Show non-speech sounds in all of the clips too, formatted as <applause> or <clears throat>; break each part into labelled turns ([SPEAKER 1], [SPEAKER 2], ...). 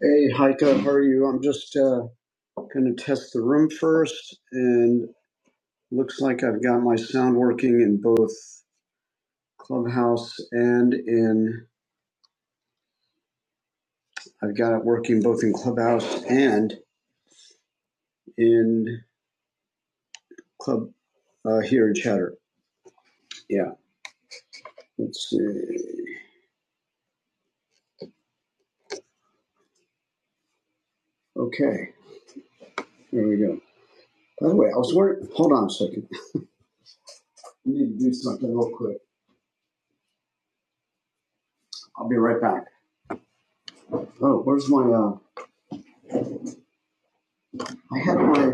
[SPEAKER 1] Hey, Heike, how are you? I'm just uh, going to test the room first, and looks like I've got my sound working in both Clubhouse and in. I've got it working both in Clubhouse and in Club uh, here in Chatter. Yeah, let's see. Okay, there we go. By the way, I was wondering. Hold on a second. I need to do something real quick. I'll be right back. Oh, where's my? Uh, I had my.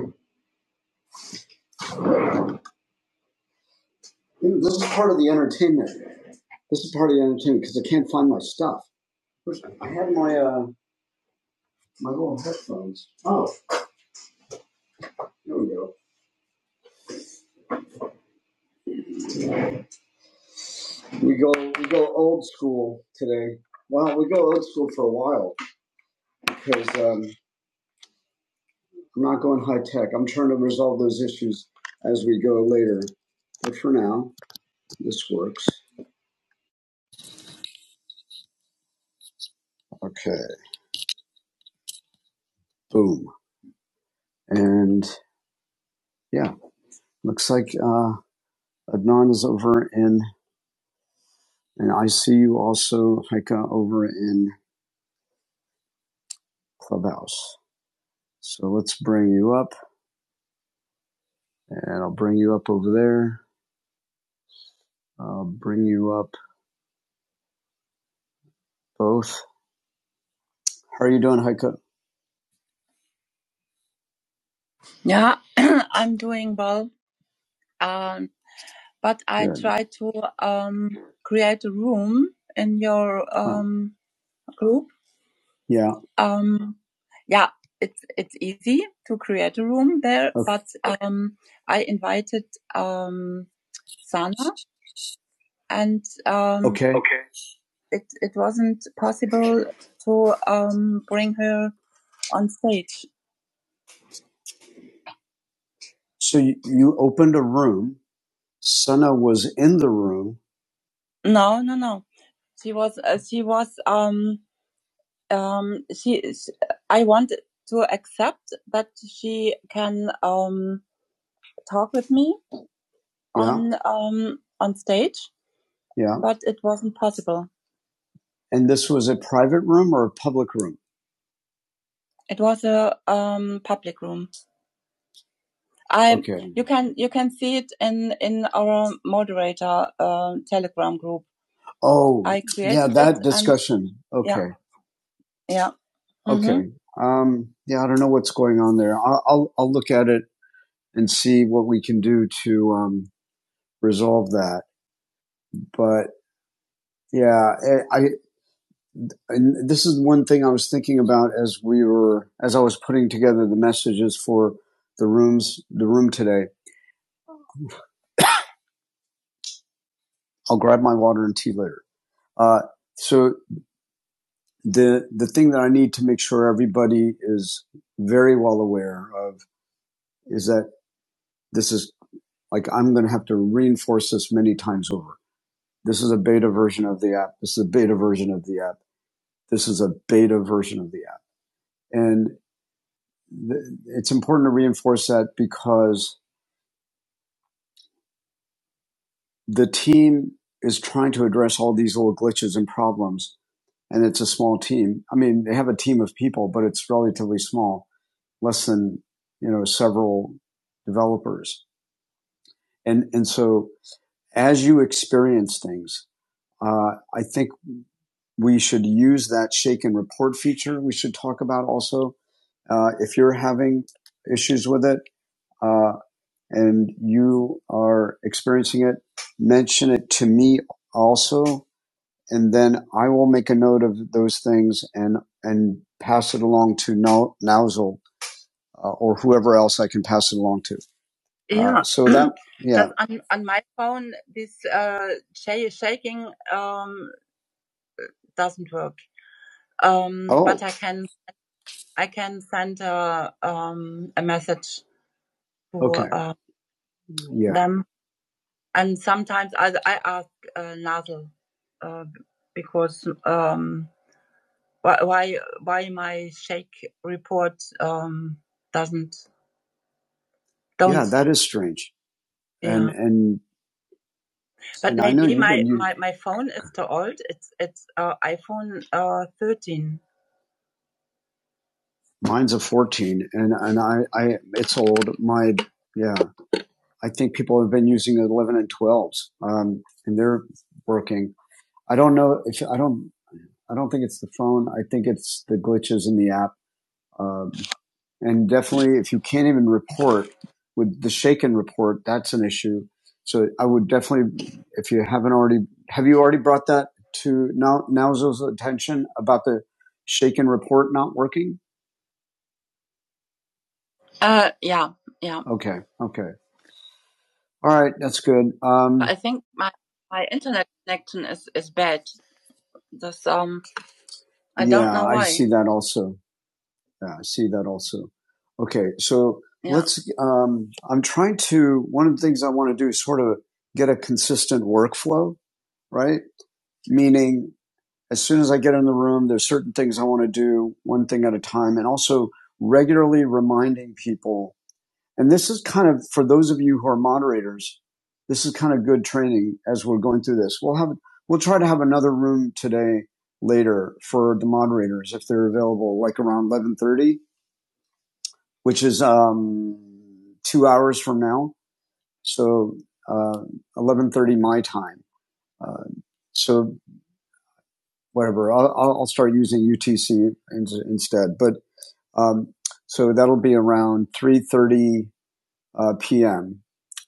[SPEAKER 1] This is part of the entertainment. This is part of the entertainment because I can't find my stuff. I have my uh my little headphones. Oh, there we go. We go we go old school today. Well, we go old school for a while because um, I'm not going high tech. I'm trying to resolve those issues as we go later. But for now, this works. Okay. Boom. And yeah, looks like uh, Adnan is over in, and I see you also, Haika, over in Clubhouse. So let's bring you up, and I'll bring you up over there. I'll bring you up both. How are you doing, Heike? Yeah, <clears throat> I'm doing well. Um, but I Good. try to um, create a room in your um, Huh. um, group. Yeah. Um, yeah, it's it's easy to create a room there. Okay. But um, I invited um, Sana, and um, okay. it it wasn't possible to um, bring her on stage. So you, you opened a room. Senna was in the room. No, no, no. She was, uh, she was, um, um, she is, I want to accept that she can, um, talk with me Yeah, on, um, on stage, yeah. but it wasn't possible. And this was a private room or a public room? It was a, um, public room. I, Okay. you can, you can see it in, in our moderator, uh, telegram group. Oh, I yeah, created Yeah, that and discussion. yeah, Okay. yeah. yeah. Okay. Mm-hmm. Um, yeah, I don't know what's going on there. I'll, I'll, I'll look at it and see what we can do to, um, resolve that. But yeah, I, I- and this is one thing I was thinking about as we were, as I was putting together the messages for the rooms, the room today. I'll grab my water and tea later. Uh, so the, the thing that I need to make sure everybody is very well aware of is that this is like, I'm going to have to reinforce this many times over This is a beta version of the app. This is a beta version of the app. This is a beta version of the app. And th- it's important to reinforce that because the team is trying to address all these little glitches and problems. And it's a small team. I mean, they have a team of people, but it's relatively small, less than, you know, several developers. And, and so as you experience things, uh, I think we should use that shake and report feature we should talk about also Uh, if you're having issues with it uh, and you are experiencing it, mention it to me also, and then I will make a note of those things and and pass it along to no, Nozzle uh, or whoever else I can pass it along to. Uh, Yeah. Uh, so that yeah, <clears throat> on, on my phone, this uh, shaking um, doesn't work. Um, oh. but oh I can I can send a, um, a message to okay, Uh, Yeah. them. And sometimes I, I ask uh, Nazel uh, because um, why why why my shake report um, doesn't don't Yeah, that is strange. And yeah. and and But and maybe I know maybe my, my, my phone is too old. It's it's uh, iPhone uh, 13. mine's a 14 and and I I it's old. My yeah, I think people have been using 11 and 12s. Um and they're working. I don't know if I don't I don't think it's the phone. I think it's the glitches in the app. Um, and definitely, if you can't even report with the shaken report, that's an issue. So I would definitely, if you haven't already, have you already brought that to now Nowzo's attention about the shaken report not working? Uh, yeah, yeah. Okay, okay, all right, that's good. Um, I think my my internet connection is is bad. That's um, I don't yeah, don't know why. I see that also. yeah, I see that also. Okay, so Yeah. let's. Um, I'm trying to. One of the things I want to do is sort of get a consistent workflow, right? Meaning, as soon as I get in the room, there's certain things I want to do, one thing at a time, and also regularly reminding people. And this is kind of for those of you who are moderators. This is kind of good training as we're going through this. We'll have. We'll try to have another room today later for the moderators if they're available, like around 11:30 which is um, two hours from now. So uh, 11:30 my time. Uh, so whatever, I'll, I'll start using UTC in, instead. But um, so that'll be around 3:30 uh, p.m.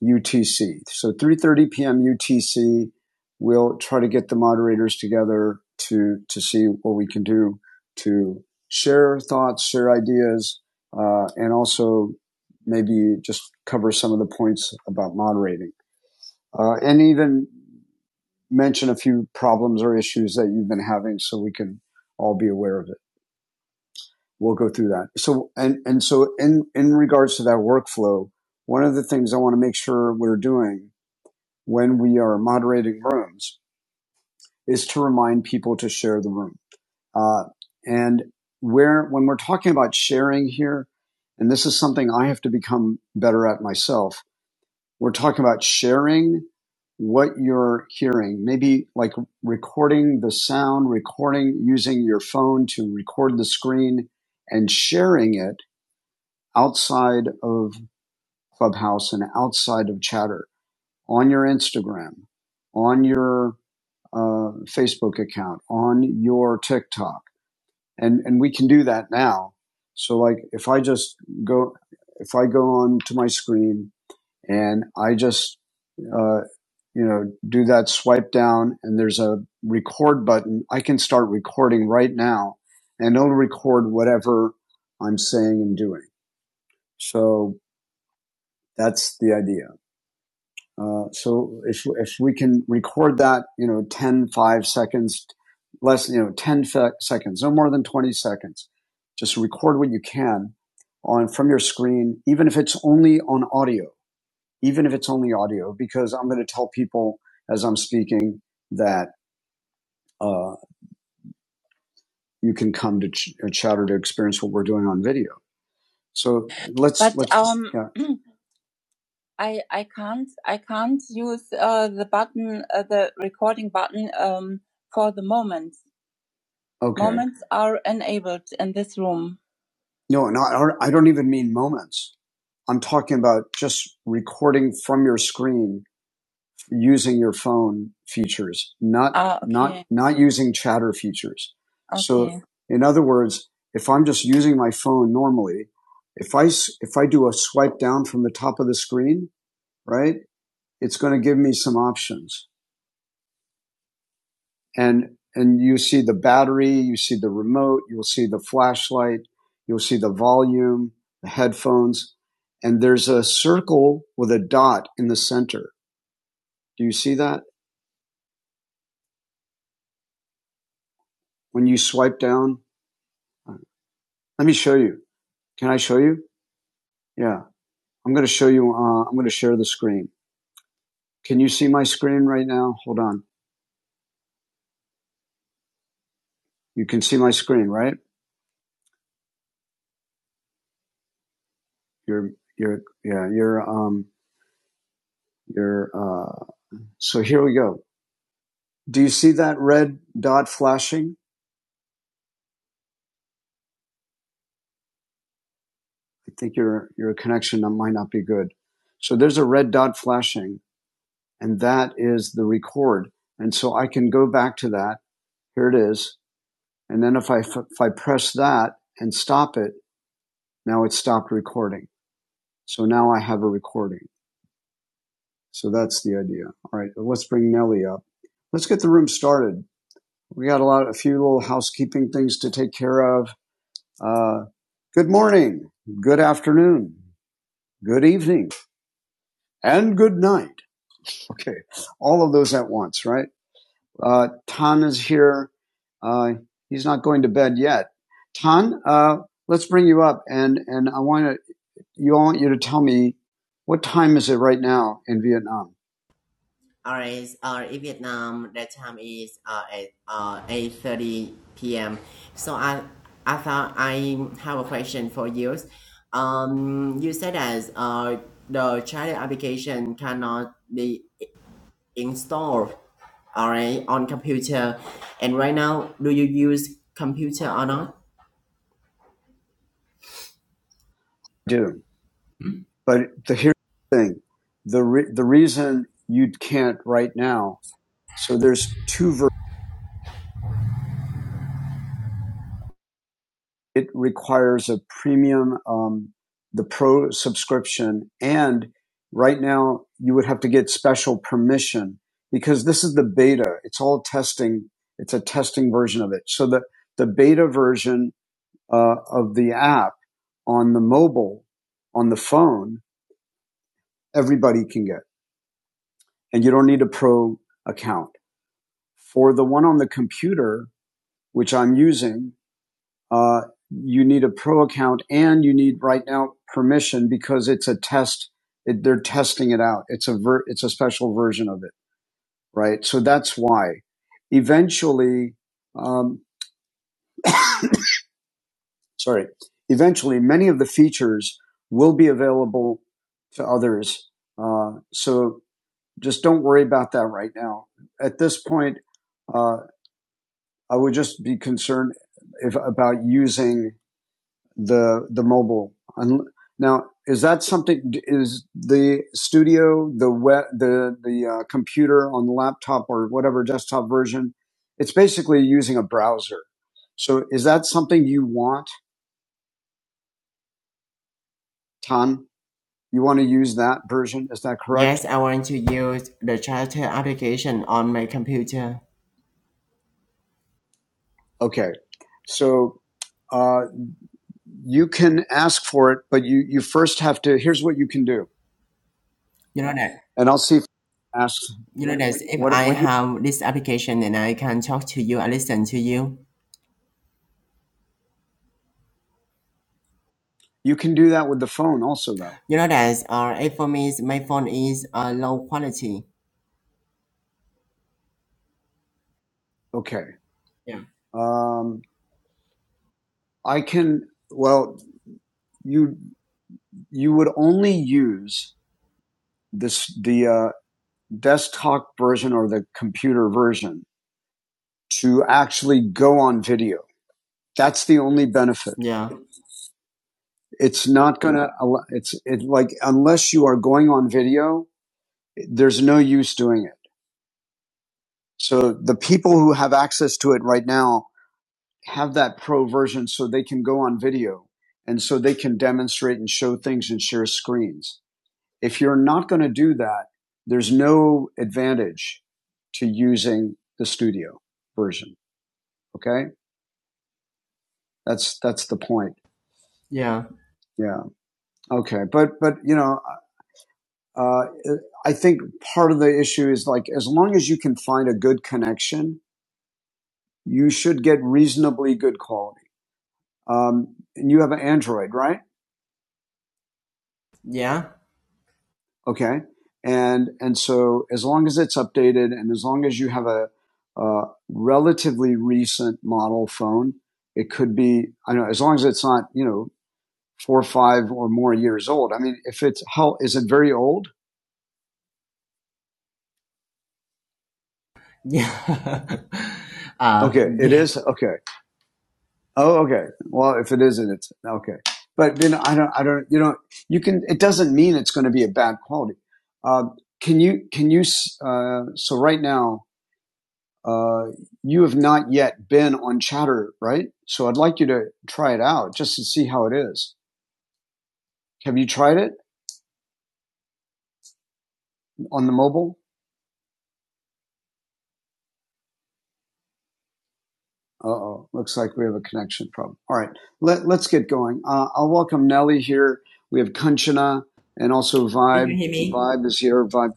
[SPEAKER 1] UTC. So 3:30 p.m. UTC. We'll try to get the moderators together to to see what we can do to share thoughts, share ideas, uh, and also maybe just cover some of the points about moderating, uh, and even mention a few problems or issues that you've been having, so we can all be aware of it we'll go through that. So, and, and so in, in regards to that workflow, one of the things I want to make sure we're doing when we are moderating rooms is to remind people to share the room. Uh, and where, when we're talking about sharing here, and this is something I have to become better at myself, we're talking about sharing what you're hearing, maybe like recording the sound, recording using your phone to record the screen and sharing it outside of Clubhouse and outside of Chatter on your Instagram, on your uh, Facebook account, on your TikTok, and and we can do that now. So like if I just go if I go on to my screen and I just uh, you know do that swipe down and there's a record button, I can start recording right now, and it'll record whatever I'm saying and doing. So that's the idea. Uh, so if, if we can record that, you know, 10 5 seconds, less, you know, 10 seconds, no more than 20 seconds, just record what you can on from your screen, even if it's only on audio, even if it's only audio, because I'm going to tell people as I'm speaking that, uh, you can come to ch- uh, chatter to experience what we're doing on video. So let's, But let's, um, yeah. I I can't I can't use uh, the button uh, the recording button um, for the moment. Okay. Moments are enabled in this room. No, no, I don't even mean moments. I'm talking about just recording from your screen using your phone features, not Ah, not okay, not using chatter features. So, okay, in other words, if I'm just using my phone normally, if I s- if I do a swipe down from the top of the screen, right? it's going to give me some options. And and you see the battery, you see the remote, you'll see the flashlight, you'll see the volume, the headphones, and there's a circle with a dot in the center. Do you see that when you swipe down? Let me show you. Can I show you? Yeah, I'm going to show you. Uh, I'm going to share the screen. Can you see my screen right now? Hold on. You can see my screen, right? You're, you're, yeah, you're, um, you're. Uh, so here we go. Do you see that red dot flashing? I think your your connection might not be good. So there's a red dot flashing, and that is the record. And so I can go back to that. Here it is. And then if I if I press that and stop it, now it stopped recording. So now I have a recording. So that's the idea. All right, let's bring Nellie up. Let's get the room started. We got a lot, a few little housekeeping things to take care of. Uh, good morning, good afternoon, good evening and good night. Okay, all of those at once, right? Uh, Tan is here. Uh, he's not going to bed yet. Tan, uh, let's bring you up, and and I want to you I want you to tell me what time is it right now in Vietnam?
[SPEAKER 2] hours Uh, in Vietnam the time is uh, at uh, 8:30 p.m. So I I thought I have a question for you. Um, you said that uh, the child application cannot be installed alright on computer and right now do you use computer or not?
[SPEAKER 1] Do but the here's the thing the re- the reason you can't right now. So there's two versions. it requires a premium, um, the pro subscription. And right now you would have to get special permission because this is the beta. It's all testing. It's a testing version of it. So the, the beta version uh, of the app on the mobile, on the phone, everybody can get. And you don't need a pro account. For the one on the computer, which I'm using, uh, you need a pro account and you need right now permission because it's a test. It, they're testing it out. It's a ver- it's a special version of it, right? So that's why. Eventually, um, sorry. Eventually, many of the features will be available to others. Uh, so just don't worry about that right now. At this point, uh, I would just be concerned if about using the the mobile. Un- Now, is that something? Is the studio the web the the uh, computer on the laptop or whatever desktop version? It's basically using a browser. So, is that something you want, Tan? You want to use that version? Is that correct?
[SPEAKER 2] Yes, I want to use the child application on my computer.
[SPEAKER 1] Okay. So, uh, you can ask for it, but you you first have to. Here's what you can do,
[SPEAKER 2] You know that?
[SPEAKER 1] and I'll see if asks
[SPEAKER 2] You know that if
[SPEAKER 1] what
[SPEAKER 2] I
[SPEAKER 1] what you
[SPEAKER 2] have this application and I can talk to you, I listen to you.
[SPEAKER 1] you can do that with the phone also though.
[SPEAKER 2] You know that uh, if for me, my phone is uh, low quality.
[SPEAKER 1] Okay.
[SPEAKER 2] Yeah.
[SPEAKER 1] Um, I can well you you would only use this the uh, desktop version or the computer version to actually go on video. That's the only benefit.
[SPEAKER 2] Yeah.
[SPEAKER 1] It's not gonna. It's it like unless you are going on video, there's no use doing it. So the people who have access to it right now have that pro version, so they can go on video and so they can demonstrate and show things and share screens If you're not going to do that, there's no advantage to using the studio version. Okay. That's, that's the point.
[SPEAKER 2] Yeah.
[SPEAKER 1] Yeah. Okay. But, but, you know, uh, I think part of the issue is like, as long as you can find a good connection, you should get reasonably good quality. Um, and you have an Android, right?
[SPEAKER 2] Yeah.
[SPEAKER 1] Okay. And, and so as long as it's updated and as long as you have a, a relatively recent model phone, it could be, I don't know, as long as it's not, you know, four or five or more years old. I mean, if it's, how, is it very old?
[SPEAKER 2] Yeah. <laughs> uh,
[SPEAKER 1] Okay. It
[SPEAKER 2] yes.
[SPEAKER 1] is. Okay. Oh, okay. Well, if it isn't, it's okay. But then I don't, I don't, you know, you can, it doesn't mean it's going to be a bad quality. Um, uh, can you, can you, uh, so right now, uh, you have not yet been on Chatter, right? So I'd like you to try it out just to see how it is. Have you tried it on the mobile? Uh oh, looks like we have a connection problem. All right, let, let's get going. Uh, I'll welcome Nelly here. We have Kanchana and also
[SPEAKER 2] Did you
[SPEAKER 1] Vibe.
[SPEAKER 2] hear me?
[SPEAKER 1] Vibe is here. Vibe,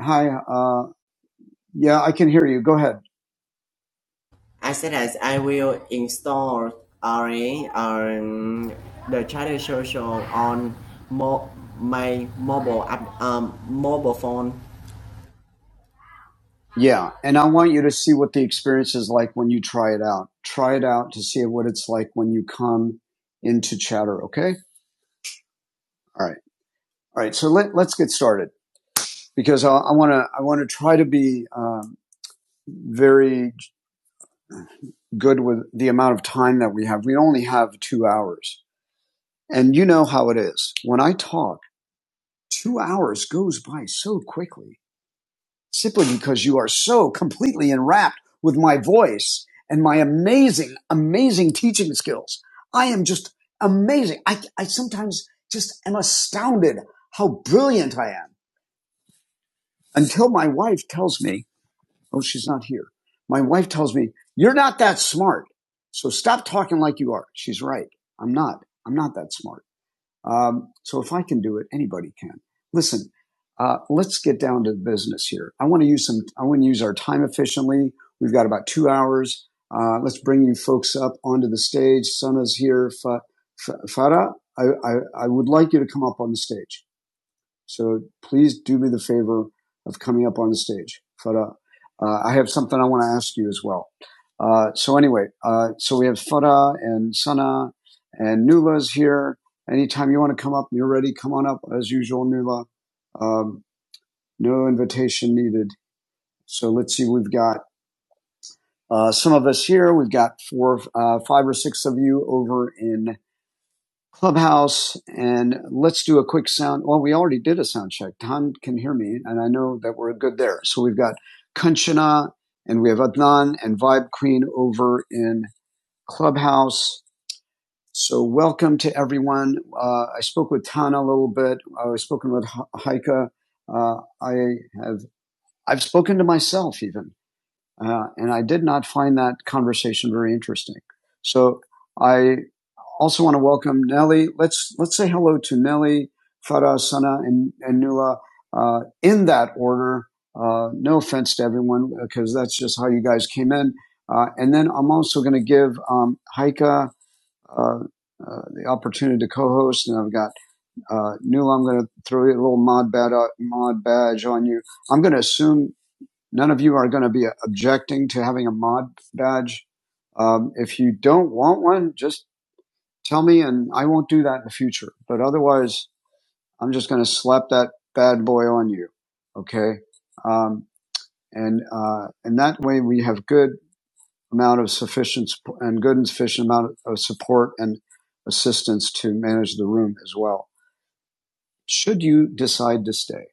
[SPEAKER 1] hi. Uh, yeah, I can hear you. Go ahead.
[SPEAKER 2] I said that I will install already um, the China Social on mo- my mobile app, um, mobile phone.
[SPEAKER 1] Yeah, and I want you to see what the experience is like when you try it out. Try it out to see what it's like when you come into Chatter. Okay. All right. All right, so let, let's get started because I I want to I want to try to be um, very good with the amount of time that we have. We only have two hours, and you know how it is. When I talk, two hours goes by so quickly, simply because you are so completely enwrapped with my voice and my amazing, amazing teaching skills. I am just amazing. I, I sometimes just am astounded how brilliant I am until my wife tells me Oh, she's not here. My wife tells me, you're not that smart. So stop talking like you are. She's right. I'm not. I'm not that smart. Um, so if I can do it, anybody can. Listen, uh, let's get down to the business here. I want to use some, I want to use our time efficiently. We've got about two hours. Uh, let's bring you folks up onto the stage. Sana's here. Farah, I, I, I would like you to come up on the stage. So please do me the favor of coming up on stage. Farah, uh, uh, I have something I want to ask you as well. Uh, so anyway, uh, so we have Farah and Sana and Nula's here. Anytime you want to come up, and you're ready. Come on up as usual, Nula. Um, no invitation needed. So let's see. We've got uh, some of us here. We've got four, uh, five or six of you over in Clubhouse and let's do a quick sound. Well, we already did a sound check. Tom can hear me and I know that we're good there. So we've got Kanchana and we have Adnan and Vibe Queen over in Clubhouse. So welcome to everyone. Uh, I spoke with Tana a little bit. I've spoken with Ha- Haika. Uh, I have, I've spoken to myself even. Uh, and I did not find that conversation very interesting. So I. Also want to welcome Nelly. Let's let's say hello to Nelly, Farah, Sana, and, and Nula uh, in that order. Uh, no offense to everyone, because that's just how you guys came in. Uh, and then I'm also going to give um, Heike uh, uh, the opportunity to co-host, and I've got uh, Nula. I'm going to throw a little mod badge, mod badge on you. I'm going to assume none of you are going to be objecting to having a mod badge. Um, if you don't want one, just Tell me, and I won't do that in the future. But otherwise, I'm just going to slap that bad boy on you. Okay. Um, and, uh, and that way we have good amount of sufficient and good and sufficient amount of support and assistance to manage the room as well. Should you decide to stay,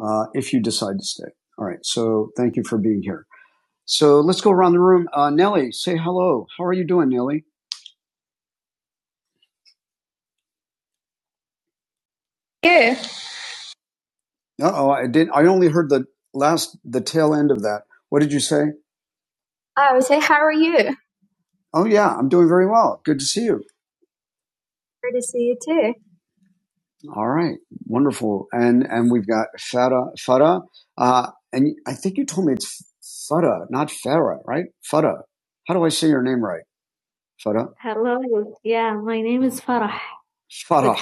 [SPEAKER 1] uh, if you decide to stay. All right. So thank you for being here. So let's go around the room. Uh, Nellie, say hello. How are you doing, Nellie? Uh oh, I didn't. I only heard the last, the tail end of that. What did you say? I would say, how are you? Oh yeah, I'm doing very well. Good to see you. Good to see you too. All right, wonderful. And and we've got Farah, Farah, uh, and I think you told me it's Farah, not Farah, right? Farah. How do I say your name right? Farah. Hello. Yeah, my name is Farah Farah.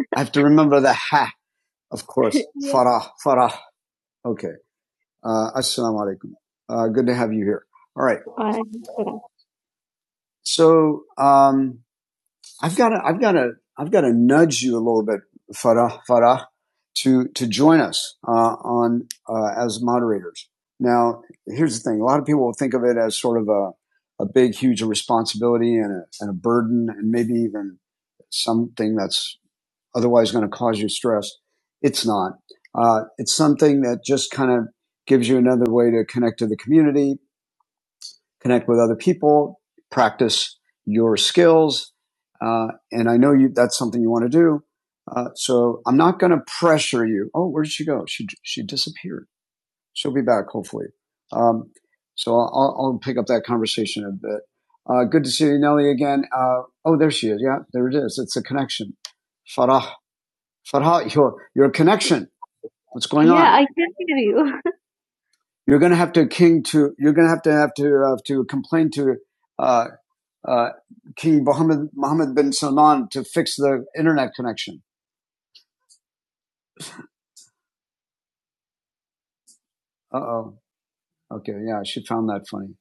[SPEAKER 1] <laughs> I have to remember the ha. Of course, <laughs> yeah. Farah, Farah. Okay. Uh, assalamu alaikum. Uh, good to have you here. All right. So um, I've got to, I've got to, I've got to nudge you a little bit, Farah, Farah, to to join us uh, on uh, as moderators. Now, here's the thing: a lot of people will think of it as sort of a a big, huge responsibility and a, and a burden, and maybe even something that's otherwise going to cause you stress. It's not. Uh, it's something that just kind of gives you another way to connect to the community, connect with other people, practice your skills. Uh, and I know you, that's something you want to do. Uh, so I'm not going to pressure you. Oh, where did she go? She, she disappeared. She'll be back hopefully. Um, so I'll, I'll pick up that conversation a bit. Uh, good to see you, Nelly, again. Uh, oh, there she is. Yeah, there it is. It's a connection. Farah Farha, your, your connection. What's going Yeah, on? Yeah, I can not hear you. <laughs> You're going to have to king to. You're going to have to have to have to complain to uh, uh, King Mohammed Mohammed bin Salman to fix the internet connection. Uh oh. Okay. Yeah, she found that funny.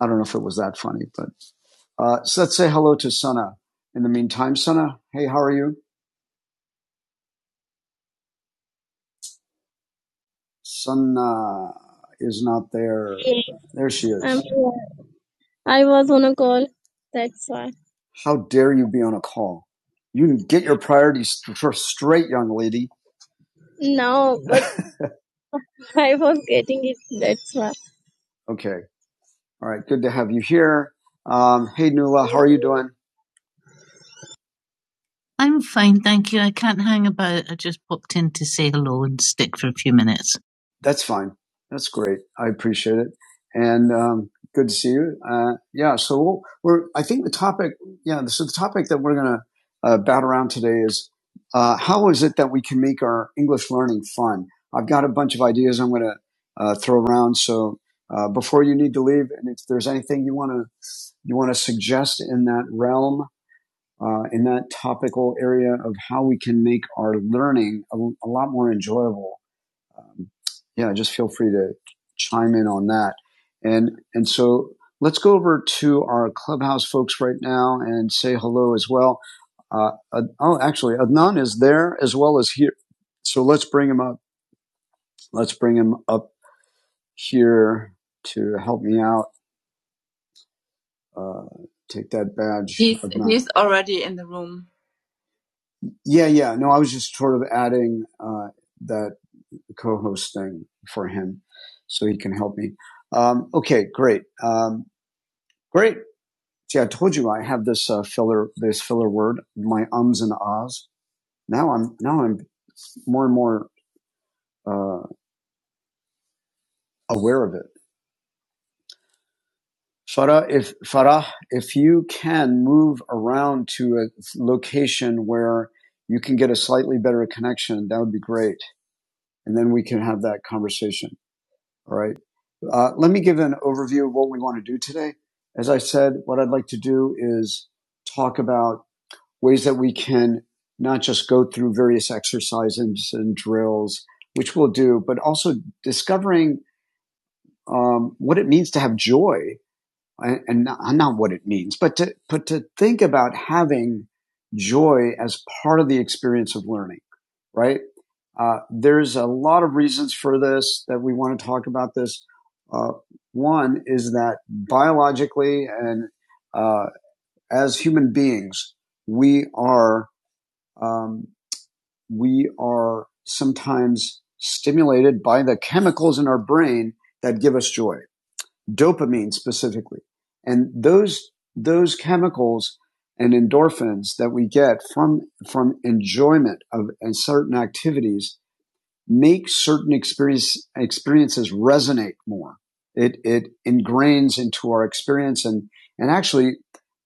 [SPEAKER 1] I don't know if it was that funny, but uh, so let's say hello to Sana. In the meantime, Sana, hey, how are you? Sana is not there. There she is. Um, call. That's why. How dare you be on a call? You get your priorities straight, young lady. No, but <laughs> I was getting it. That's why. Okay. All right. Good to have you here. Um, hey, Nula, how are you doing? I'm fine, thank you. I can't hang about. I just popped in to say hello and stick for a few minutes. That's fine. That's great. I appreciate it. And um, good to see you. Uh, yeah. So we'll, we're. I think the topic. Yeah. So the topic that we're going to uh, bat around today is uh, how is it that we can make our English learning fun? I've got a bunch of ideas I'm going to uh, throw around. So uh, before you need to leave, and if there's anything you want to you want to suggest in that realm, uh, in that topical area of how we can make our learning a, a lot more enjoyable. Um, yeah, just feel free to chime in on that. And and so let's go over to our clubhouse folks right now and say hello as well. Uh, Ad- oh, actually, Adnan is there as well as here. So let's bring him up. Let's bring him up here to help me out. Uh, take that badge, He's Adnan. he's already in the room. Yeah, yeah. No, I was just sort of adding uh, that co-host thing for him, so he can help me. Um, okay, great, um, great. See, I told you I have this uh, filler, this filler word, my ums and ahs. Now I'm now I'm more and more uh, aware of it. Farah, if Farah, if you can move around to a location where you can get a slightly better connection, that would be great, and then we can have that conversation. All right. Uh, let me give an overview of what we want to do today. As I said, what I'd like to do is talk about ways that we can not just go through various exercises and drills, which we'll do, but also discovering um, what it means to have joy and not, not what it means, but to but to think about having joy as part of the experience of learning, right? Uh, there's a lot of reasons for this that we want to talk about. This uh, one is that biologically and uh, as human beings, we are um, we are sometimes stimulated by the chemicals in our brain that give us joy dopamine specifically. And those, those chemicals and endorphins that we get from, from enjoyment of certain activities make certain experience, experiences resonate more. It, it ingrains into our experience and, and actually,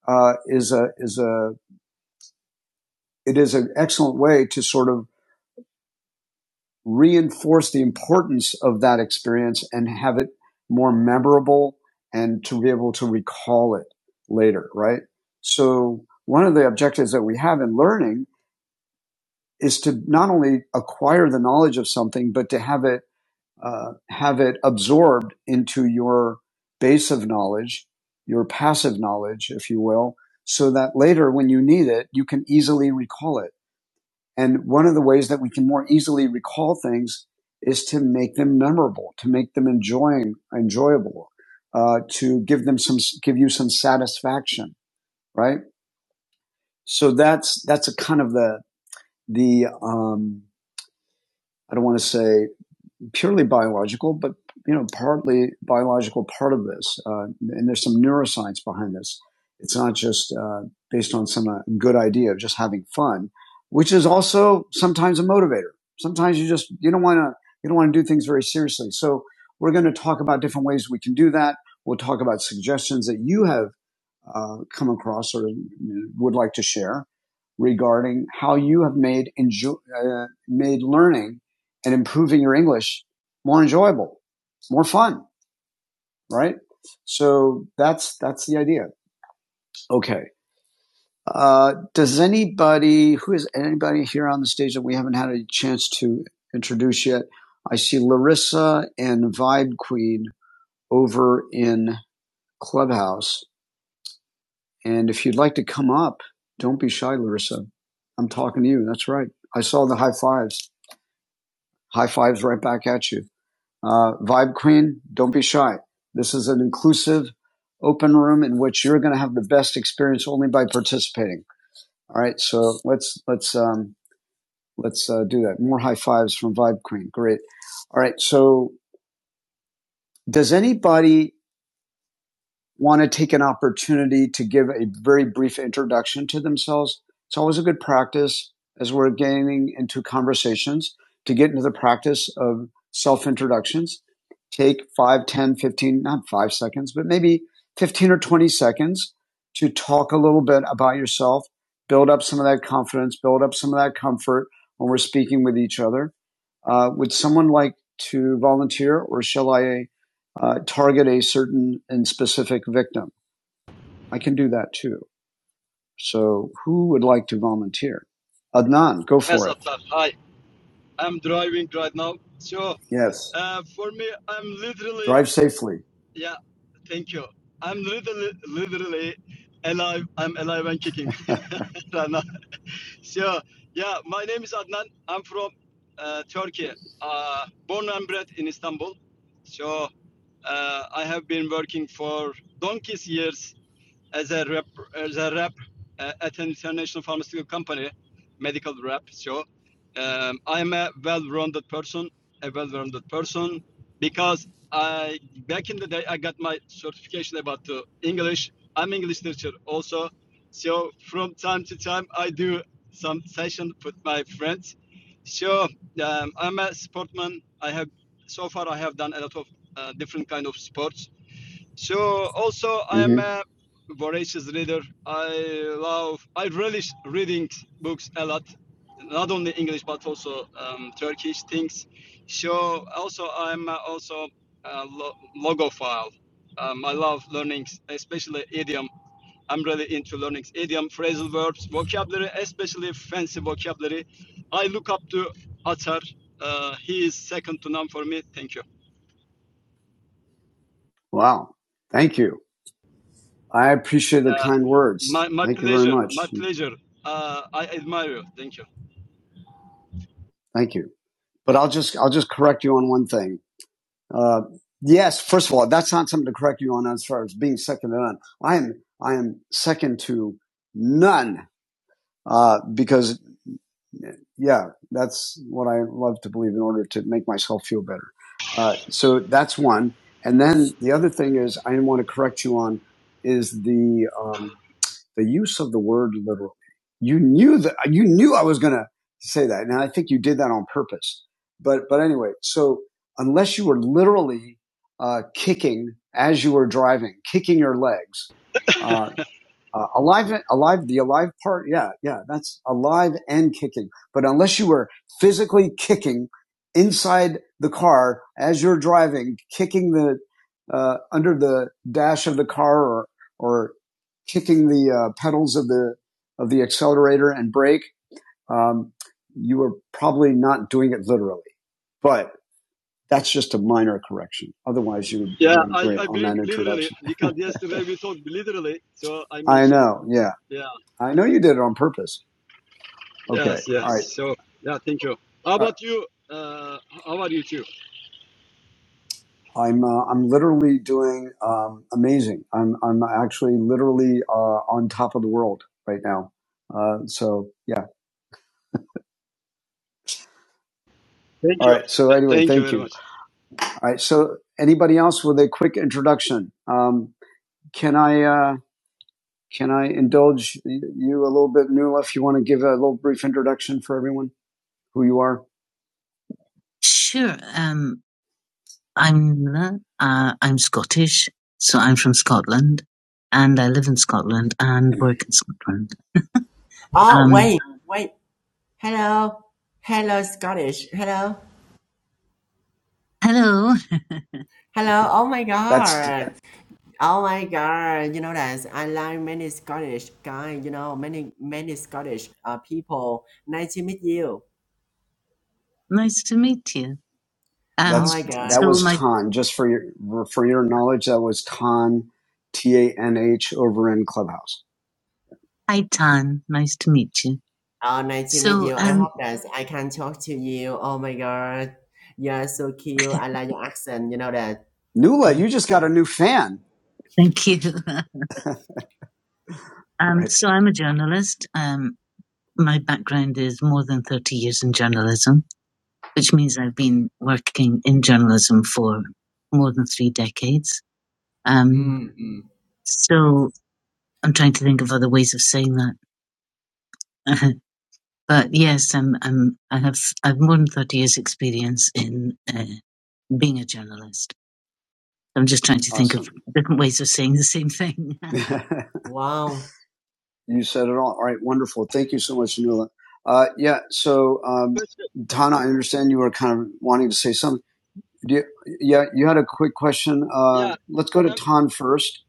[SPEAKER 1] uh, is a, is a, it is an excellent way to sort of reinforce the importance of that experience and have it more memorable and to be able to recall it later, right? So one of the objectives that we have in learning is to not only acquire the knowledge of something, but to have it, uh, have it absorbed into your base of knowledge, your passive knowledge, if you will, so that later when you need it, you can easily recall it. And one of the ways that we can more easily recall things is to make them memorable, to make them enjoying, enjoyable, uh, to give them some, give you some satisfaction, right? So that's, that's a kind of the, the, um, I don't want to say purely biological, but you know, partly biological part of this, uh, and there's some neuroscience behind this. It's not just uh, based on some uh, good idea of just having fun, which is also sometimes a motivator. Sometimes you just you don't want to you don't want to do things very seriously. So we're going to talk about different ways we can do that. We'll talk about suggestions that you have uh, come across or would like to share regarding how you have made enjoy, uh, made learning and improving your English more enjoyable, more fun, right? So that's that's the idea. Okay. Uh, does anybody who is anybody here on the stage that we haven't had a chance to introduce yet? I see Larissa and Vibe Queen over in Clubhouse. And if you'd like to come up, don't be shy, Larissa. I'm talking to you. That's right. I saw the high fives. High fives right back at you. Uh, Vibe Queen, don't be shy. This is an inclusive, open room in which you're going to have the best experience only by participating. All right. So let's let's um, let's uh, do that. More high fives from Vibe Queen. Great. All right. So does anybody want to take an opportunity to give a very brief introduction to themselves. It's always a good practice as we're getting into conversations to get into the practice of self introductions. Take five, ten, fifteen, not 5 seconds, but maybe 15 or 20 seconds to talk a little bit about yourself, build up some of that confidence, build up some of that comfort when we're speaking with each other uh, would someone like to volunteer, or shall I uh, target a certain and specific victim? I can do that too. So, who would like to volunteer? Adnan, go
[SPEAKER 3] Yes,
[SPEAKER 1] for it.
[SPEAKER 3] Atar. Hi. I'm driving right now. So,
[SPEAKER 1] Yes.
[SPEAKER 3] uh, for me, I'm literally,
[SPEAKER 1] Drive safely.
[SPEAKER 3] yeah, thank you. I'm literally, literally alive. I'm alive and kicking <laughs> right now. So, yeah, my name is Adnan. I'm from uh, Turkey, uh, born and bred in Istanbul. So, uh, I have been working for donkeys years as a rep, as a rep uh, at an international pharmaceutical company, medical rep. So um, I'm a well-rounded person, a well-rounded person, because I back in the day I got my certification about uh, English. I'm English teacher also, so from time to time I do some session with my friends. So um, I'm a sportman. I have so far I have done a lot of uh, different kind of sports so also I am
[SPEAKER 1] hmm
[SPEAKER 3] a voracious reader. I love, I relish reading books a lot, not only English but also um, Turkish things. So also I'm uh, also a lo- logophile. Um, I love learning, especially idiom. I'm really into learning idiom, phrasal verbs, vocabulary, especially fancy vocabulary. I look up to Atar. Uh, he is second to none for me. Thank you.
[SPEAKER 1] Wow. Thank you. I appreciate the kind words.
[SPEAKER 3] My my
[SPEAKER 1] Thank you very
[SPEAKER 3] pleasure, my
[SPEAKER 1] much.
[SPEAKER 3] pleasure. Uh, I admire you. Thank you.
[SPEAKER 1] Thank you. But I'll just I'll just correct you on one thing. Uh, yes, first of all, that's not something to correct you on as far as being second to none. I am I am second to none uh, because yeah, that's what I love to believe in order to make myself feel better. Uh, so that's one. And then the other thing is I want to correct you on is the um, the use of the word literally. You knew that you knew I was going to say that, and I think you did that on purpose. But but anyway, so unless you were literally uh, kicking as you were driving, kicking your legs. uh, uh, alive, alive, the alive part. Yeah, yeah, that's alive and kicking. But unless you were physically kicking inside the car as you're driving, kicking the, uh, under the dash of the car or, or kicking the, uh, pedals of the, of the accelerator and brake, um, you were probably not doing it literally, but that's just a minor correction. Otherwise you were
[SPEAKER 3] Yeah,
[SPEAKER 1] doing
[SPEAKER 3] I,
[SPEAKER 1] great
[SPEAKER 3] I
[SPEAKER 1] on
[SPEAKER 3] drink
[SPEAKER 1] that
[SPEAKER 3] literally
[SPEAKER 1] introduction. <laughs>
[SPEAKER 3] because yesterday we talked literally, so I
[SPEAKER 1] I
[SPEAKER 3] mentioned
[SPEAKER 1] know. Yeah.
[SPEAKER 3] yeah,
[SPEAKER 1] I know you did it on purpose. Okay.
[SPEAKER 3] yes, yes.
[SPEAKER 1] All right.
[SPEAKER 3] So yeah, thank you. How
[SPEAKER 1] Uh,
[SPEAKER 3] about you? Uh, how are you too?
[SPEAKER 1] I'm uh, I'm literally doing um, amazing. I'm I'm actually literally uh, on top of the world right now. Uh, so yeah.
[SPEAKER 3] Thank
[SPEAKER 1] All
[SPEAKER 3] you,
[SPEAKER 1] right. So
[SPEAKER 3] Th-
[SPEAKER 1] anyway,
[SPEAKER 3] thank you
[SPEAKER 1] thank
[SPEAKER 3] very
[SPEAKER 1] you.
[SPEAKER 3] much.
[SPEAKER 1] All right. So anybody else with a quick introduction? Um, can I uh, can I indulge you a little bit, Nuala, if you want to give a little brief introduction for everyone, who you are? Sure. Um, I'm uh, I'm Scottish, so I'm from Scotland, and I live in Scotland and work in Scotland.
[SPEAKER 2] Oh
[SPEAKER 1] Um,
[SPEAKER 2] wait, wait. Hello, hello Scottish. Hello.
[SPEAKER 1] hello,
[SPEAKER 2] Hello, oh my
[SPEAKER 1] That's t-
[SPEAKER 2] god. Oh my god. You know that I like many Scottish guy, you know, many many Scottish uh, people. Nice to meet you.
[SPEAKER 1] nice to meet you. Um,
[SPEAKER 2] Oh my
[SPEAKER 1] that's that
[SPEAKER 2] god.
[SPEAKER 1] so was my Tan. Just for your for your knowledge, that was Tan, T A N H, over in Clubhouse. hi Tan, nice to meet you.
[SPEAKER 2] Oh nice to meet
[SPEAKER 1] So
[SPEAKER 2] you. I
[SPEAKER 1] um,
[SPEAKER 2] hope that I can talk to you. Oh my god. You're so cute. I like your accent, you know that. <laughs>
[SPEAKER 1] Nula, you just got a new fan. thank you. <laughs> um, <laughs> Right. so I'm a journalist. Um, my background is more than thirty years in journalism. which means I've been working in journalism for more than three decades. Um, so I'm trying to think of other ways of saying that. <laughs> but yes, I'm, I'm, I have, I have more than 30 years experience in uh, being a journalist. I'm just trying to awesome. think of Awesome. different ways of saying the same thing. <laughs> <laughs>
[SPEAKER 2] wow.
[SPEAKER 1] you said it all. All right, wonderful. Thank you so much, Nuala. Uh, yeah, so um,
[SPEAKER 3] Question,
[SPEAKER 1] Tana, I understand you were kind of wanting to say something. Do you, yeah, you had a quick question. Uh,
[SPEAKER 3] yeah,
[SPEAKER 1] let's go to
[SPEAKER 3] um,
[SPEAKER 1] Tan first,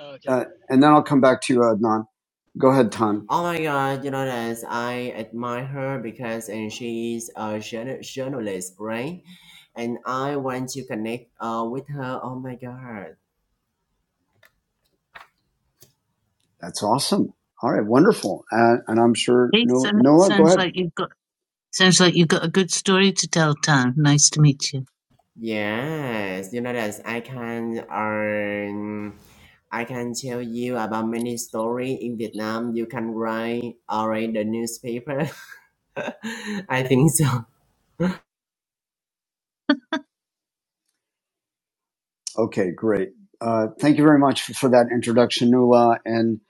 [SPEAKER 3] okay.
[SPEAKER 1] uh, and then I'll come back to you, Adnan. Go ahead, Tan.
[SPEAKER 2] Oh my god, you know that I admire her because and she is a journal- journalist, right? And I want to connect uh, with her. Oh my god.
[SPEAKER 1] That's awesome. All right, wonderful. Uh, and I'm sure Hey, Noah, so- Noah, go sounds go ahead. like you've got sounds like you've got a good story to tell, Tan. Nice to meet you.
[SPEAKER 2] Yes, you know that I can um, I can tell you about many story in Vietnam. You can write or read the newspaper. <laughs> I think so.
[SPEAKER 1] Okay, great. Uh, thank you very much for, for that introduction, Nula. And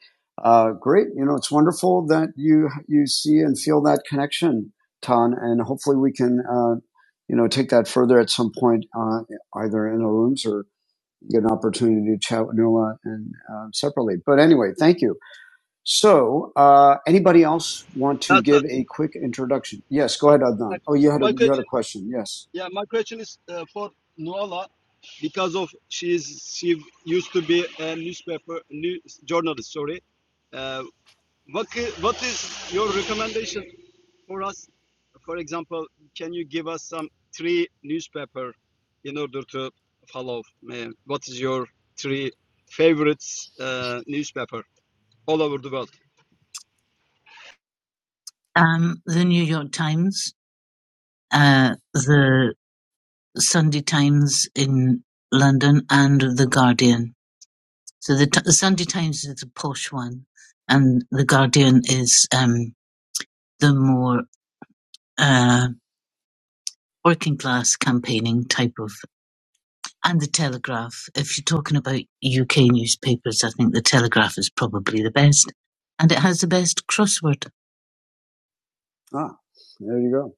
[SPEAKER 1] uh, great, you know, it's wonderful that you you see and feel that connection, Tan. And hopefully, we can uh, you know take that further at some point, uh, either in the rooms or get an opportunity to chat with Nula and um, separately. But anyway, thank you. So, uh, anybody else want to
[SPEAKER 3] That's
[SPEAKER 1] give
[SPEAKER 3] uh,
[SPEAKER 1] a quick introduction? Yes, go ahead, Adnan. Oh, you had a
[SPEAKER 3] my
[SPEAKER 1] you had a
[SPEAKER 3] question.
[SPEAKER 1] question. Yes.
[SPEAKER 3] Yeah, my question is uh, for Nuala because of she's she used to be a newspaper news journalist. Sorry, uh, What what is your recommendation for us? For example, can you give us some three newspaper in order to follow? Uh, what is your three favorites uh, newspaper all over the world?
[SPEAKER 1] Um, the the New York Times. Uh, the Sunday Times in London and The Guardian. So the, t- the Sunday Times is the posh one, and The Guardian is um, the more uh, working class campaigning type of. And The Telegraph. If you're talking about UK newspapers, I think The Telegraph is probably the best, and it has the best crossword. Ah, there you go.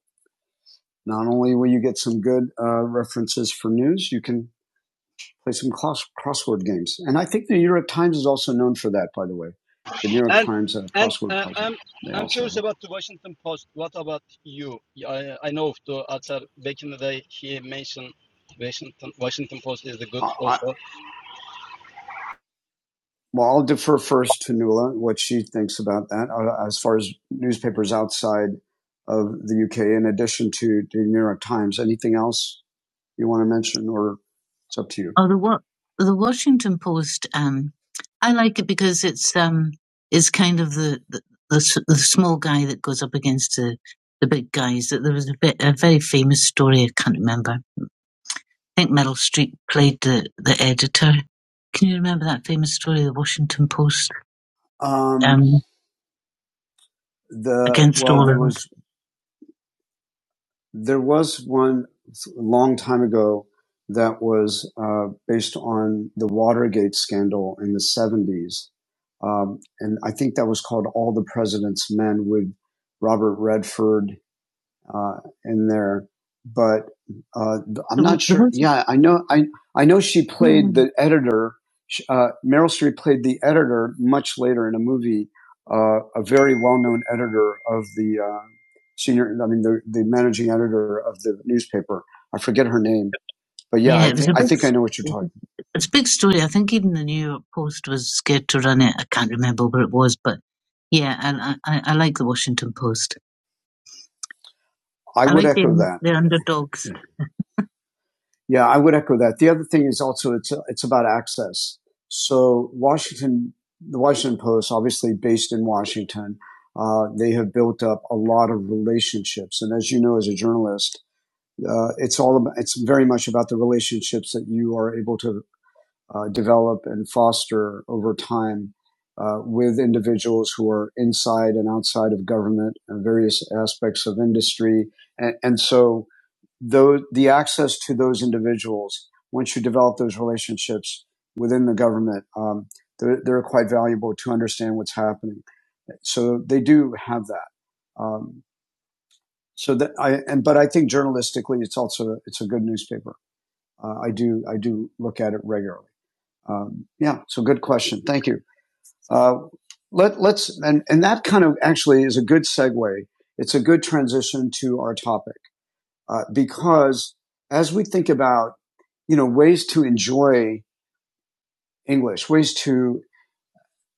[SPEAKER 1] Not only will you get some good uh, references for news, you can play some cross, crossword games. And I think the New York Times is also known for that, by the way. The New York
[SPEAKER 3] And
[SPEAKER 1] Times uh,
[SPEAKER 3] and
[SPEAKER 1] crossword
[SPEAKER 3] uh,
[SPEAKER 1] puzzle.
[SPEAKER 3] I'm
[SPEAKER 1] They
[SPEAKER 3] I'm
[SPEAKER 1] also
[SPEAKER 3] curious
[SPEAKER 1] have.
[SPEAKER 3] about the Washington Post. What about you? I, I know the author back in the day he mentioned Washington Washington Post is the good
[SPEAKER 1] I, I,
[SPEAKER 3] also.
[SPEAKER 1] well, I'll defer first to Nuala what she thinks about that uh, as far as newspapers outside of the UK, in addition to the New York Times. Anything else you want to mention, or it's up to you. Oh, the Wa- the Washington Post. Um, I like it because it's um, it's kind of the the, the the small guy that goes up against the the big guys. That there was a bit a very famous story. I can't remember. I think Meryl Streep played the the editor. Can you remember that famous story, the Washington Post, Um, um, the against well, all there was There was one a long time ago that was uh, based on the Watergate scandal in the 70s. Um, and I think that was called All the President's Men with Robert Redford uh, in there. But uh, I'm not sure. Yeah, I know. I I know she played the editor. Sh- Uh, Meryl Streep played the editor much later in a movie. Uh, a very well-known editor of the uh, senior. I mean, the the managing editor of the newspaper. I forget her name, but yeah, Yeah, I Yeah, it was think a I big, think I know what you're talking. about. it's a big story. I think even the New York Post was scared to run it. I can't remember where it was, but yeah, I I, I I like the Washington Post. I would echo that. They're underdogs. Yeah, I would echo that. The other thing is also it's it's about access. So Washington, the Washington Post, obviously based in Washington, uh, they have built up a lot of relationships. And as you know, as a journalist, uh, it's all about, it's very much about the relationships that you are able to uh, develop and foster over time uh, with individuals who are inside and outside of government and various aspects of industry. And, and so though the access to those individuals once you develop those relationships within the government um, they're, they're quite valuable to understand what's happening so they do have that um, so that i and but i think journalistically it's also it's a good newspaper uh, i do i do look at it regularly um, yeah so good question thank you uh, let, let's and, and that kind of actually is a good segue it's a good transition to our topic uh, because as we think about, you know, ways to enjoy English, ways to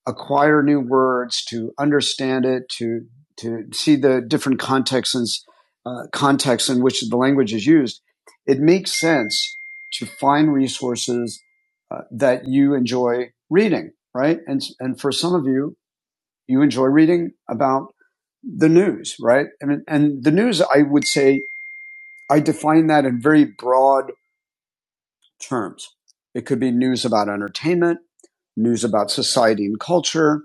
[SPEAKER 1] acquire new words, to understand it, to to see the different contexts and uh, contexts in which the language is used, it makes sense to find resources uh, that you enjoy reading, right? And and for some of you, you enjoy reading about the news, right? I mean, and the news, I would say, I define that in very broad terms. It could be news about entertainment, news about society and culture,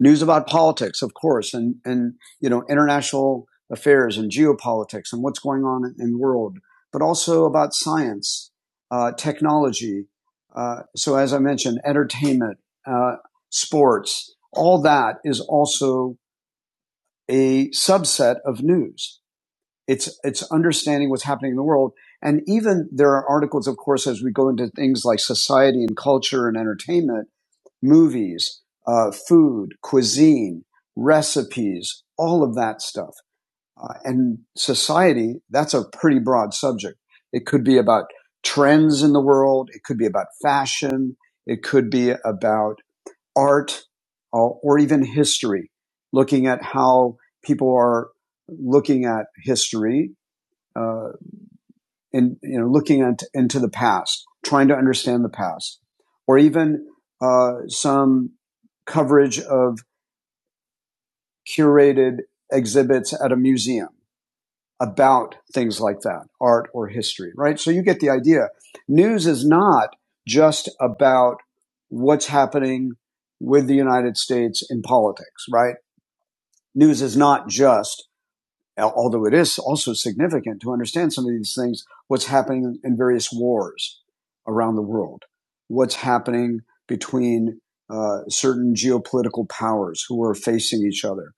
[SPEAKER 1] news about politics, of course, and, and, you know, international affairs and geopolitics and what's going on in the world, but also about science, uh, technology. Uh, so as I mentioned, entertainment, uh, sports, all that is also a subset of news. It's, it's understanding what's happening in the world. And even there are articles, of course, as we go into things like society and culture and entertainment, movies, uh, food, cuisine, recipes, all of that stuff. Uh, and society, that's a pretty broad subject. It could be about trends in the world. It could be about fashion. It could be about art or, or even history, looking at how people are looking at history uh, in you know looking at, into the past, trying to understand the past, or even uh, some coverage of curated exhibits at a museum about things like that, art or history, right? So you get the idea. News is not just about what's happening with the United States in politics, right? News is not just although it is also significant to understand some of these things, what's happening in various wars around the world, what's happening between uh, certain geopolitical powers who are facing each other,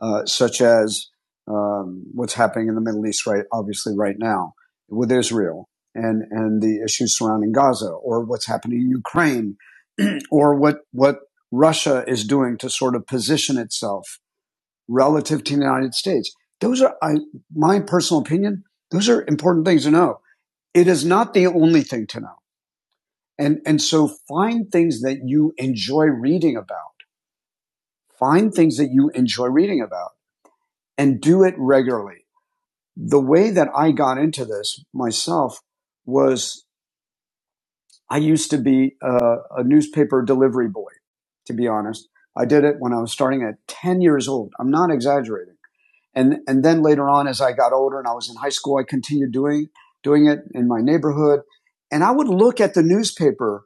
[SPEAKER 1] uh, such as um, what's happening in the Middle East, right? Obviously, right now with Israel and and the issues surrounding Gaza, or what's happening in Ukraine, <clears throat> or what what Russia is doing to sort of position itself relative to the United States. Those are, I, my personal opinion, those are important things to know. It is not the only thing to know. And, and so find things that you enjoy reading about. Find things that you enjoy reading about and do it regularly. The way that I got into this myself was I used to be a, a newspaper delivery boy, to be honest. I did it when I was starting at 10 years old. I'm not exaggerating and and then later on as i got older and i was in high school i continued doing doing it in my neighborhood and i would look at the newspaper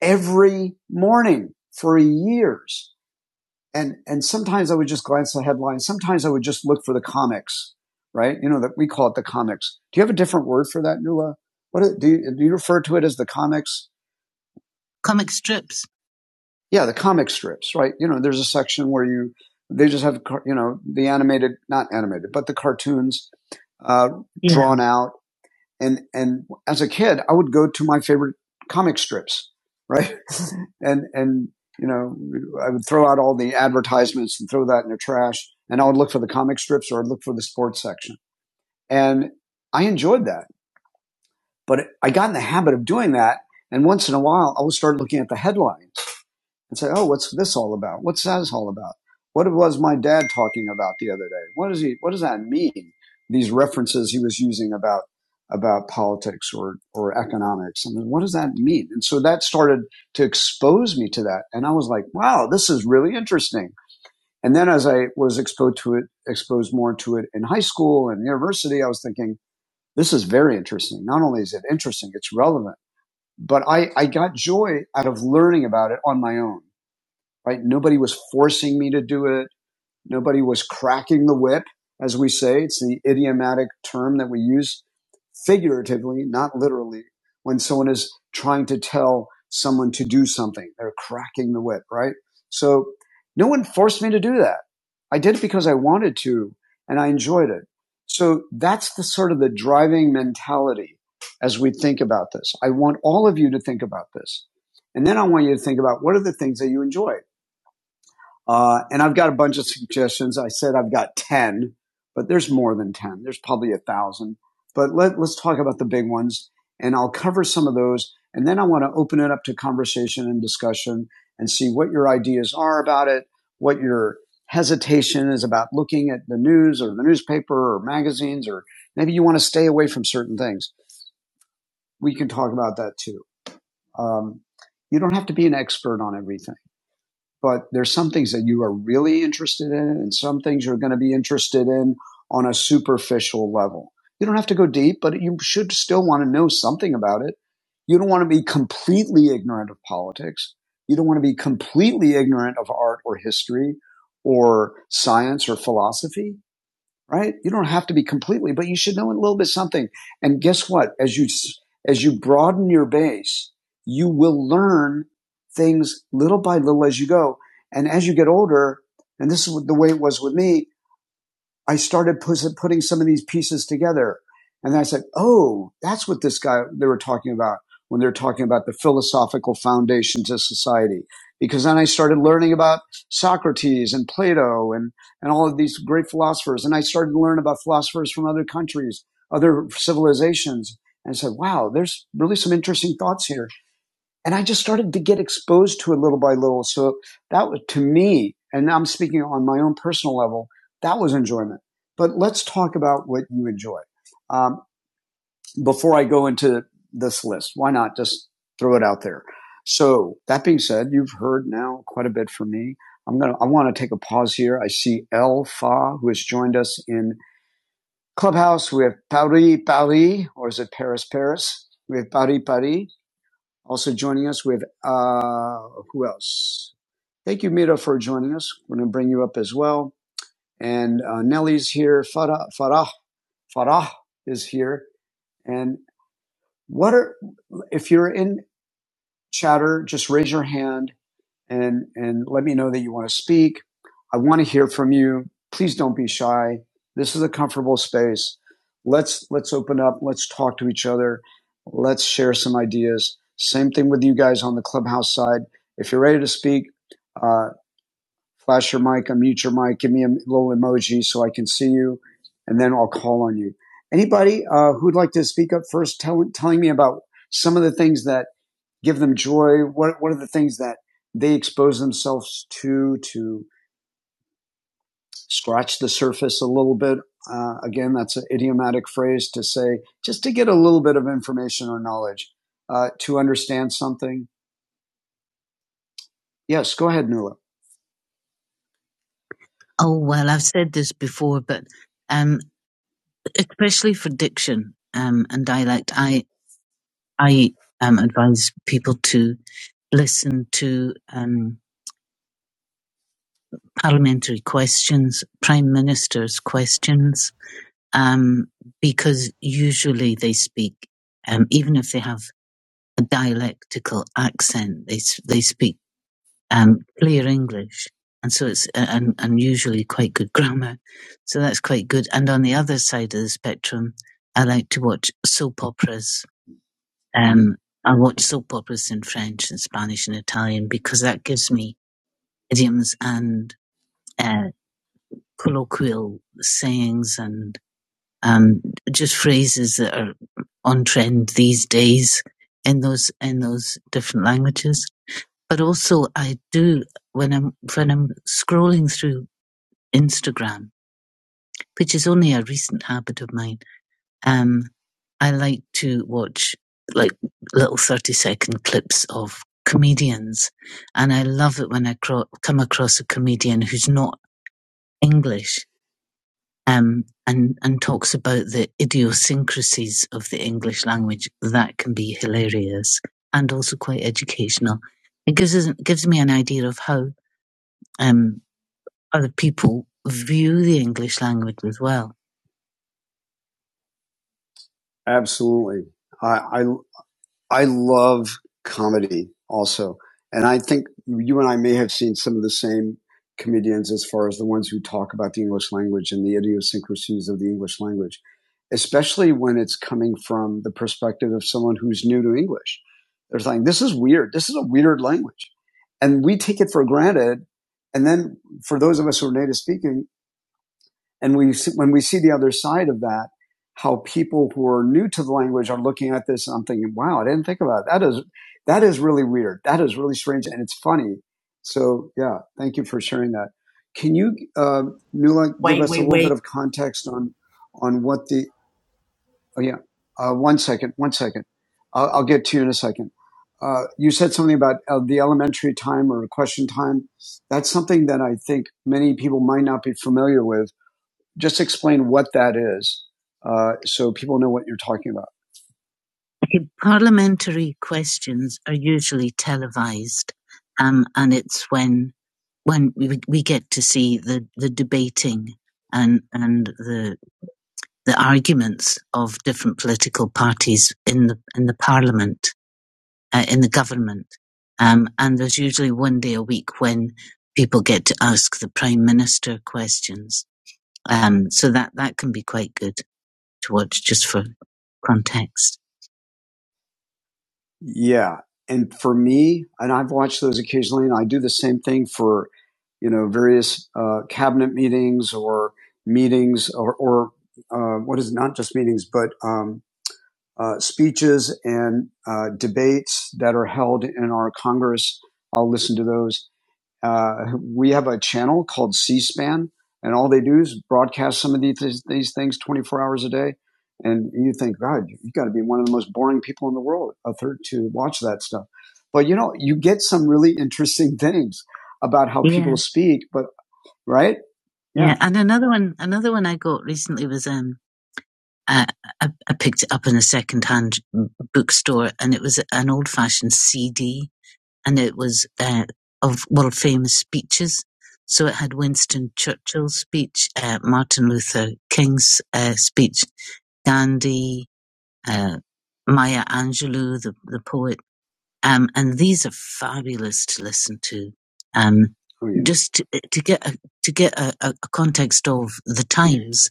[SPEAKER 1] every morning for years and and sometimes i would just glance at the headlines sometimes i would just look for the comics right you know that we call it the comics do you have a different word for that Nuala? What do, you, do you refer to it as the comics comic strips yeah, the comic strips, right? You know, there's a section where you they just have you know the animated, not animated, but the cartoons uh, Yeah. drawn out. And and as a kid, I would go to my favorite comic strips, right? <laughs> and and you know, I would throw out all the advertisements and throw that in the trash, and I would look for the comic strips or I'd look for the sports section, and I enjoyed that. But I got in the habit of doing that, and once in a while, I would start looking at the headline and say, "Oh, what's this all about? What's that all about? What was my dad talking about the other day? What does he? What does that mean? These references he was using about about politics or or economics. I mean, what does that mean?" And so that started to expose me to that, and I was like, "Wow, this is really interesting." And then as I was exposed to it, exposed more to it in high school and university, I was thinking, "This is very interesting. Not only is it interesting, it's relevant." But I, I got joy out of learning about it on my own right? Nobody was forcing me to do it. Nobody was cracking the whip, as we say. It's the idiomatic term that we use figuratively, not literally, when someone is trying to tell someone to do something. They're cracking the whip, right? So no one forced me to do that. I did it because I wanted to and I enjoyed it. So that's the sort of the driving mentality as we think about this. I want all of you to think about this. And then I want you to think about what are the things that you enjoy? Uh, and I've got a bunch of suggestions. I said I've got 10, but there's more than 10. There's probably a thousand. But let, let's talk about the big ones and I'll cover some of those. And then I want to open it up to conversation and discussion and see what your ideas are about it, what your hesitation is about looking at the news or the newspaper or magazines, or maybe you want to stay away from certain things. We can talk about that too. Um, you don't have to be an expert on everything but there's some things that you are really interested in and some things you're going to be interested in on a superficial level. You don't have to go deep, but you should still want to know something about it. You don't want to be completely ignorant of politics. You don't want to be completely ignorant of art or history or science or philosophy right? You don't have to be completely, but you should know a little bit something. And guess what? As you as you broaden your base, you will learn things little by little as you go. And as you get older, and this is the way it was with me, I started putting some of these pieces together. And then I said, oh, that's what this guy, they were talking about when they're talking about the philosophical foundation to society. Because then I started learning about Socrates and Plato and, and all of these great philosophers. And I started to learn about philosophers from other countries, other civilizations. And I said, wow, there's really some interesting thoughts here and I just started to get exposed to it little by little. So that was to me, and I'm speaking on my own personal level, that was enjoyment. But let's talk about what you enjoy. Um, before I go into this list, why not just throw it out there? So that being said, you've heard now quite a bit from me. I'm gonna, I want to take a pause here. I see El Fa, who has joined us in Clubhouse. We have Paris, Paris, or is it Paris, Paris? We have Paris, Paris. Also joining us, we have uh, who else? Thank you, Mira, for joining us. We're going to bring you up as well. And uh, Nelly's here. Farah, Farah, Farah is here. And what are if you're in chatter? Just raise your hand and and let me know that you want to speak. I want to hear from you. Please don't be shy. This is a comfortable space. Let's let's open up. Let's talk to each other. Let's share some ideas. Same thing with you guys on the clubhouse side. If you're ready to speak, uh, flash your mic, unmute your mic, give me a little emoji so I can see you, and then I'll call on you. Anybody uh, who'd like to speak up first, tell, telling me about some of the things that give them joy? What, what are the things that they expose themselves to to scratch the surface a little bit? Uh, again, that's an idiomatic phrase to say just to get a little bit of information or knowledge uh, to understand something. Yes, go ahead, Nuala. Oh, well, I've said this before, but um, especially for diction um, and dialect, I, I um, advise people to listen to um, parliamentary questions, prime minister's questions, um, because usually they speak, um, even if they have a dialectical accent, they they speak um, clear English, and so it's uh, and and usually quite good <laughs> grammar, so that's quite good. And on the other side of the spectrum, I like to watch soap operas. Um, I watch soap operas in French and Spanish and Italian because that gives me idioms and uh, colloquial sayings and. um, just phrases that are on trend these days in those in those different languages. But also, I do when I'm when I'm scrolling through Instagram, which is only a recent habit of mine. Um, I like to watch like little thirty second clips of comedians, and I love it when I cro- come across a comedian who's not English um, and and talks about the idiosyncrasies of the English language. That can be hilarious and also quite educational. It gives us gives me an idea of how um, other people view the English language as well. Absolutely. I, I I love comedy also. And I think you and I may have seen some of the same comedians as far as the ones who talk about the English language and the idiosyncrasies of the English language, especially when it's coming from the perspective of someone who's new to English. They're saying, this is weird. This is a weird language. And we take it for granted. And then for those of us who are native speaking, and we, when we see the other side of that, how people who are new to the language are looking at this, and I'm thinking, wow, I didn't think about it. that. Is that is really weird. That is really strange, and it's funny. So yeah, thank you for sharing that. Can you, uh, Nula, give
[SPEAKER 2] Wait,
[SPEAKER 1] us a
[SPEAKER 2] wait,
[SPEAKER 1] little bit
[SPEAKER 2] wait.
[SPEAKER 1] of context on on what the? Oh yeah, uh, one second, one second. I'll, I'll get to you in a second. Uh, you said something about uh, the elementary time or question time. That's something that I think many people might not be familiar with just explain what that is uh, so people know what you're talking about. Okay, Parliamentary questions are usually televised, um, and it's when when we, we get to see the, the debating and and the the arguments of different political parties in the in the parliament uh, in the government. Um, and there's usually one day a week when people get to ask the prime minister questions. Um, so that that can be quite good towards just for context. Yeah. And for me, and I've watched those occasionally, and I do the same thing for, you know, various uh, cabinet meetings or meetings or, or uh, what is not just meetings, but um, uh, speeches and uh, debates that are held in our Congress. I'll listen to those. Uh, we have a channel called C-SPAN, and all they do is broadcast some of these, these things 24 hours a day. And you think, God, you've got to be one of the most boring people in the world a third to watch that stuff. But you know, you get some really interesting <laughs> things about how Yeah. people speak. But right? Yeah. yeah. And another one, another one I got recently was, um, I, I picked it up in a secondhand bookstore, and it was an old-fashioned CD and it was uh, of world famous speeches. So it had Winston Churchill's speech, uh, Martin Luther King's uh, speech, Gandhi, uh, Maya Angelou, the, the poet. Um, and these are fabulous to listen to. Um, Oh yeah. just to, to get a, to get a, a a context of the times,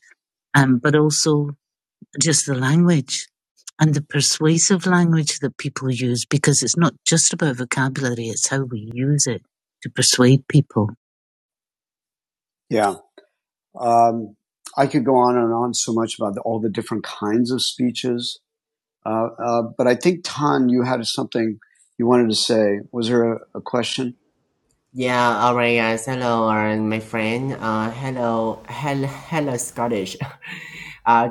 [SPEAKER 1] um, but also just the language and the persuasive language that people use because it's not just about vocabulary, it's how we use it to persuade people. Yeah. Um, I could go on and on so much about the, all the different kinds of speeches. Uh, uh, but I think, Tan, you had something you wanted to say. Was there a, a question?
[SPEAKER 2] Yeah, all right, guys. Hello, uh, my friend. Uh, hello, hello, hello, Scottish. <laughs> Uh,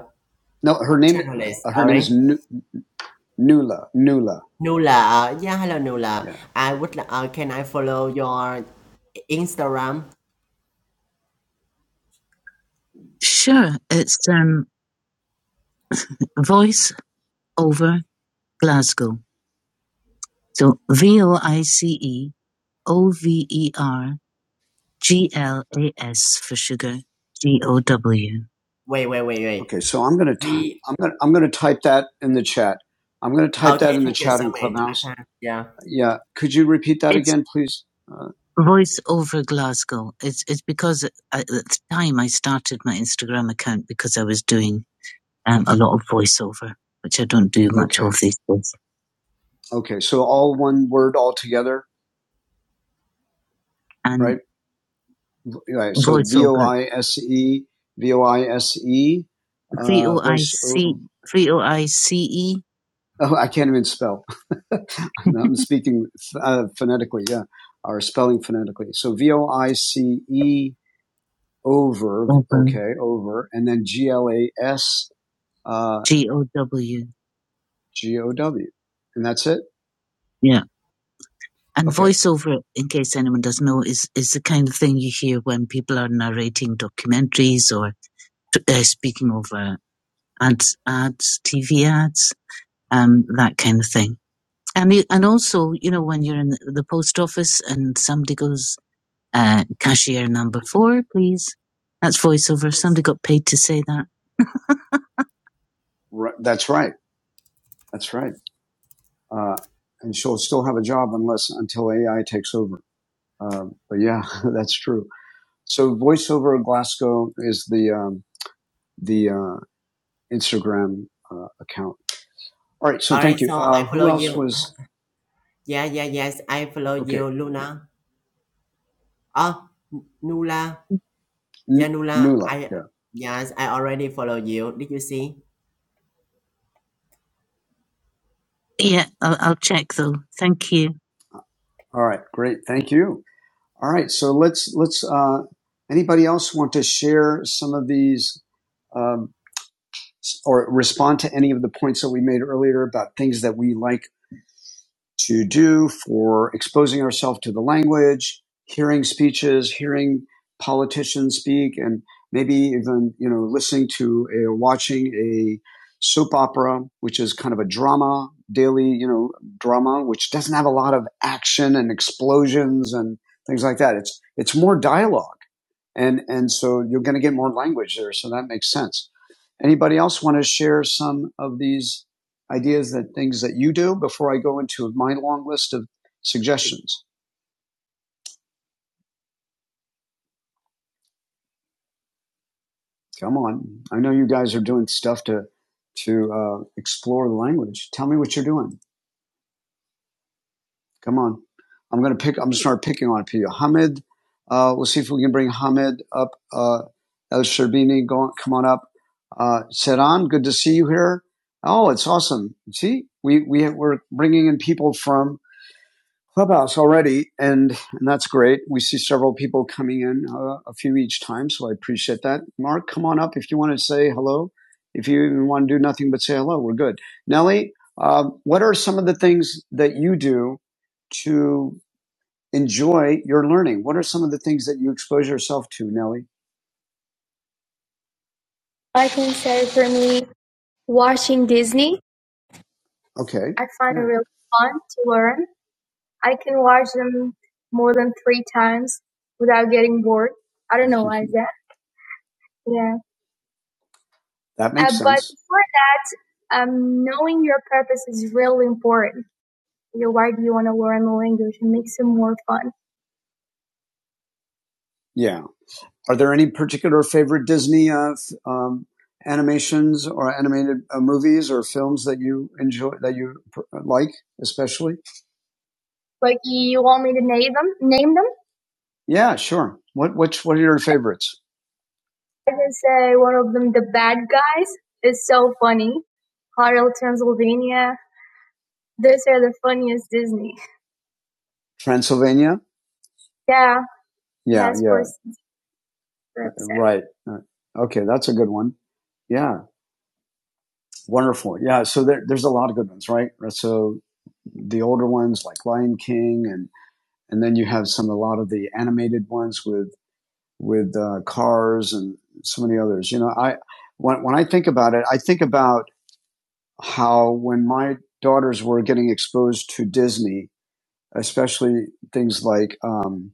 [SPEAKER 1] No, her name,
[SPEAKER 2] journalist.
[SPEAKER 1] her
[SPEAKER 2] All
[SPEAKER 1] name is
[SPEAKER 2] right,
[SPEAKER 1] Nu- Nula. Nula.
[SPEAKER 2] Nula. Uh, yeah, hello, Nula.
[SPEAKER 1] Yeah.
[SPEAKER 2] I would. li- Uh, can I follow your Instagram?
[SPEAKER 1] Sure, it's um, voice over Glasgow. So V O I C E O V E R G L A S for sugar. G O W.
[SPEAKER 2] Wait, wait, wait, wait.
[SPEAKER 1] Okay, so I'm gonna i
[SPEAKER 2] V
[SPEAKER 1] am I'm i I'm gonna type that in the chat. I'm gonna type that
[SPEAKER 2] Okay,
[SPEAKER 1] in the
[SPEAKER 2] thank you
[SPEAKER 1] chat
[SPEAKER 2] so
[SPEAKER 1] in
[SPEAKER 2] much. I can.
[SPEAKER 1] Clubhouse.
[SPEAKER 2] Yeah.
[SPEAKER 1] Yeah, could you repeat that It's again, please? Uh, voice over Glasgow. It's it's because I, at the time I started my Instagram account because I was doing um, a lot of voiceover, which I don't do much okay, of these days. okay. So all one word all together, And right? Right. So V O voiceover. I S E V O I S E V uh, voice. E. Oh, I can't even spell. <laughs> I'm speaking uh, phonetically, yeah, or spelling phonetically. So V O I C E over, Over. okay, over, and then G L A S uh, G O W. G O W, and that's it. Yeah. And Okay, voiceover, in case anyone doesn't know, is is the kind of thing you hear when people are narrating documentaries or uh, speaking of uh, ads, ads, TV ads, um, that kind of thing. And you, and also, you know, when you're in the post office and somebody goes, uh, cashier number four, please. That's voiceover. Somebody got paid to say that. Right. That's right. That's right. Uh, and she'll still have a job unless until AI takes over. Um, but yeah, <laughs> that's true. So voiceover Glasgow is the um, the uh, Instagram uh, account. All right.
[SPEAKER 2] All
[SPEAKER 1] So
[SPEAKER 2] right,
[SPEAKER 1] thank you.
[SPEAKER 2] so I
[SPEAKER 1] Uh,
[SPEAKER 2] follow
[SPEAKER 1] who else
[SPEAKER 2] you.
[SPEAKER 1] was?
[SPEAKER 2] Yeah, yeah, yes, I follow
[SPEAKER 1] Okay.
[SPEAKER 2] you, Luna. Oh, Nula. Yeah,
[SPEAKER 1] N-
[SPEAKER 2] Nula.
[SPEAKER 1] Nula.
[SPEAKER 2] I
[SPEAKER 1] Yeah.
[SPEAKER 2] yes, I already follow you. Did you see?
[SPEAKER 1] Yeah, I'll, I'll check though. Thank you. All right. Great. Thank you. All right. So let's, let's, uh, anybody else want to share some of these, um, s- or respond to any of the points that we made earlier about things that we like to do for exposing ourselves to the language, hearing speeches, hearing politicians speak, and maybe even you know listening to a, watching a soap opera, which is kind of a drama daily, you know, drama, which doesn't have a lot of action and explosions and things like that. It's it's more dialogue and and so you're going to get more language there so that makes sense anybody else want to share some of these ideas that things that you do before i go into my long list of suggestions come on i know you guys are doing stuff to to uh, explore the language tell me what you're doing Come on. I'm going to pick, I'm going to start picking on a few. Hamid, uh, we'll see if we can bring Hamid up. Uh, El Sherbini, go on, come on up. Uh, Seran, good to see you here. Oh, it's awesome. See, we, we, we're bringing in people from Clubhouse already, and and that's great. We see several people coming in, uh, a few each time, so I appreciate that. Mark, come on up if you want to say hello. If you even want to do nothing but say hello, we're good. Nellie, uh, what are some of the things that you do to enjoy your learning? What are some of the things that you expose yourself to, Nellie? I can say for me, watching Disney. Okay. I find yeah. it really fun to learn. I can watch them more than three times without getting bored. I don't know why is that. Yeah. That makes Uh, sense. but before that, um, knowing your purpose is really important. You know, why do you want to learn the language? It makes it more fun. Yeah. Are there any particular favorite Disney uh, um, animations or animated uh, movies or films that you enjoy that you pr- like especially? Like you want me to name them? Name them? Yeah, sure. What which what are your favorites? I can say one of them, The Bad Guys, is so funny. Hotel Transylvania. Those are the funniest Disney. Transylvania? Yeah, Yeah, that's yeah, right. Uh, Okay, that's a good one. Yeah, wonderful. Yeah, so there, there's a lot of good ones, right? Right, So the older ones like Lion King, and and then you have some a lot of the animated ones with with uh, Cars and so many others. You know, I when when I think about it, I think about how when my daughters were getting exposed to Disney, especially things like um,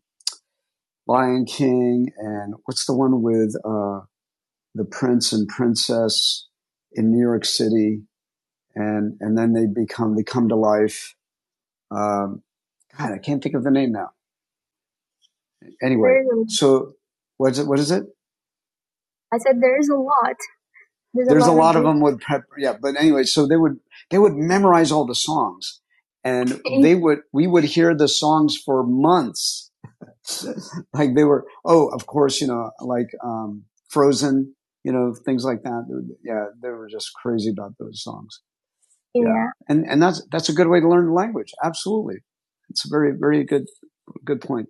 [SPEAKER 1] Lion King and what's the one with uh, the prince and princess in New York City, and and then they become they come to life. Um, God, I can't think of the name now. Anyway, so what's it? What is it? I said there is a lot. There's a there's a lot of a lot of them with prep yeah but anyway so they would they would memorize all the songs and they would we would hear the songs for months <laughs> like they were oh of course you know like um frozen you know things like that yeah they were just crazy about those songs yeah yeah, and and that's that's a good way to learn the language absolutely it's a very very good good point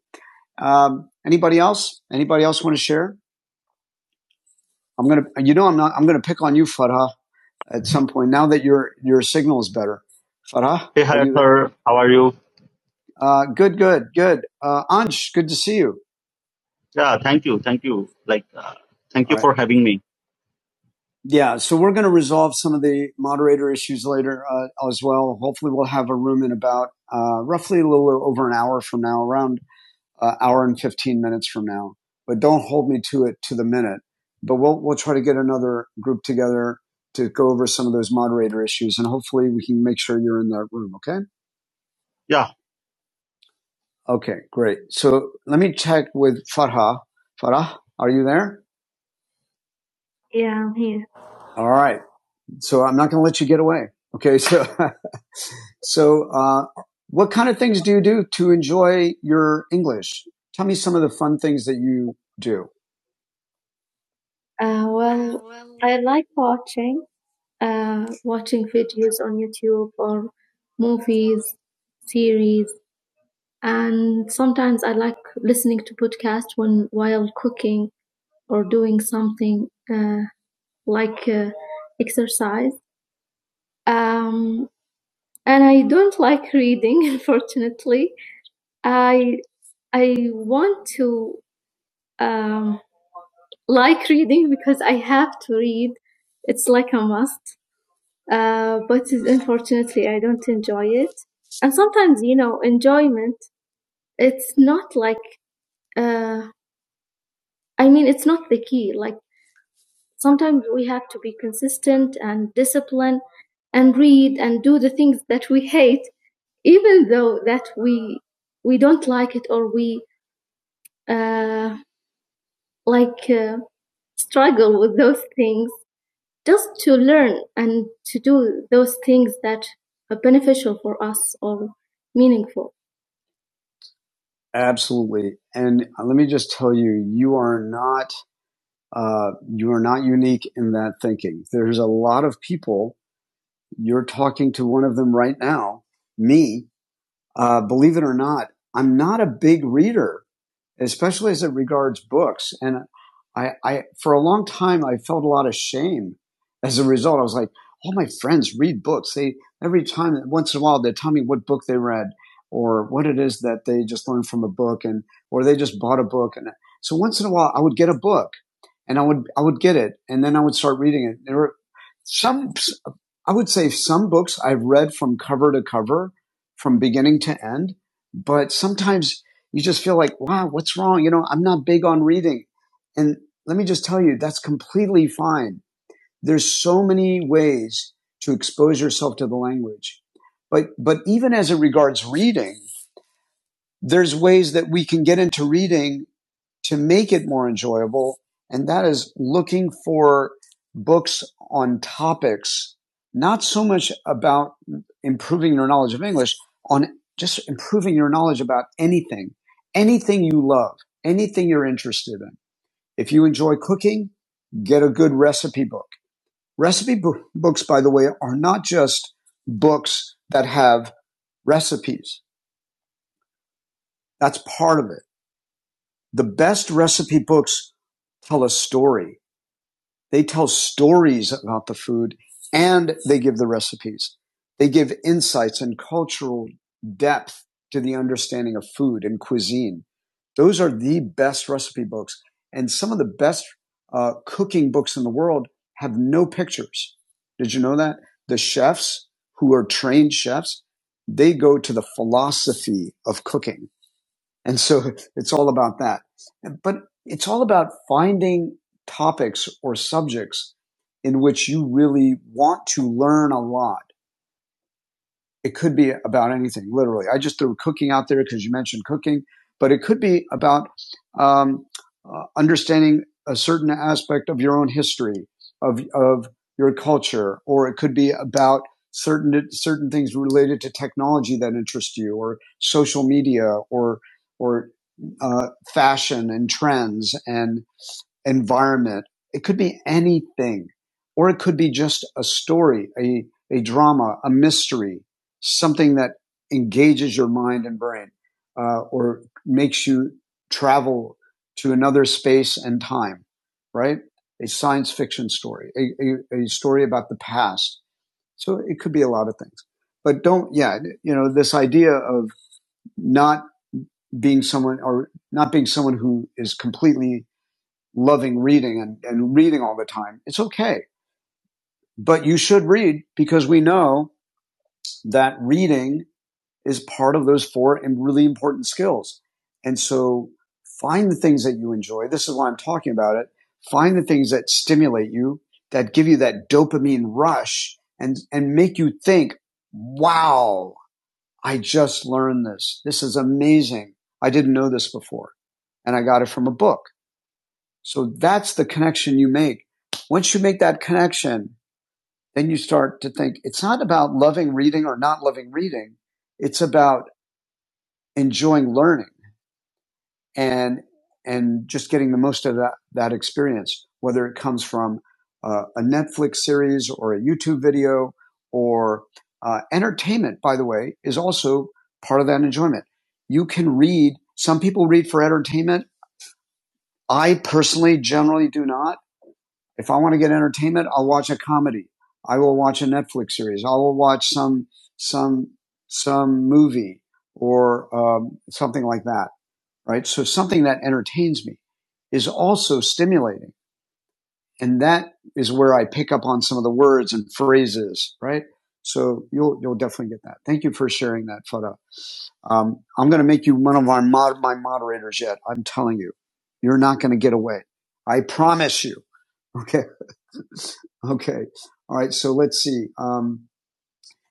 [SPEAKER 1] um anybody else anybody else want to share i'm gonna you know i'm not i'm gonna pick on you Farah at some point. Now that your your signal is better, Farah, Hey, are hi, you sir. How are you? Uh, good, good, good. Uh, Ansh, good to see you. Yeah, thank you. Thank you. Like, uh, thank All you right. for right. having me. Yeah, so we're going to resolve some of the moderator issues later uh, as well. Hopefully, we'll have a room in about uh, roughly a little over an hour from now, around uh, hour and 15 minutes from now, but don't hold me to it to the minute. But we'll, we'll try to get another group together to go over some of those moderator issues and hopefully we can make sure you're in that room. Okay. Yeah. Okay. Great. So let me check with Farah. Farah, are you there? Yeah, I'm here. All right. So I'm not going to let you get away. Okay. So, <laughs> so, uh, what kind of things do you do to enjoy your English? Tell me some of the fun things that you do. Uh, well, I like watching, uh, watching videos on YouTube or movies, series, and sometimes I like listening to podcasts when while cooking or doing something uh, like uh, exercise. Um, and I don't like reading, <laughs> unfortunately. I I want to um, like reading because I have to read. It's like a must uh, but unfortunately I don't enjoy it. And sometimes, you know, enjoyment, it's not like, uh, I mean, it's not the key. Like sometimes we have to be consistent and disciplined and read and do the things that we hate, even though that we, we don't like it or we, uh, like, uh, struggle with those things just to learn and to do those things that are beneficial for us or meaningful. Absolutely. And uh, let me just tell you, you are not, uh, you are not unique in that thinking. There's a lot of people, you're talking to one of them right now, me, uh, believe it or not, I'm not a big reader especially as it regards books. And I, I, for a long time, I felt a lot of shame as a result. I was like, all my friends read books. They, every time, once in a while, they tell me what book they read or what it is that they just learned from a book and, or they just bought a book. And so once in a while, I would get a book and I would, I would get it and then I would start reading it. There were some, I would say some books I've read from cover to cover, from beginning to end, but sometimes you just feel like, wow, what's wrong? You know, I'm not big on reading. And let me just tell you, that's completely fine. There's so many ways to expose yourself to the language. But, but even as it regards reading, there's ways that we can get into reading to make it more enjoyable. And that is looking for books on topics, not so much about improving your knowledge of English, on just improving your knowledge about anything, anything you love, anything you're interested in. If you enjoy cooking, get a good recipe book. Recipe bo- books, by the way, are not just books that have recipes. That's part of it. The best recipe books tell a story. They tell stories about the food and they give the recipes. They give insights and cultural depth to the understanding of food and cuisine. Those are the best recipe books. And some of the best uh, cooking books in the world have no pictures. Did you know that? The chefs who are trained chefs, they go to the philosophy of cooking. And so <laughs> it's all about that. But it's all about finding topics or subjects in which you really want to learn a lot. It could be about anything, literally. I just threw cooking out there because you mentioned cooking, but it could be about um, uh, understanding a certain aspect of your own history, of, of your culture, or it could be about certain certain things related to technology that interest you, or social media, or or uh, fashion and trends, and environment. It could be anything, or it could be just a story, a, a drama, a mystery, something that engages your mind and brain, uh, or makes you travel to another space and time, right? A science fiction story, a, a, a story about the past. So it could be a lot of things. But don't, yeah, you know, this idea of not being someone or not being someone who is completely loving reading and, and reading all the time, it's okay. But you should read because we know that reading is part of those four really important skills. And so find the things that you enjoy. This is why I'm talking about it. Find the things that stimulate you, that give you that dopamine rush and, and make you think, wow, I just learned this. This is amazing. I didn't know this before. And I got it from a book. So that's the connection you make. Once you make that connection, then you start to think it's not about loving reading or not loving reading. It's about enjoying learning and, and just getting the most of that, that experience, whether it comes from uh, a Netflix series or a YouTube video or uh, entertainment, by the way, is also part of that enjoyment. You can read, some people read for entertainment. I personally generally do not If I want to get entertainment, I'll watch a comedy. I will watch a Netflix series. I will watch some some some movie or um, something like that. Right. So something that entertains me is also stimulating, and that is where I pick up on some of the words and phrases. Right. So you'll you'll definitely get that. Thank you for sharing that photo. Um, I'm going to make you one of our mod- my moderators yet. I'm telling you, you're not going to get away. I promise you. Okay. <laughs> Okay. All right. So let's see. Um,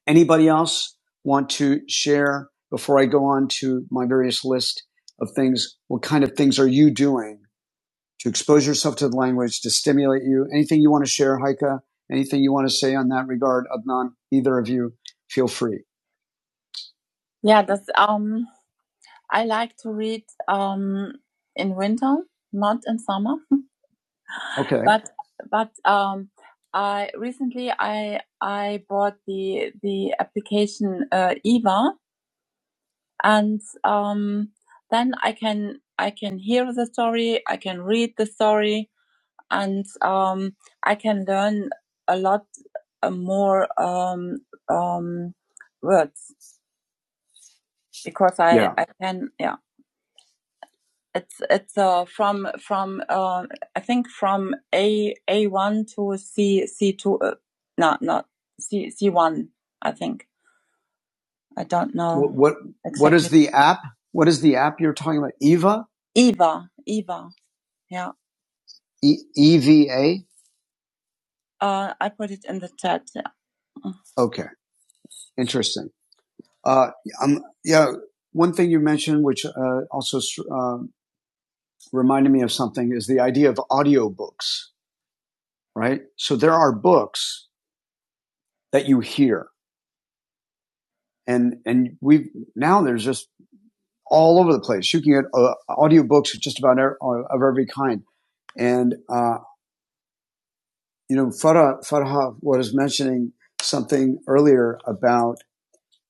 [SPEAKER 1] anybody else want to share before I go on to my various list of things? What kind of things are you doing to expose yourself to the language to stimulate you? Anything you want to share, Heike? Anything you want to say on that regard, Adnan? Either of you, feel free. Yeah, that's um I like to read um in winter, not in summer. Okay. but but um i recently i i bought the the application uh, eva and um then i can i can hear the story i can read the story and um i can learn a lot uh, more um um words because i Yeah. i can yeah It's it's uh, from from uh, I think from A A one to C C two. Uh, no, not C C one. I think I don't know what what is exactly. what is the app? What is the app you're talking about? Eva, Eva Eva. Yeah. e- E V A Uh, I put it in the chat. Yeah. Okay, interesting. Uh, um, yeah, one thing you mentioned, which uh, also uh, reminded me of something, is the idea of audiobooks. right? So there are books that you hear and, and we now there's just all over the place. You can get uh, audiobooks just about er, uh, of every kind. And, uh, you know, Farah, Farha was mentioning something earlier about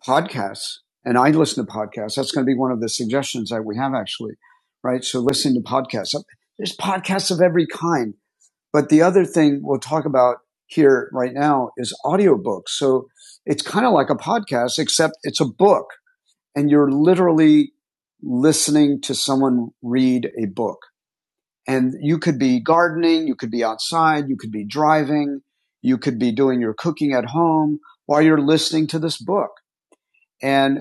[SPEAKER 1] podcasts and I listen to podcasts. That's going to be one of the suggestions that we have actually, right? So listening to podcasts, there's podcasts of every kind But the other thing we'll talk about here right now is audiobooks. So it's kind of like a podcast, except it's a book and you're literally listening to someone read a book. And you could be gardening, you could be outside, you could be driving, you could be doing your cooking at home while you're listening to this book. And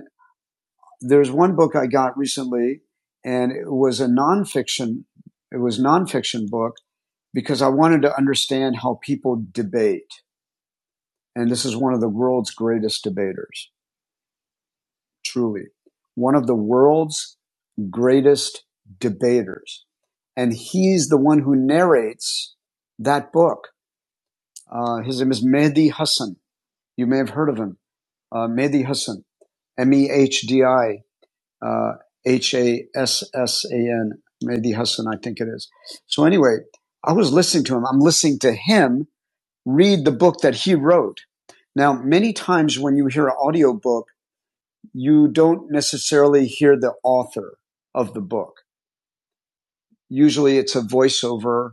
[SPEAKER 1] there's one book I got recently, and it was a nonfiction. It was a nonfiction book because I wanted to understand how people debate, and this is one of the world's greatest debaters. Truly, one of the world's greatest debaters, and he's the one who narrates that book. Uh, his name is Mehdi Hassan. You may have heard of him, uh, Mehdi Hassan, M E H D I uh, H A S S A N, Mehdi Hassan, I think it is. So anyway, I was listening to him. I'm listening to him read the book that he wrote. Now, many times when you hear an audiobook, you don't necessarily hear the author of the book. Usually it's a voiceover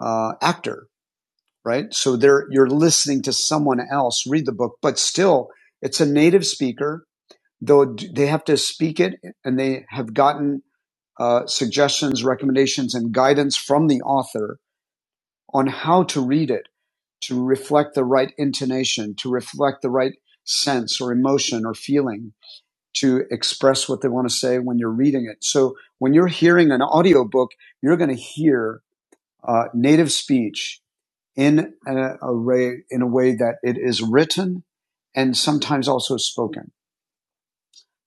[SPEAKER 1] uh, actor, right? So there you're listening to someone else read the book, but still it's a native speaker, though they have to speak it and they have gotten uh, suggestions, recommendations, and guidance from the author on how to read it to reflect the right intonation, to reflect the right sense or emotion or feeling, to express what they want to say when you're reading it. So when you're hearing an audiobook, you're going to hear uh, native speech in a, a way, in a way that it is written and sometimes also spoken.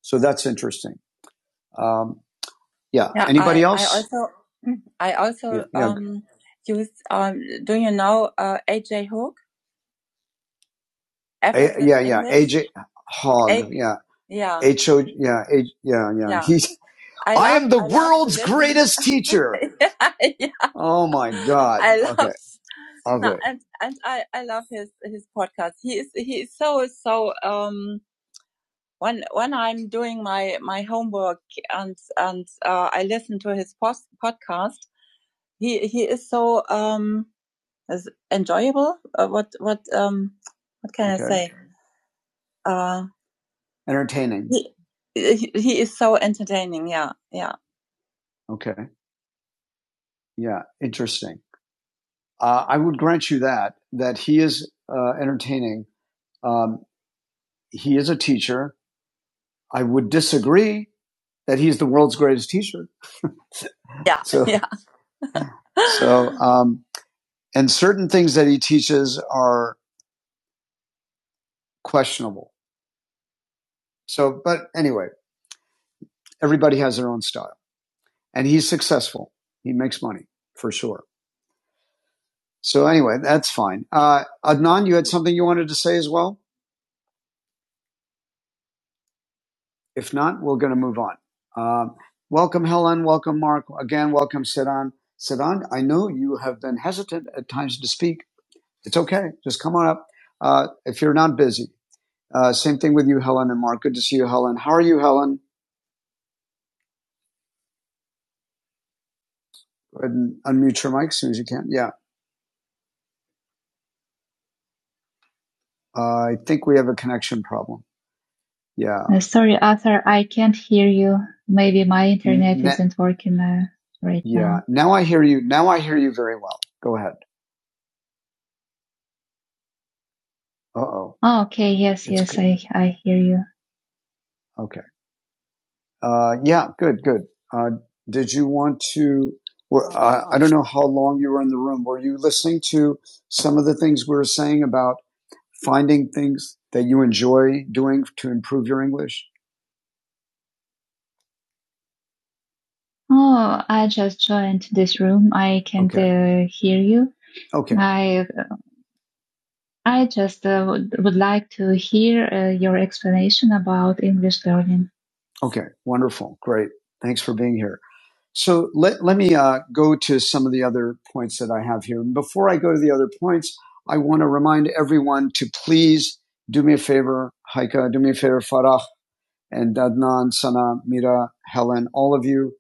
[SPEAKER 1] So that's interesting. Um, Yeah. Yeah, Anybody I, else? I also, mm, I Yeah. also Yeah. um use um. Do you know uh AJ Hook A, yeah. Yeah. AJ Hogg. A Yeah. yeah H O. Yeah. H, yeah. Yeah. yeah. He's. I I love am the I world's greatest teacher. <laughs> yeah, yeah. Oh my God. I Okay. love. Okay. No, Okay. and and I I love his his podcast. He is he is so so um. When when I'm doing my my homework and and uh, I listen to his post podcast. he he is so um is enjoyable. Uh, what what um what can okay. I Okay. say? Uh, Entertaining. he he he is so entertaining. Yeah, yeah. Okay. Yeah. Interesting. Uh, I would grant you that, that he is uh, entertaining. Um, he is a teacher. I would disagree that he's the world's greatest teacher. Yeah, <laughs> So, yeah. <laughs> so, um, and certain things that he teaches are questionable. So, but anyway, everybody has their own style. and he's successful. He makes money for sure. So anyway, that's fine. Uh, Adnan, you had something you wanted to say as well? If not, we're going to move on. Um, welcome, Helen. Welcome, Mark. Again, welcome, Sidan. Sidan, I know you have been hesitant at times to speak. It's okay. Just come on up uh, if you're not busy. Uh, same thing with you, Helen and Mark. Good to see you, Helen. How are you, Helen? Go ahead and unmute your mic as soon as you can. Yeah, uh, I think we have a connection problem. Yeah. Uh, sorry, Arthur, I can't hear you. Maybe my internet Ne- isn't working uh, right Yeah. Now Yeah. Now I hear you. Now I hear you very well. Go ahead. Uh oh. Oh, okay. Yes, It's yes, good. I, I hear you. Okay. Uh, yeah. Good. Good. Uh, did you want to? Well, I, I don't know how long you were in the room. Were you listening to some of the things we were saying about finding things that you enjoy doing to improve your English? Oh, I just joined this room. I can't Okay. uh, hear you. Okay. I I just uh, would would like to hear uh, your explanation about English learning. Okay. Wonderful. Great. Thanks for being here. So let, let me uh, go to some of the other points that I have here. And Before I go to the other points, I want to remind everyone to please do me a favor, Haika, do me a favor, Farah, and Dadnan, Sana, Mira, Helen, all of you,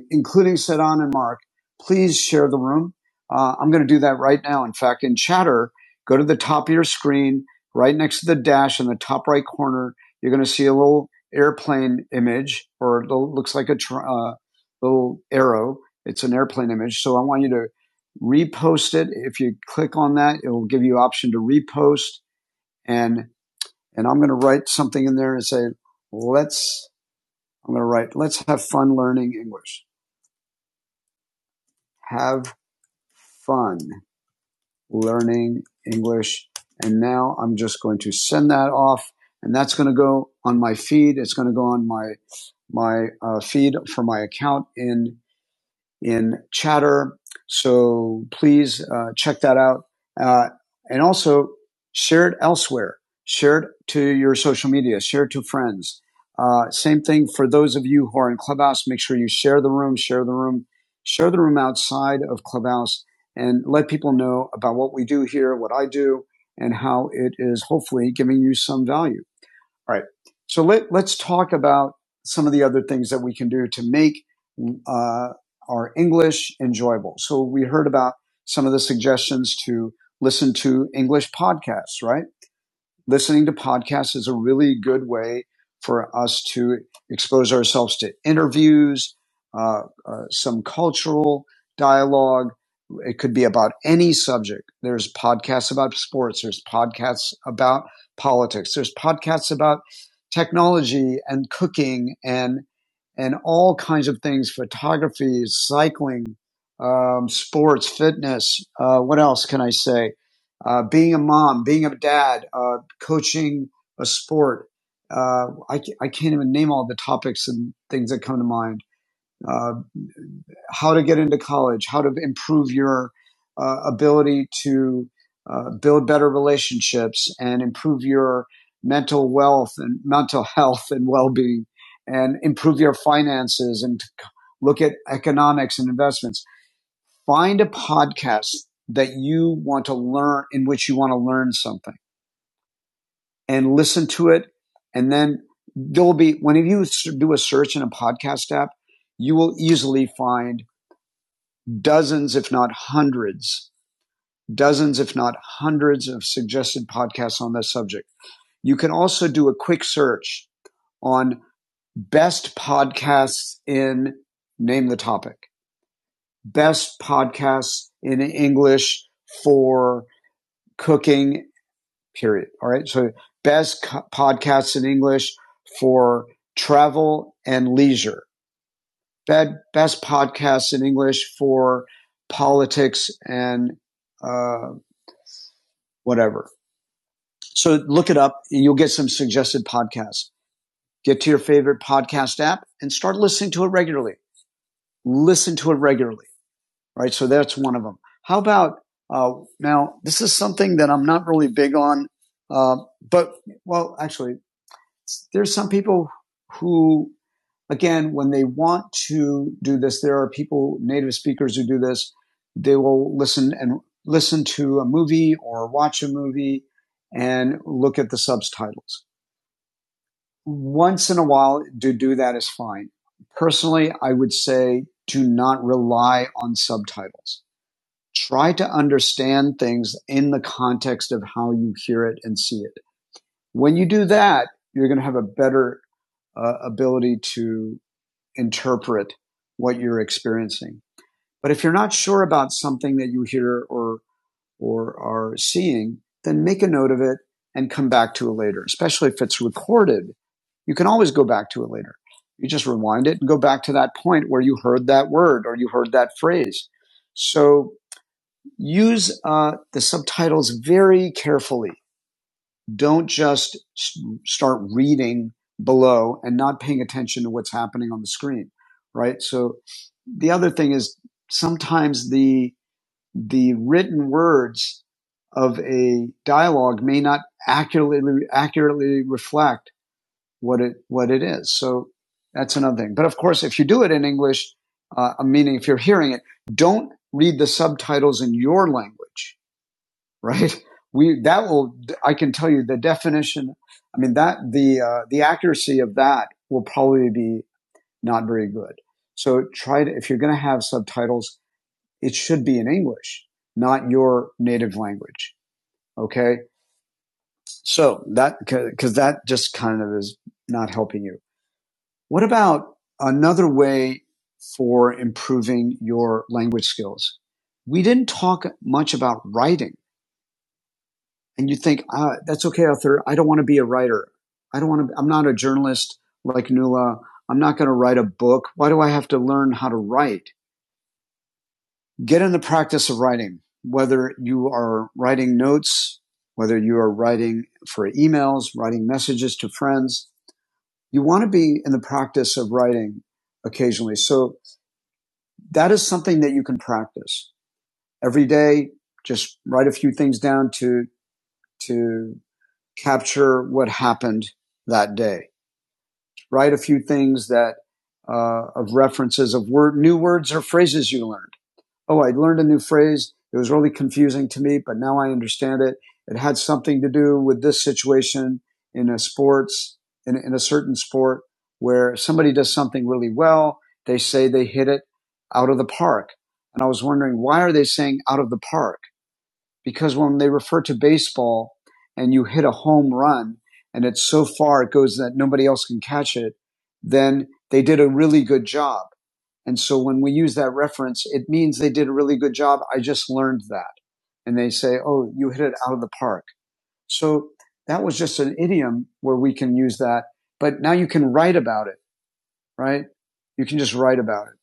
[SPEAKER 1] uh, including Sedan and Mark, please share the room. Uh, I'm going to do that right now. In fact, in Chatter, go to the top of your screen, right next to the dash in the top right corner. You're going to see a little airplane image, or it looks like a tr- uh, little arrow. It's an airplane image. So I want you to repost it. If you click on that, it will give you option to repost and and I'm going to write something in there and say, let's I'm going to write, let's have fun learning English. Have fun learning English. And now I'm just going to send that off and that's going to go on my feed. It's going to go on my, my uh, feed for my account in in Chatter. So please uh, check that out. Uh, and also share it elsewhere. Share it to your social media. Share it to friends. Uh, same thing for those of you who are in Clubhouse. Make sure you share the room, share the room, share the room outside of Clubhouse and let people know about what we do here, what I do, and how it is hopefully giving you some value. All right. So let, let's talk about some of the other things that we can do to make uh, our English enjoyable. So we heard about some of the suggestions to listen to English podcasts, right? listening to podcasts is a really good way for us to expose ourselves to interviews, uh, uh, some cultural dialogue. It could be about any subject. There's podcasts about sports. There's podcasts about politics. There's podcasts about technology and cooking and and all kinds of things: photography, cycling, um, sports, fitness. Uh, what else can I say? uh, being a mom, being a dad, uh, coaching a sport. Uh, I, I can't even name all the topics and things that come to mind. Uh, how to get into college, how to improve your uh, ability to uh, build better relationships and improve your mental wealth and mental <laughs> health and well-being and improve your finances and look at economics and investments. Find a podcast that you want to learn in which you want to learn something and listen to it. And then there'll be, when you do a search in a podcast app, you will easily find dozens, if not hundreds, dozens, if not hundreds of suggested podcasts on this subject. You can also do a quick search on best podcasts in name the topic, best podcasts in English for cooking period. All right. So best co- podcasts in English for travel and leisure. Bad, best podcasts in English for politics and uh, whatever. So look it up. You'll get some suggested podcasts. Get to your favorite podcast app and start listening to it regularly. Listen to it regularly. Right. So that's one of them. How about uh, now? This is something that I'm not really big on, uh, but well, actually, there's some people who, again, when they want to do this, there are people, native speakers who do this. They will listen and listen to a movie or watch a movie and look at the subtitles. Once in a while, to do that is fine. Personally, I would say do not rely on subtitles. Try to understand things in the context of how you hear it and see it. When you do that, you're going to have a better uh, ability to interpret what you're experiencing. But if you're not sure about something that you hear or or are seeing, then make a note of it and come back to it later. Especially if it's recorded, you can always go back to it later. You just rewind it and go back to that point where you heard that word or you heard that phrase. So use uh, the subtitles very carefully don't just start reading below and not paying attention to what's happening on the screen, right? So the other thing is sometimes the the written words of a dialogue may not accurately accurately reflect what it what it is. So that's another thing. But of course, if you do it in English, uh, meaning if you're hearing it, don't read the subtitles in your language right? We that will I can tell you the definition. I mean that the uh, the accuracy of that will probably be not very good. So try to if you're going to have subtitles, it should be in English, not your native language. Okay, so that because that just kind of is not helping you. What about another way for improving your language skills? We didn't talk much about writing and you think, ah, that's okay, Arthur. I don't want to be a writer. I don't want to, I'm not a journalist like Nuala. I'm not going to write a book. Why do I have to learn how to write? Get in the practice of writing, whether you are writing notes, whether you are writing for emails, writing messages to friends. You want to be in the practice of writing occasionally. So that is something that you can practice every day. Just write a few things down to, to capture what happened that day. write a few things that uh, of references of word, new words or phrases you learned. Oh, I learned a new phrase. It was really confusing to me, but now I understand it. It had something to do with this situation in a sports, in, in a certain sport where somebody does something really well. They say they hit it out of the park. And I was wondering, why are they saying out of the park? because when they refer to baseball and you hit a home run and it's so far it goes that nobody else can catch it, then they did a really good job. And so when we use that reference, it means they did a really good job. I just learned that. And they say, Oh, you hit it out of the park. So that was just an idiom where we can use that. But now you can write about it, right? You can just write about it.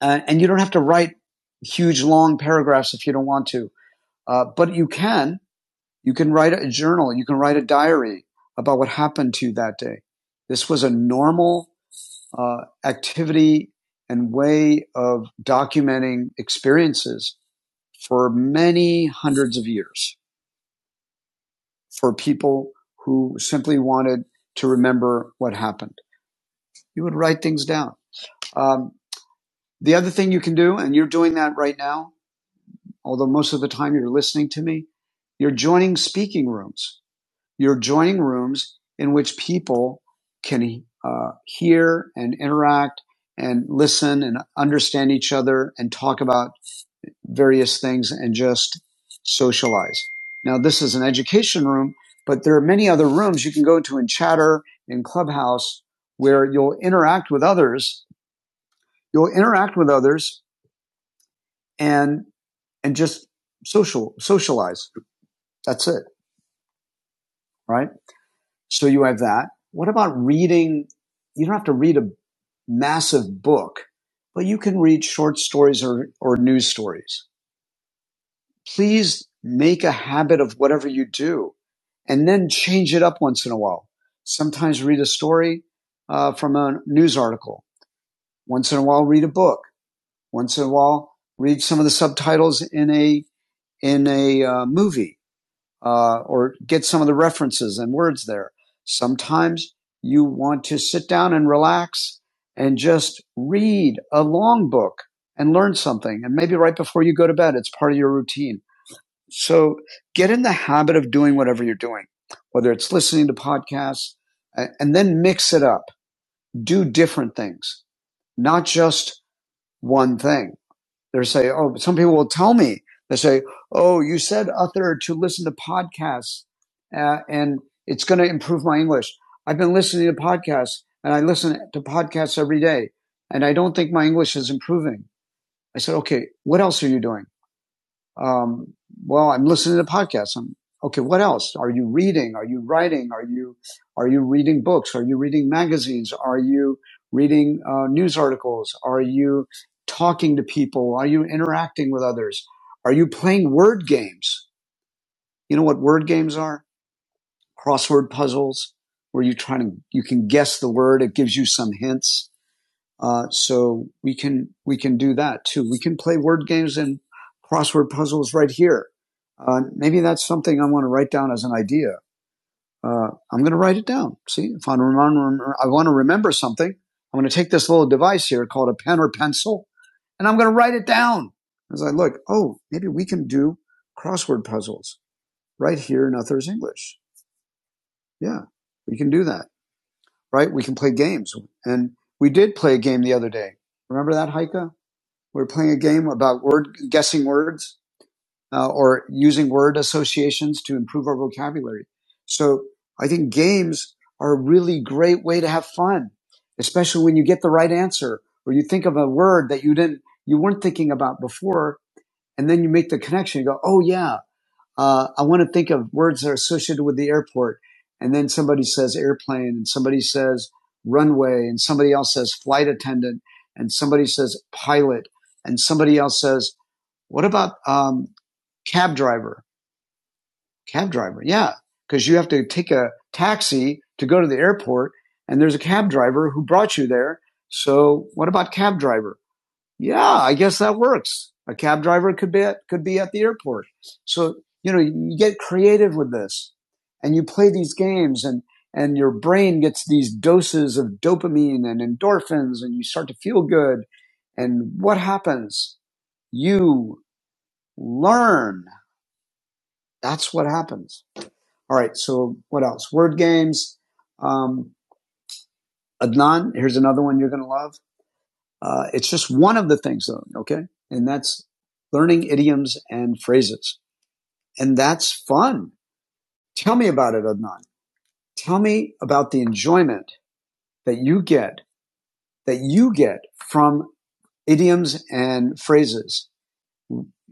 [SPEAKER 1] Uh, and you don't have to write huge long paragraphs if you don't want to. Uh, but you can you can write a journal. You can write a diary about what happened to you that day. This was a normal uh, activity and way of documenting experiences for many hundreds of years for people who simply wanted to remember what happened. You would write things down. Um, the other thing you can do, and you're doing that right now, although most of the time you're listening to me, you're joining speaking rooms. You're joining rooms in which people can uh, hear and interact and listen and understand each other and talk about various things and just socialize. Now, this is an education room, but there are many other rooms you can go to in Chatter, in Clubhouse, where you'll interact with others. You'll interact with others and and just social socialize. That's it, right? So you have that. What about reading? You don't have to read a massive book, but you can read short stories or, or news stories. Please make a habit of whatever you do and then change it up once in a while. Sometimes read a story uh, from a news article. Once in a while, read a book. Once in a while, read some of the subtitles in a in a uh, movie uh, or get some of the references and words there. Sometimes you want to sit down and relax and just read a long book and learn something. And maybe right before you go to bed, it's part of your routine. So get in the habit of doing whatever you're doing, whether it's listening to podcasts and then mix it up. Do different things, not just one thing. They're saying, oh, some people will tell me, they say, oh, you said, Uther, to listen to podcasts uh, and it's going to improve my English. I've been listening to podcasts and I listen to podcasts every day and I don't think my English is improving. I said, okay, what else are you doing? Um, well, I'm listening to podcasts. I'm, okay, what else? Are you reading? Are you writing? Are you, are you reading books? Are you reading magazines? Are you reading uh, news articles? Are you talking to people? Are you interacting with others? Are you playing word games? You know what word games are? Crossword puzzles where you try to, you can guess the word. It gives you some hints uh, so we can we can do that too. We can play word games and crossword puzzles right here. Uh, maybe that's something I want to write down as an idea. Uh, I'm going to write it down. See, if I want to remember something, I'm going to take this little device here called a pen or pencil, and I'm going to write it down. As I look, oh, maybe we can do crossword puzzles right here in Others English. Yeah, we can do that, right? We can play games, and we did play a game the other day. Remember that, Heike? We're playing a game about word guessing words uh, or using word associations to improve our vocabulary. So I think games are a really great way to have fun, especially when you get the right answer or you think of a word that you didn't you weren't thinking about before, and then you make the connection. You go, "Oh yeah, uh, I want to think of words that are associated with the airport. And then somebody says airplane and somebody says runway and somebody else says flight attendant and somebody says pilot and somebody else says, what about, um, cab driver? Cab driver. Yeah. Cause you have to take a taxi to go to the airport and there's a cab driver who brought you there. So what about cab driver? yeah, I guess that works. A cab driver could be at, could be at the airport. So, you know, you get creative with this and you play these games and, and your brain gets these doses of dopamine and endorphins and you start to feel good. And what happens? You learn. That's what happens. All right. So what else? Word games. Um, Adnan, here's another one you're going to love. Uh, it's just one of the things though. Okay. And that's learning idioms and phrases. And that's fun. Tell me about it, Adnan. Tell me about the enjoyment that you get, that you get from idioms and phrases.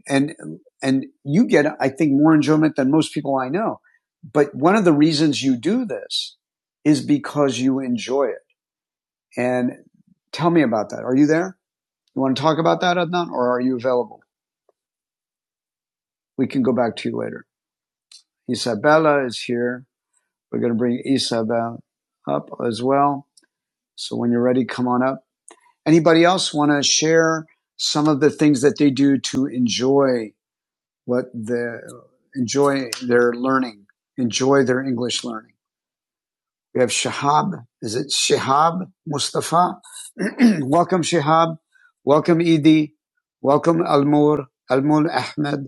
[SPEAKER 1] And, and you get, I think, more enjoyment than most people I know. But one of the reasons you do this is because you enjoy it. And tell me about that. Are you there? You want to talk about that, Adnan, or are you available? We can go back to you later. Isabella is here. We're going to bring Isabel up as well. So when you're ready, come on up. Anybody else want to share some of the things that they do to enjoy what the enjoy their learning, enjoy their English learning? We have Shahab. Is it Shahab Mustafa? <clears throat> Welcome, Shahab. Welcome, Edie. Welcome, Almur, Almul Ahmed.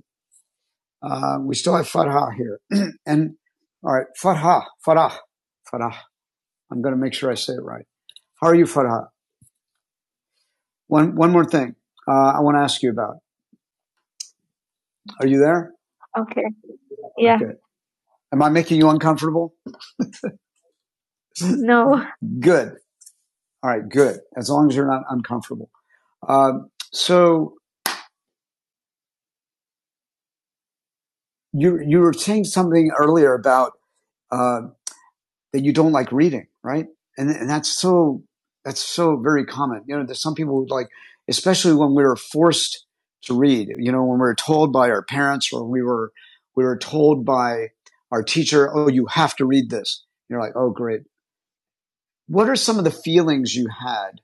[SPEAKER 1] Uh, we still have Fatah here. <clears throat> and all right, Fatah, Fatah, Fatah. I'm going to make sure I say it right. How are you, Fatah? One, one more thing uh, I want to ask you about. Are you there? Okay. Yeah. Okay. Am I making you uncomfortable? No. <laughs> Good. All right. Good. As long as you're not uncomfortable. Um, so you you were saying something earlier about uh, that you don't like reading, right? And and that's so that's so very common. You know, there's some people who like, especially when we were forced to read. You know, when we were told by our parents or we were we were told by our teacher, "Oh, you have to read this." You're like, "Oh, great." What are some of the feelings you had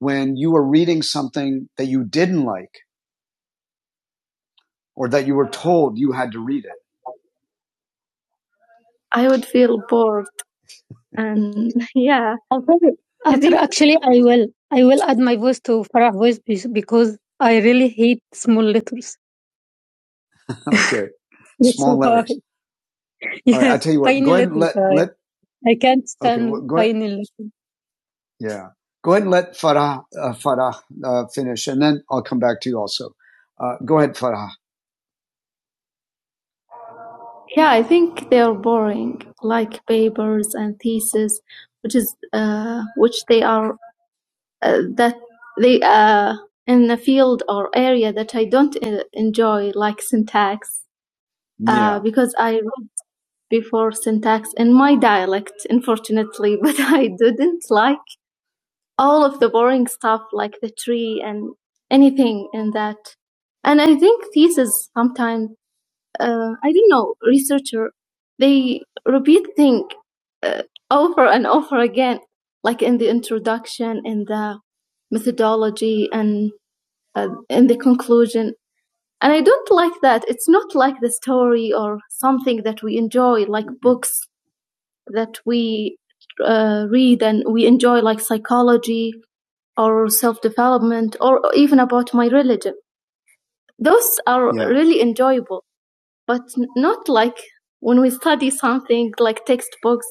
[SPEAKER 1] when you were reading something that you didn't like or that you were told you had to read it? I would feel bored. And <laughs> yeah, Although, I although think actually, I will. I will add my voice to Farah's voice be- because I really hate small letters. Okay, <laughs> They're small so letters. hard. <laughs> All right, I Yes, tell you what. tiny Go ahead and letters. let I, let. I can't Okay, well, stand well, go ahead. tiny letters. Yeah, go ahead and let Farah uh, Farah uh, finish, and then I'll come back to you also. Uh, go ahead, Farah. yeah, I think they are boring, like papers and theses, which is uh, which they are uh, that they are in a field or area that I don't uh, enjoy, like syntax, uh, Yeah. uh, because I read before syntax in my dialect, unfortunately, <laughs> but I didn't like all of the boring stuff, like the tree and anything in that. And I think thesis sometimes, uh, I don't know, researcher, they repeat thing uh, over and over again, like in the introduction, in the methodology, and uh, in the conclusion. And I don't like that. It's not like the story or something that we enjoy, like books that we uh, read and we enjoy, like psychology or self development or even about my religion. Those are Yeah. really enjoyable, but not like when we study something like textbooks.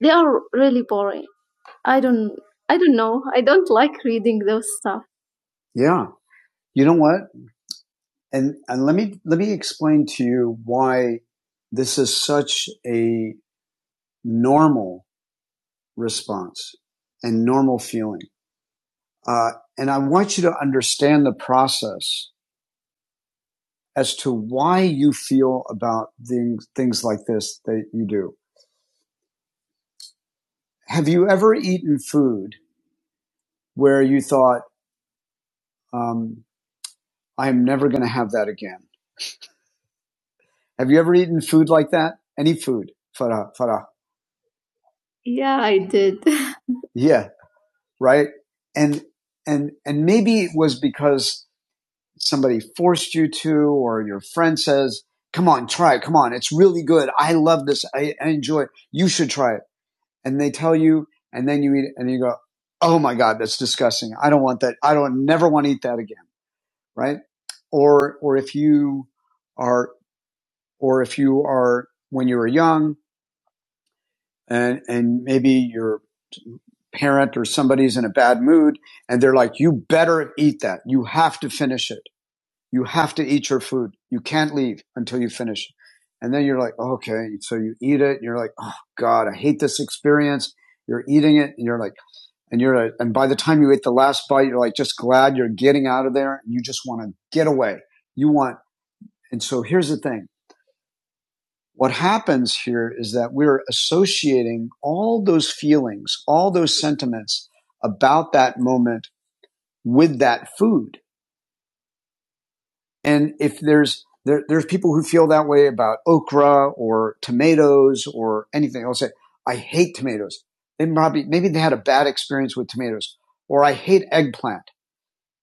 [SPEAKER 1] They are really boring. I don't, I don't know. I don't like reading those stuff. Yeah. You know what? and and let me let me explain to you why this is such a normal response and normal feeling. Uh, and I want you to understand the process as to why you feel about things, things like this that you do. Have you ever eaten food where you thought, um, I'm never going to have that again? Have you ever eaten food like that? Any food? Farah, Farah. Yeah. right? And and and maybe it was because somebody forced you to, or your friend says, "Come on, try it. Come on, it's really good. I love this. I, I enjoy it. You should try it." And they tell you, and then you eat it, and you go, "Oh my God, that's disgusting. I don't want that. I don't never want to eat that again." Right? Or or if you are or if you are when you were young and and maybe your parent or somebody's in a bad mood and they're like you better eat that you have to finish it you have to eat your food you can't leave until you finish it and then you're like oh, okay so you eat it and you're like oh god i hate this experience you're eating it and you're like and you're like, and by the time you ate the last bite you're like just glad you're getting out of there and you just want to get away you want and so here's the thing what happens here is that we're associating all those feelings, all those sentiments about that moment with that food. And if there's there, there's people who feel that way about okra or tomatoes or anything. I'll say, I hate tomatoes. They probably maybe they had a bad experience with tomatoes, or I hate eggplant.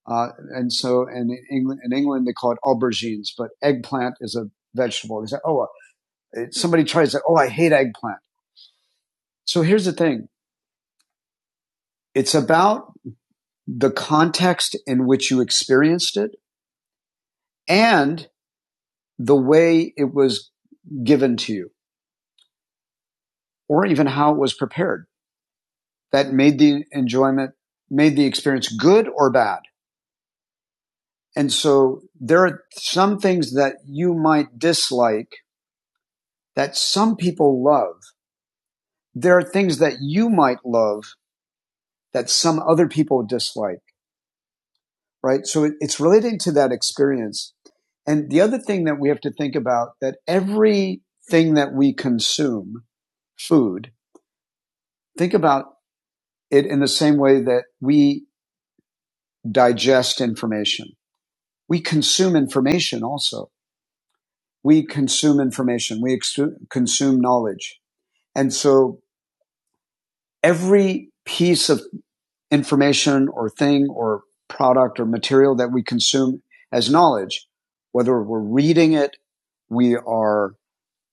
[SPEAKER 1] Uh, and so, and in England, in England, they call it aubergines, but eggplant is a vegetable. They say, oh, uh, somebody tries that. Oh, I hate eggplant. So here's the thing. It's about the context in which you experienced it and the way it was given to you or even how it was prepared that made the enjoyment, made the experience good or bad. And so there are some things that you might dislike that some people love. There are things that you might love that some other people dislike. right? So it, it's relating to that experience. And the other thing that we have to think about that everything that we consume, food, think about it in the same way that we digest information. We consume information also. We consume information. We exu- consume knowledge. And so every piece of information or thing or product or material that we consume as knowledge, whether we're reading it, we are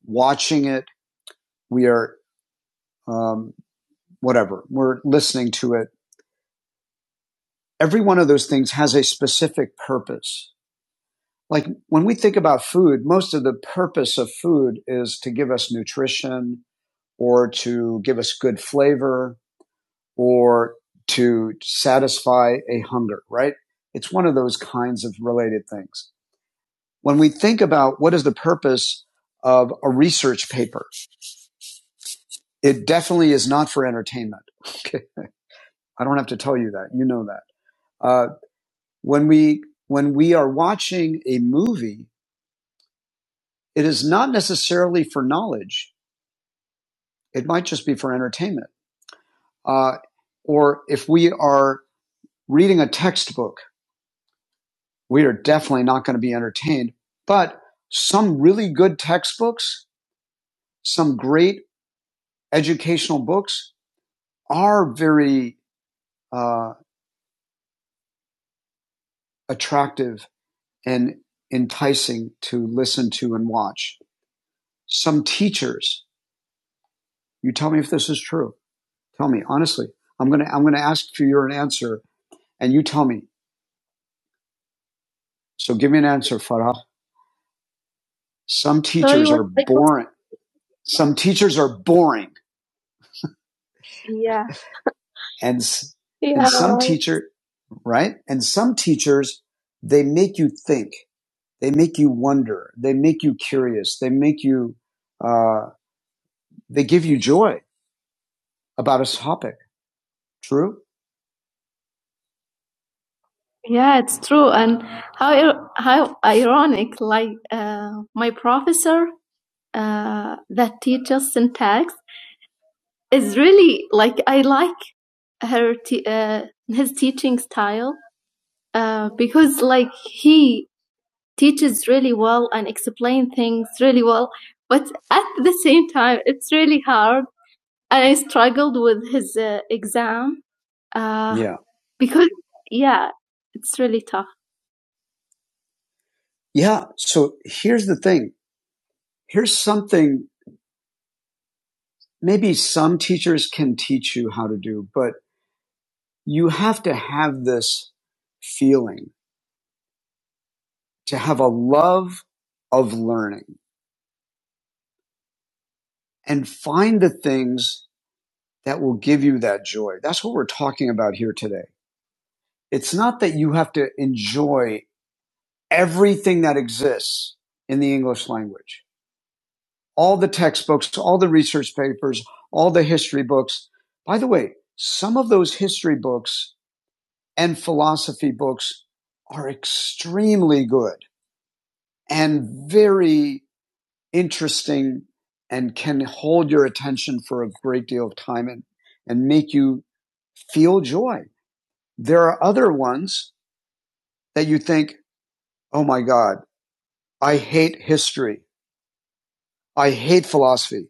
[SPEAKER 1] watching it, we are um, whatever, we're listening to it. Every one of those things has a specific purpose. Like when we think about food, most of the purpose of food is to give us nutrition or to give us good flavor or to satisfy a hunger, right? It's one of those kinds of related things. When we think about what is the purpose of a research paper, it definitely is not for entertainment. <laughs> Okay. I don't have to tell you that. You know that. Uh, when we when we are watching a movie, it is not necessarily for knowledge. It might just be for entertainment. Uh, or if we are reading a textbook, we are definitely not going to be entertained. But some really good textbooks, some great educational books are very uh, attractive and enticing to listen to and watch. Some teachers You tell me if this is true. Tell me honestly. I'm gonna I'm gonna ask for your an answer, and you tell me. So give me an answer, Farah. Some So teachers were are like, boring. Some teachers are boring, yeah, and s- and yeah, some teacher right, and some teachers they make you think, they make you wonder, they make you curious, they make you uh, they give you joy about a topic. True. yeah. It's true. And how how ironic! Like uh, my professor uh, that teaches syntax is really like I like her te- uh, his teaching style uh, because like he teaches really well and explain things really well, but at the same time it's really hard. And I struggled with his uh, exam uh, Yeah. because yeah, it's really tough. Yeah. So here's the thing. Here's something maybe some teachers can teach you how to do, but you have to have this feeling to have a love of learning and find the things that will give you that joy. That's what we're talking about here today. It's not that you have to enjoy everything that exists in the English language. All the textbooks, all the research papers, all the history books. By the way, some of those history books and philosophy books are extremely good and very interesting and can hold your attention for a great deal of time and, and make you feel joy. There are other ones that you think, oh my God, I hate history. I hate philosophy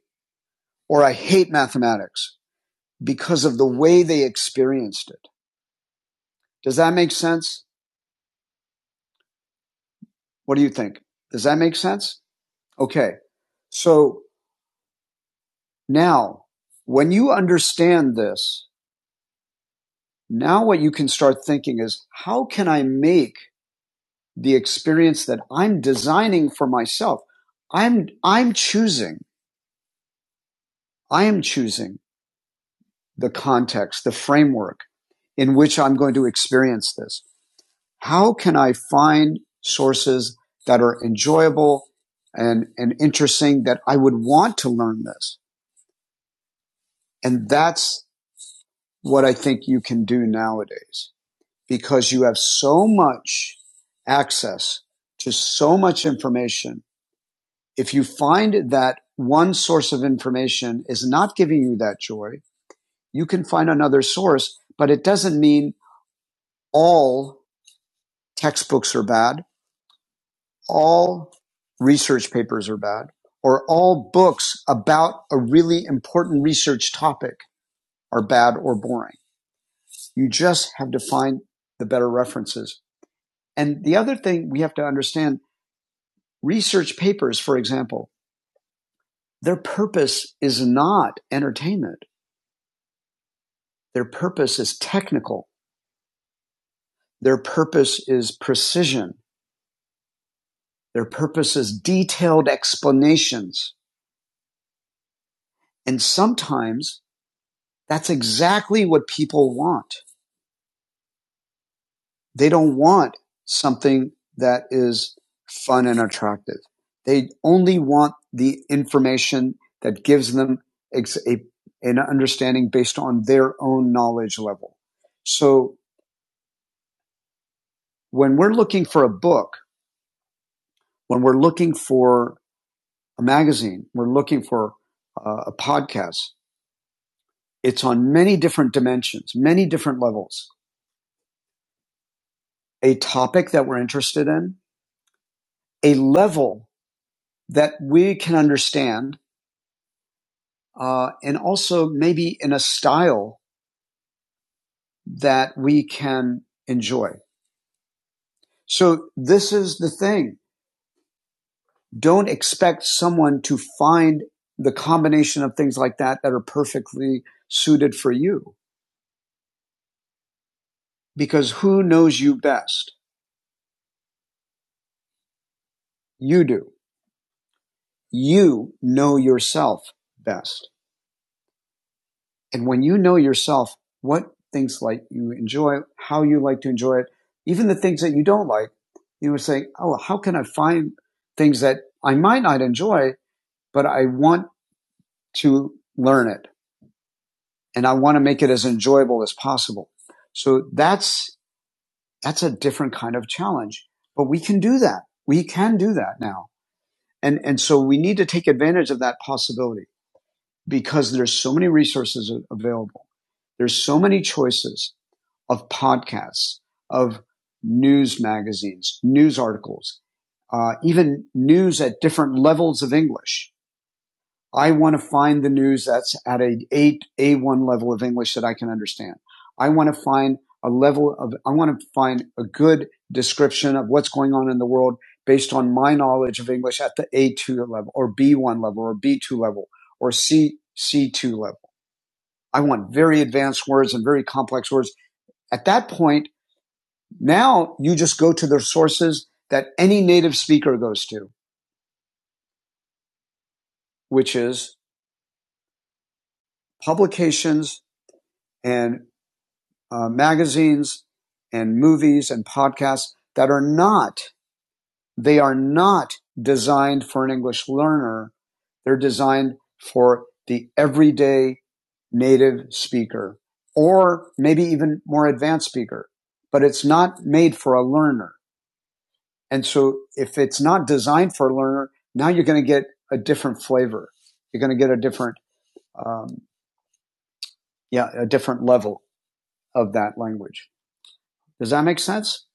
[SPEAKER 1] or I hate mathematics because of the way they experienced it. Does that make sense? What do you think? Does that make sense? Okay. So now when you understand this, now what you can start thinking is how can I make the experience that I'm designing for myself. I'm, I'm choosing, I am choosing the context, the framework in which I'm going to experience this. How can I find sources that are enjoyable and, and interesting that I would want to learn this? And that's what I think you can do nowadays because you have so much access to so much information If you find that one source of information is not giving you that joy, you can find another source, but it doesn't mean all textbooks are bad, all research papers are bad, or all books about a really important research topic are bad or boring. You just have to find the better references. And the other thing we have to understand research papers, for example, their purpose is not entertainment. Their purpose is technical Their purpose is precision. Their purpose is detailed explanations. And sometimes that's exactly what people want. They don't want something that is fun and attractive. They only want the information that gives them ex- a, an understanding based on their own knowledge level. So when we're looking for a book, when we're looking for a magazine, we're looking for uh, a podcast, It's on many different dimensions, many different levels. A topic that we're interested in, a level that we can understand, uh, and also maybe in a style that we can enjoy. So this is the thing. Don't expect someone to find the combination of things like that that are perfectly suited for you because who knows you best? You do. You know yourself best. And when you know yourself, what things like you enjoy, how you like to enjoy it, even the things that you don't like, you would say, Oh, how can I find things that I might not enjoy, but I want to learn it and I want to make it as enjoyable as possible. So that's, that's a different kind of challenge, but we can do that. We can do that now. And, and so we need to take advantage of that possibility. because there's so many resources available. There's so many choices of podcasts, of news magazines, news articles, uh, even news at different levels of English I want to find the news that's at a eight A1 level of English that I can understand. I want to find a level of I want to find a good description of what's going on in the world based on my knowledge of English at the A2 level or B1 level or B2 level or C C2 level. I want very advanced words and very complex words. At that point, now you just go to the sources that any native speaker goes to, which is publications and uh, magazines and movies and podcasts that are not, they are not designed for an English learner. They're designed for the everyday native speaker or maybe even more advanced speaker, but it's not made for a learner. And so if it's not designed for a learner, now you're going to get a different flavor. You're going to get a different, um, yeah, a different level of that language. Does that make sense?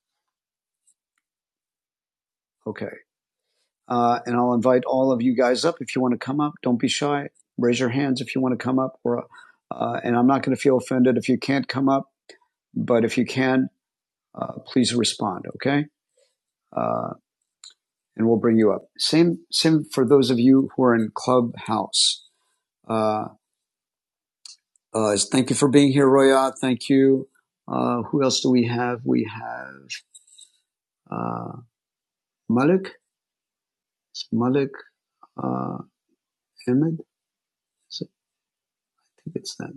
[SPEAKER 1] Okay. Uh, and I'll invite all of you guys up if you want to come up. Don't be shy. Raise your hands if you want to come up. Or, uh, and I'm not going to feel offended if you can't come up, but if you can, uh, please respond. Okay. Uh, and we'll bring you up. Same, same for those of you who are in Clubhouse. Uh, uh, thank you for being here, Roya. Thank you. Uh, who else do we have? We have uh, Malik. It's Malik uh, Ahmed. I think it's that.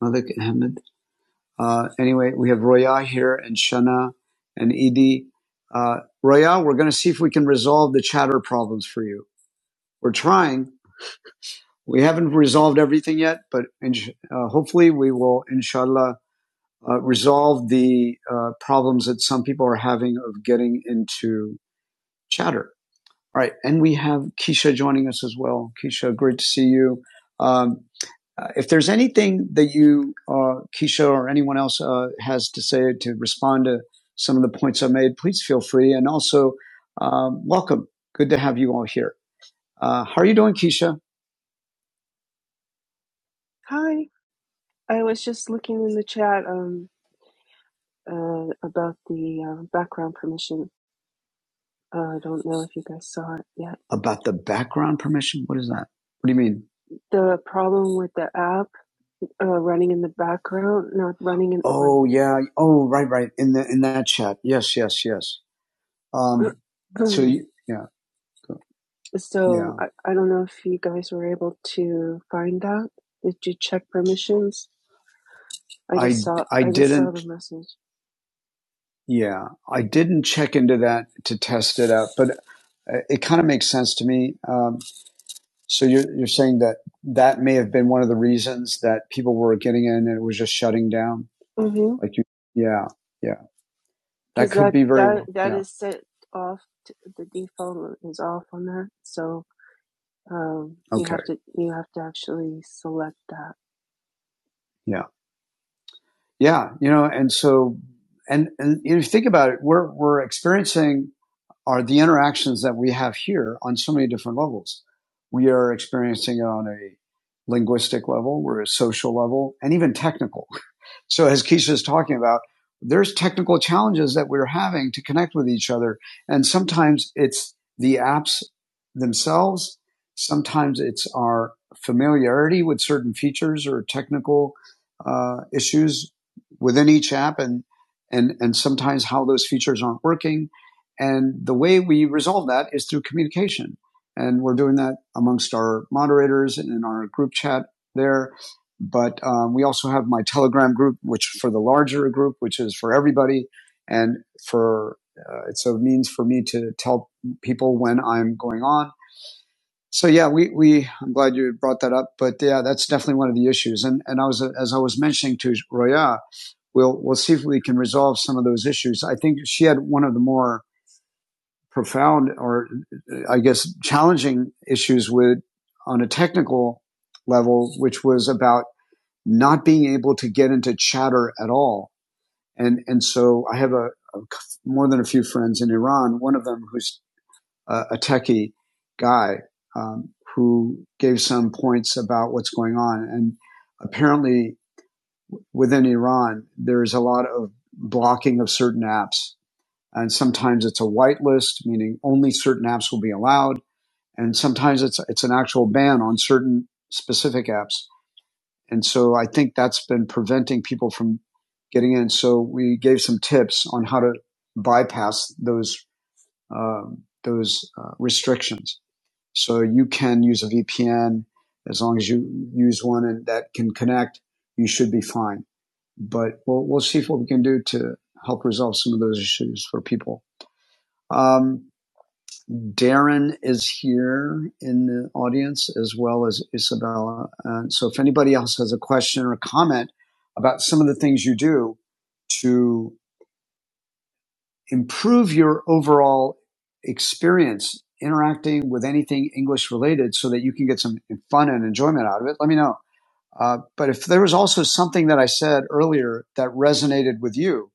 [SPEAKER 1] Malik Ahmed. Uh, anyway, we have Roya here and Shana and Edie. Uh, Roya, we're going to see if we can resolve the chatter problems for you. We're trying. We haven't resolved everything yet, but insh- uh, hopefully we will, inshallah, uh, resolve the uh, problems that some people are having of getting into chatter. All right, and we have Keisha joining us as well. Keisha, great to see you. Um, uh, if there's anything that you, uh, Keisha, or anyone else uh, has to say to respond to some of the points I made, please feel free. And also, um, welcome. Good to have you all here. Uh, how are you doing, Keisha? Hi, I was just looking in the chat um, uh, about the uh, background permission. Uh, I don't know if you guys saw it yet. About the background permission? What is that? What do you mean? The problem with the app uh, running in the background, not running in Oh yeah. Oh right, right. In the in that chat. Yes, yes, yes. Um. <clears throat> So you, yeah, go- yeah. so yeah. I, I don't know if you guys were able to find that. Did you check permissions? I just I saw I I just didn't Saw the message. Yeah, I didn't check into that to test it out, but uh, it kind of makes sense to me. Um, So you're you're saying that that may have been one of the reasons that people were getting in and it was just shutting down. Mm-hmm. Like you, yeah, yeah, That could that be very that well. that Yeah. is set off. To, the default is off on that, so um, okay. you Okay. have to you have to actually select that. Yeah. Yeah. You know, and so, and, and you know, think about it, we're, we're experiencing are the interactions that we have here on so many different levels. We are experiencing it on a linguistic level, we're a social level, and even technical. <laughs> So as Keisha is talking about, there's technical challenges that we're having to connect with each other. And sometimes it's the apps themselves. Sometimes it's our familiarity with certain features or technical uh, issues within each app and, and, and sometimes how those features aren't working. And the way we resolve that is through communication. And we're doing that amongst our moderators and in our group chat there. But um, we also have my Telegram group, which for the larger group, which is for everybody. And for, uh, it's a means for me to tell people when I'm going on. So yeah, we, we, I'm glad you brought that up. But yeah, that's definitely one of the issues. And, and I was, as I was mentioning to Roya, we'll, we'll see if we can resolve some of those issues. I think she had one of the more profound or I guess challenging issues with on a technical level, which was about not being able to get into chatter at all. And, and so I have a, a more than a few friends in Iran, one of them who's a, a techie guy, um, who gave some points about what's going on. And apparently within Iran, there's a lot of blocking of certain apps. And sometimes it's a whitelist, meaning only certain apps will be allowed and sometimes it's it's an actual ban on certain specific apps. And so I think that's been preventing people from getting in. So we gave some tips on how to bypass those um, those uh, restrictions. So you can use a VPN as long as you use one and that can connect. You should be fine. But we'll we'll see what we can do to help resolve some of those issues for people. Um, Darren is here in the audience as well as Isabella. And so if anybody else has a question or comment about some of the things you do to improve your overall experience interacting with anything English related so that you can get some fun and enjoyment out of it, let me know. Uh, but if there was also something that I said earlier that resonated with you,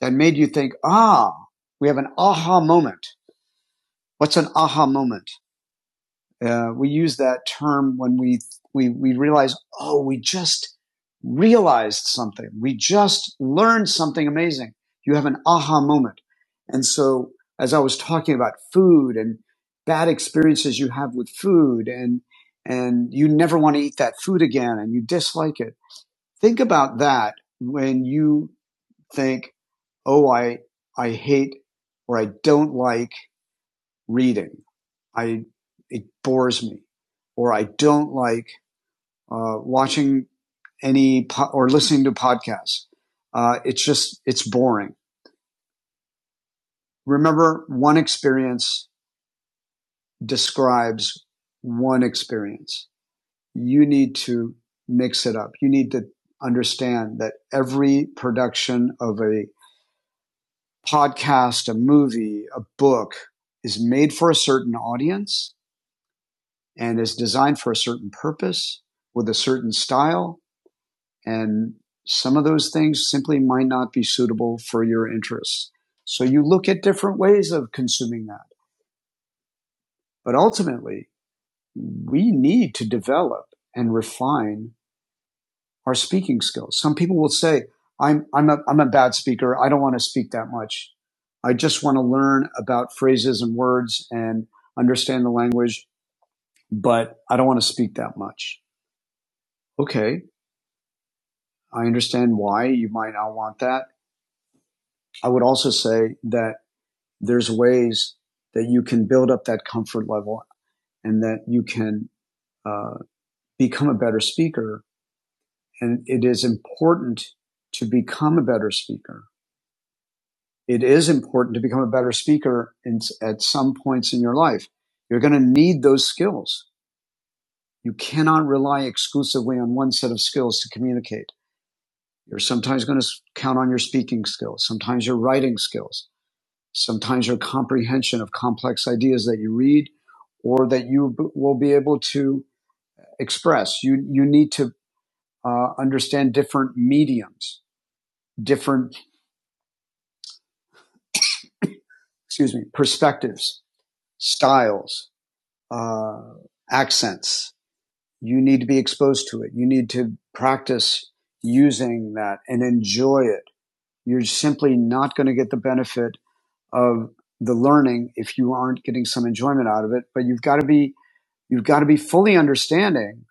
[SPEAKER 1] that made you think, ah, we have an aha moment. What's an aha moment? Uh, we use that term when we we we realize, oh, we just realized something. We just learned something amazing. You have an aha moment. And so, as I was talking about food and bad experiences you have with food, and and you never want to eat that food again, and you dislike it. Think about that when you think, oh, I I hate or I don't like reading. I it bores me, or I don't like uh, watching any po- or listening to podcasts. Uh, it's just it's boring. Remember, one experience describes one experience. You need to mix it up. You need to understand that every production of a podcast, a movie, a book is made for a certain audience and is designed for a certain purpose with a certain style And some of those things simply might not be suitable for your interests. So you look at different ways of consuming that. But ultimately, we need to develop and refine our speaking skills. Some people will say, I'm, I'm, a, I'm a bad speaker. I don't want to speak that much. I just want to learn about phrases and words and understand the language, but I don't want to speak that much. Okay. I understand why you might not want that. I would also say that there's ways that you can build up that comfort level and that you can uh, become a better speaker. And it is important to become a better speaker. It is important to become a better speaker in, at some points in your life. You're going to need those skills. You cannot rely exclusively on one set of skills to communicate. You're sometimes going to count on your speaking skills, sometimes your writing skills sometimes your comprehension of complex ideas that you read or that you b- will be able to express. You, you need to uh, understand different mediums, different, excuse me, perspectives, styles, uh, accents. You need to be exposed to it. You need to practice using that and enjoy it. You're simply not going to get the benefit of the learning if you aren't getting some enjoyment out of it, but you've got to be you've got to be fully understanding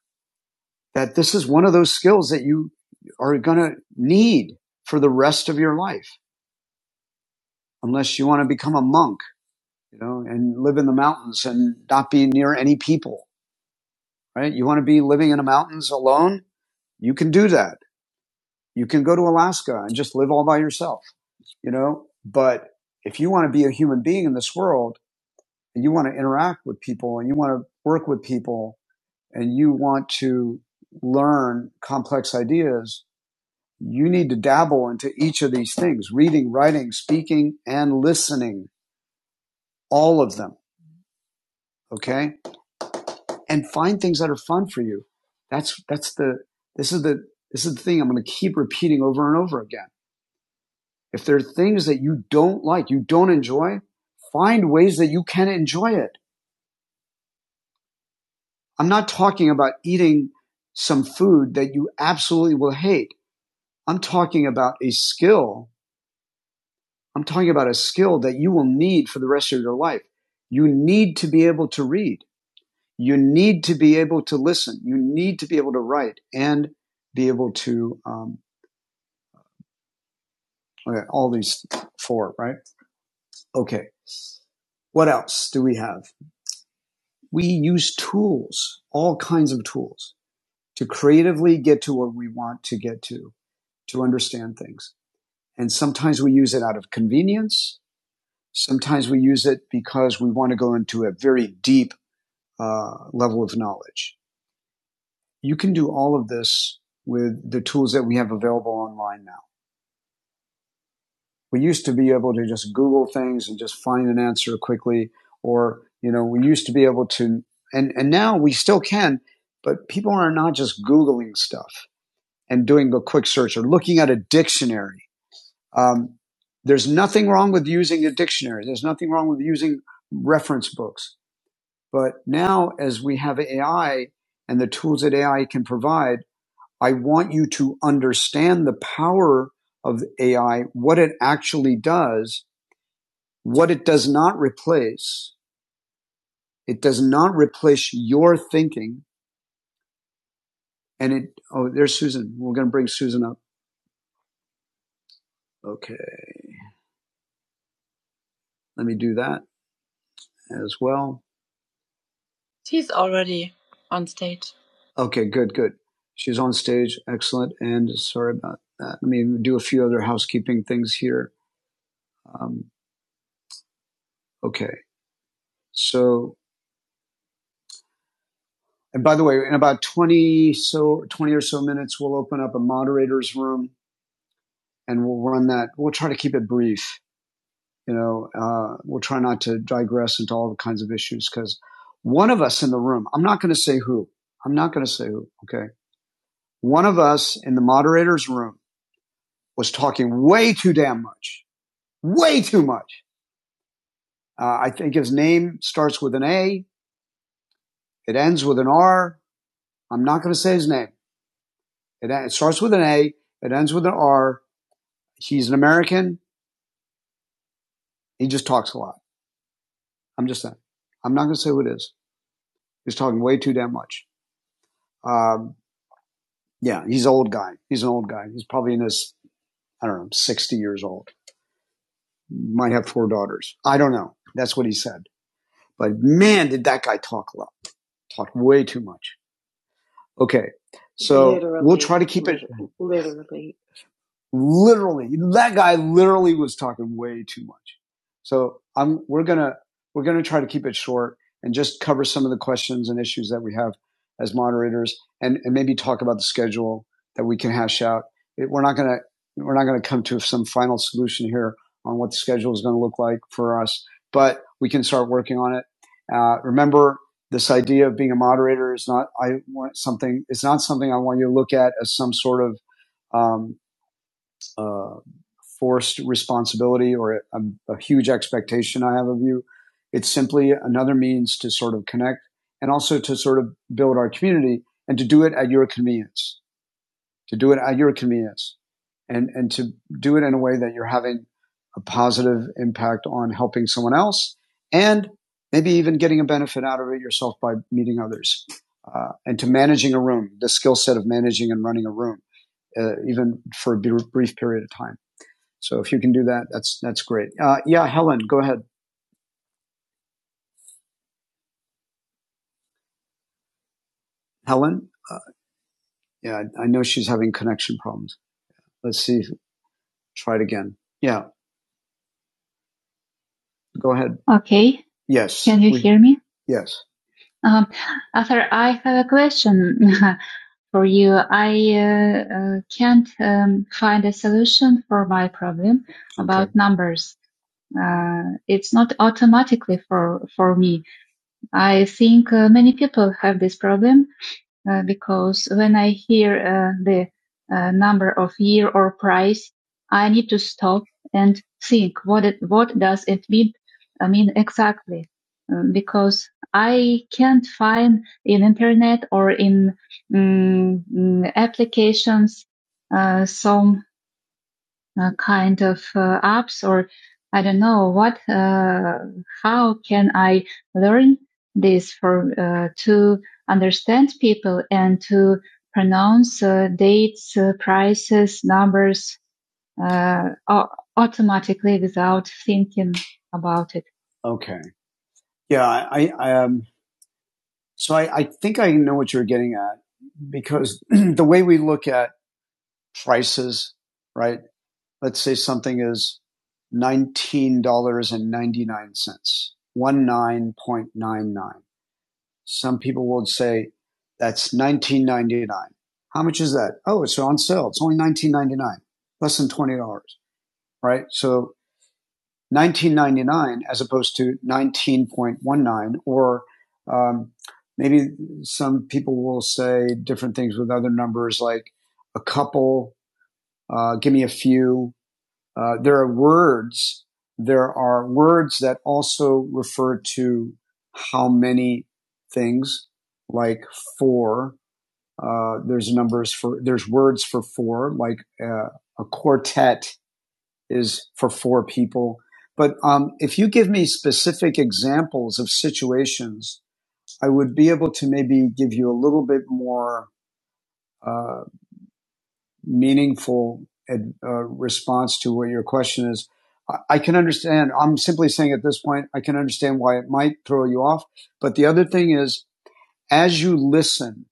[SPEAKER 1] that this is one of those skills that you are going to need for the rest of your life, unless you want to become a monk, you know, and live in the mountains and not be near any people, right? You want to be living in the mountains alone? You can do that. You can go to Alaska and just live all by yourself, you know, but if you want to be a human being in this world and you want to interact with people and you want to work with people and you want to learn complex ideas, you need to dabble into each of these things reading, writing, speaking, and listening, all of them. Okay. And find things that are fun for you. That's, that's the, this is the, this is the thing I'm going to keep repeating over and over again. If there are things that you don't like, you don't enjoy, find ways that you can enjoy it. I'm not talking about eating some food that you absolutely will hate. I'm talking about a skill I'm talking about a skill that you will need for the rest of your life. You need to be able to read. You need to be able to listen. You need to be able to write and be able to um, okay, all these four, right? Okay. What else do we have? We use tools, all kinds of tools, to creatively get to where we want to get to, to understand things. And sometimes we use it out of convenience. Sometimes we use it because we want to go into a very deep uh, level of knowledge. You can do all of this with the tools that we have available online now. We used to be able to just Google things and just find an answer quickly, or you know, we used to be able to, and and now we still can, but people are not just Googling stuff and doing a quick search or looking at a dictionary. Um, there's nothing wrong with using a dictionary. There's nothing wrong with using reference books. But now, as we have AI and the tools that AI can provide I want you to understand the power of AI, what it actually does, what it does not replace. It does not replace your thinking. And it, oh, there's Susan. We're going to bring Susan up. Okay. Let me do that as well. She's already on stage. Okay, good, good. She's on stage. Excellent. And sorry about that. Let me do a few other housekeeping things here. Um, okay. So And by the way, in about 20 so 20 or so minutes, we'll open up a moderator's room and we'll run that. We'll try to keep it brief. You know, uh, we'll try not to digress into all the kinds of issues because one of us in the room, I'm not going to say who, I'm not going to say who. Okay. One of us in the moderator's room was talking way too damn much, way too much. Uh, I think his name starts with an A. It ends with an R. I'm not going to say his name. It, it starts with an A. It ends with an R he's an American. He just talks a lot. I'm just saying. I'm not going to say who it is. He's talking way too damn much. Um, yeah, he's an old guy. He's an old guy. He's probably in his, I don't know, 60 years old. Might have four daughters. I don't know. That's what he said. But man, did that guy talk a lot. Talk way too much. Okay. So Literally. we'll try to keep it. Literally, that guy literally was talking way too much. So I'm, we're gonna, we're gonna try to keep it short and just cover some of the questions and issues that we have as moderators and, and maybe talk about the schedule that we can hash out. It, we're not gonna, we're not gonna come to some final solution here on what the schedule is gonna look like for us, but we can start working on it. Uh, remember, this idea of being a moderator is not I want something it's not something I want you to look at as some sort of um, uh, forced responsibility or a, a huge expectation I have of you. It's simply another means to sort of connect and also to sort of build our community and to do it at your convenience, to do it at your convenience and, and to do it in a way that you're having a positive impact on helping someone else and maybe even getting a benefit out of it yourself by meeting others uh, and to managing a room, the skill set of managing and running a room, uh, even for a brief period of time. So if you can do that, that's that's great. Uh, yeah, Helen, go ahead. Helen, uh, yeah, I, know she's having connection problems. Let's see. Try it again. Yeah, go ahead. Okay. Yes. Can you we- hear me? Yes. Um, Arthur, I have a question <laughs> for you. I uh, uh, can't um, find a solution for my problem Okay. about okay. numbers. Uh, it's not automatically for, for me. I think uh, many people have this problem. uh, because when I hear uh, the uh, number of year or price, I need to stop and think what it, what does it mean I mean exactly Um, because I can't find in internet or in mm, mm, applications uh, some uh, kind of uh, apps or I don't know what, uh, how can I learn this for, uh, to understand people and to pronounce uh, dates, uh, prices, numbers, uh, automatically without thinking about it. Okay. Yeah. I, I um, so I, I think I know what you're getting at because <clears throat> the way we look at prices, right? let's say something is $19.99, 19.99. Some people will say that's 19.99. How much is that? Oh, it's on sale. It's only 19.99, less than $20, right? So 19.99 as opposed to 19.19 or um, maybe some people will say different things with other numbers like a couple, uh, give me a few, uh, there are words. There are words that also refer to how many things, like four. Uh, there's numbers for there's words for four, like uh, a quartet is for four people. But um, if you give me specific examples of situations, I would be able to maybe give you a little bit more uh, meaningful ad, uh, response to what your question is. I, I can understand. I'm simply saying at this point, I can understand why it might throw you off. But the other thing is, as you listen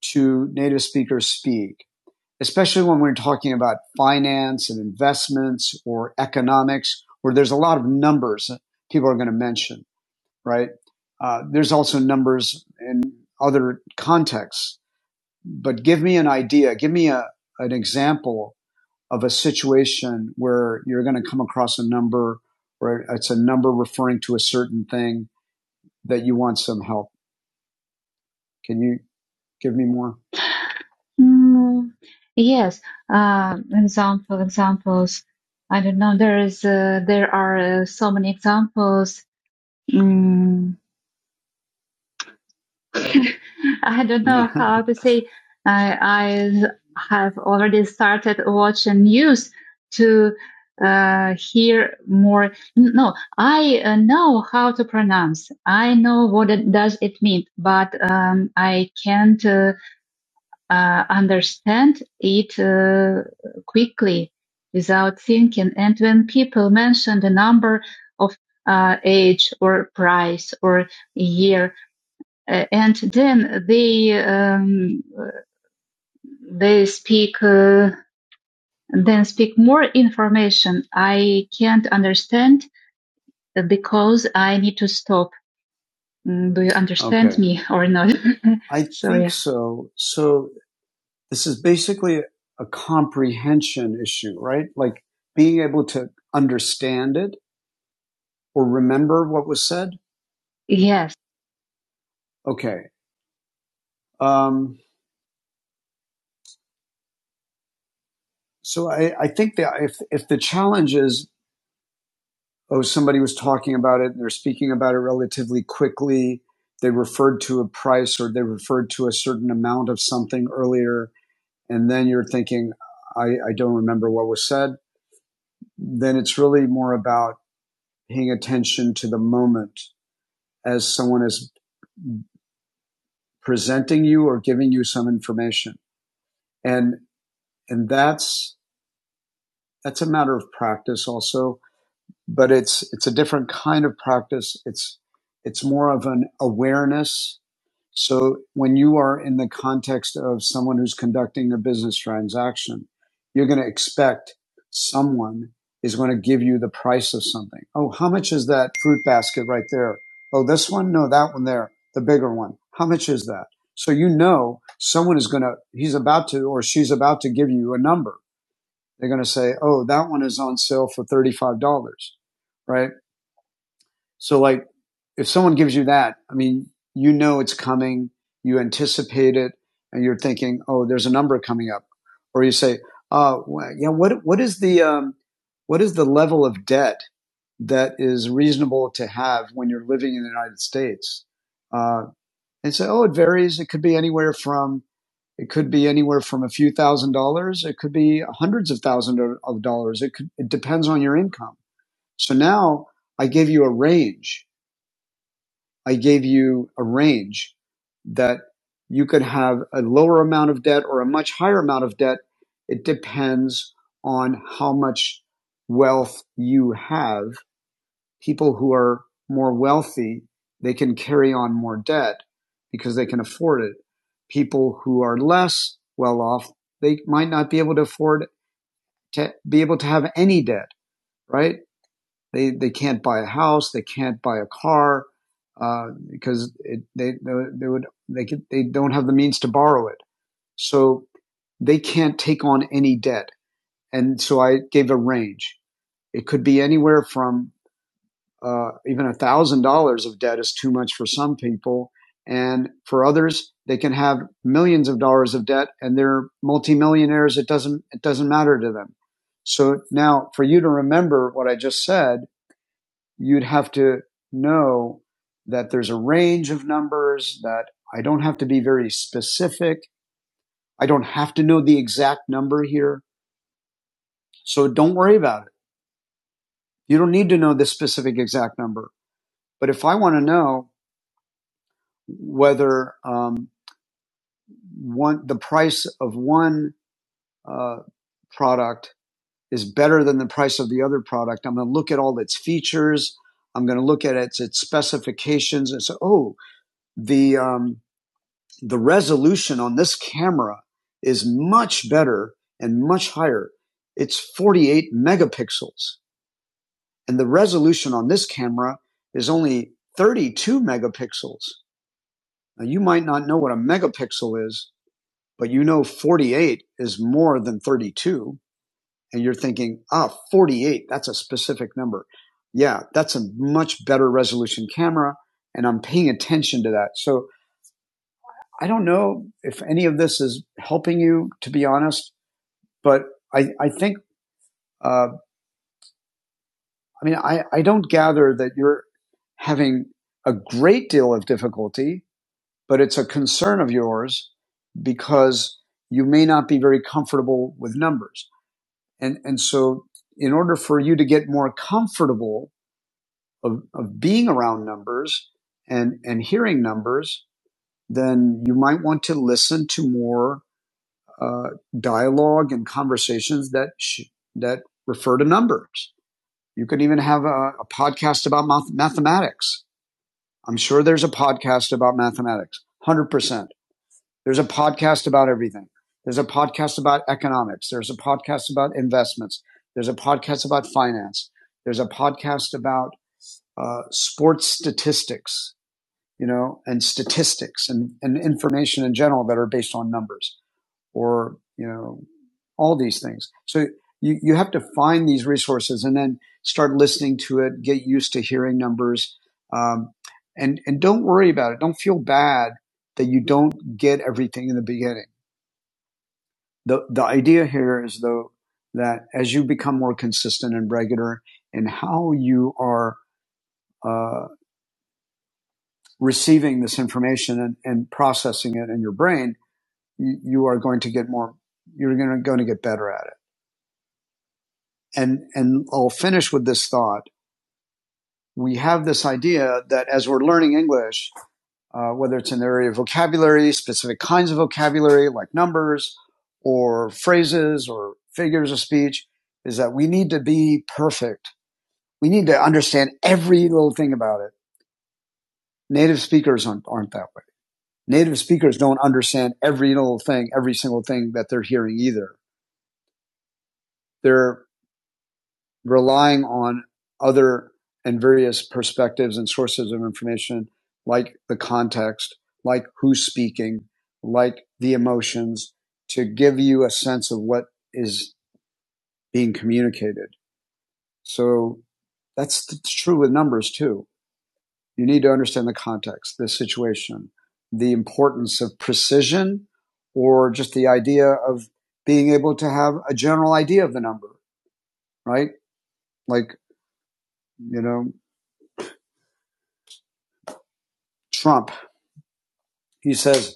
[SPEAKER 1] to native speakers speak, especially when we're talking about finance and investments or economics, where there's a lot of numbers that people are going to mention, right? Uh, there's also numbers in other contexts, but give me an idea, give me a, an example of a situation where you're going to come across a number or it's a number referring to a certain thing that you want some help. Can you give me more? Mm, yes. Uh, example, examples. I don't know. There is, uh, there are uh, so many examples. Mm. <laughs> I don't know <laughs> how to say. I, I have already started watching news to uh, hear more. No, I uh, know how to pronounce. I know what it does it mean, but um, I can't uh, uh, understand it uh, quickly without thinking. And when people mention the number of uh, age or price or year, uh, and then they um, they speak uh, then speak more information I can't understand because I need to stop. Mm, Do you understand Okay. me or not? <laughs> I so think so, yeah, so. So this is basically a comprehension issue, right? Like being able to understand it or remember what was said. yes, Okay. Um, so I, I think that if, if the challenge is oh, somebody was talking about it and they're speaking about it relatively quickly. They referred to a price or they referred to a certain amount of something earlier. And then you're thinking, I, I don't remember what was said. Then it's really more about paying attention to the moment as someone is presenting you or giving you some information. And, and that's, that's a matter of practice also, but it's, it's a different kind of practice. It's, it's more of an awareness So when you are in the context of someone who's conducting a business transaction, you're going to expect someone is going to give you the price of something. Oh, how much is that fruit basket right there? Oh, this one? No, that one there, the bigger one. How much is that? So you know someone is going to, he's about to, or she's about to give you a number. They're going to say, oh, that one is on sale for $35, right? So like if someone gives you that, I mean, you know it's coming, you anticipate it, and you're thinking, oh, there's a number coming up, or you say, uh, yeah, what what is the um, what is the level of debt that is reasonable to have when you're living in the United States? Uh, and say, oh, it varies. It could be anywhere from it could be anywhere from a few thousand dollars. It could be hundreds of thousands of dollars. It could, it depends on your income. So now I gave you a range I gave you a range that you could have a lower amount of debt or a much higher amount of debt. It depends on how much wealth you have. People who are more wealthy, they can carry on more debt because they can afford it. People who are less well off, they might not be able to afford to be able to have any debt, right? They they can't buy a house. They can't buy a car uh, because it, they they would they could, they don't have the means to borrow it. So they can't take on any debt. And so I gave a range. It could be anywhere from uh, even a thousand dollars of debt is too much for some people, and for others they can have millions of dollars of debt and they're multimillionaires. It doesn't it doesn't matter to them. So now for you to remember what I just said you'd have to know that there's a range of numbers that I don't have to be very specific. I don't have to know the exact number here. So don't worry about it. You don't need to know the specific exact number. But if I want to know whether um, one, the price of one uh, product is better than the price of the other product, I'm going to look at all its features. I'm going to look at its, its specifications and say, oh, the um, the resolution on this camera is much better and much higher. It's 48 megapixels. And the resolution on this camera is only 32 megapixels. Now, you might not know what a megapixel is, but you know 48 is more than 32. And you're thinking, ah, 48, that's a specific number. Yeah, that's a much better resolution camera. And I'm paying attention to that. So I don't know if any of this is helping you, to be honest, but I, I think, uh, I mean, I, I don't gather that you're having a great deal of difficulty, but it's a concern of yours because you may not be very comfortable with numbers. And, and so in order for you to get more comfortable of, of being around numbers and, and hearing numbers, then you might want to listen to more uh, dialogue and conversations that sh- that refer to numbers. You can even have a, a podcast about math- mathematics. I'm sure there's a podcast about mathematics. one Hundred percent. There's a podcast about everything. There's a podcast about economics. There's a podcast about investments. There's a podcast about finance. There's a podcast about uh, sports statistics, you know, and statistics and, and information in general that are based on numbers or, you know, all these things. So you, you have to find these resources and then start listening to it, get used to hearing numbers. Um, and, and don't worry about it. Don't feel bad that you don't get everything in the beginning. The, the idea here is though that as you become more consistent and regular in how you are uh, receiving this information and, and processing it in your brain, you, you are going to get more, you're going to, going to get better at it. and and I'll finish with this thought. We have this idea that as we're learning English, uh, whether it's in the area of vocabulary, specific kinds of vocabulary like numbers or phrases or figures of speech, is that we need to be perfect. We need to understand every little thing about it. Native speakers aren't, aren't that way. Native speakers don't understand every little thing, every single thing that they're hearing either. They're relying on other and various perspectives and sources of information, like the context, like who's speaking, like the emotions, to give you a sense of what is being communicated. So that's true with numbers too. You need to understand the context, the situation, the importance of precision, or just the idea of being able to have a general idea of the number, right? Like, you know, Trump, he says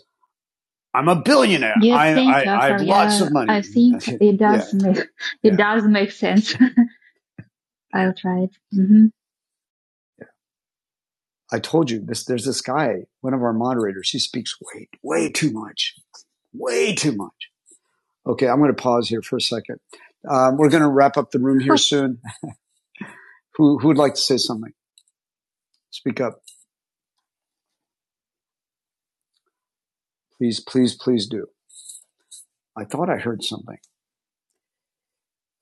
[SPEAKER 1] I'm a billionaire. You I, think I, I have also, lots yeah, of money. I think <laughs> it does yeah. make it Yeah. does make sense. <laughs> I'll try it. hmm I told you this. There's this guy, one of our moderators. He speaks way, way too much, way too much. Okay, I'm going to pause here for a second. Um, we're going to wrap up the room here <laughs> soon. Who who would like to say something? Speak up, please, please, please do. I thought I heard something,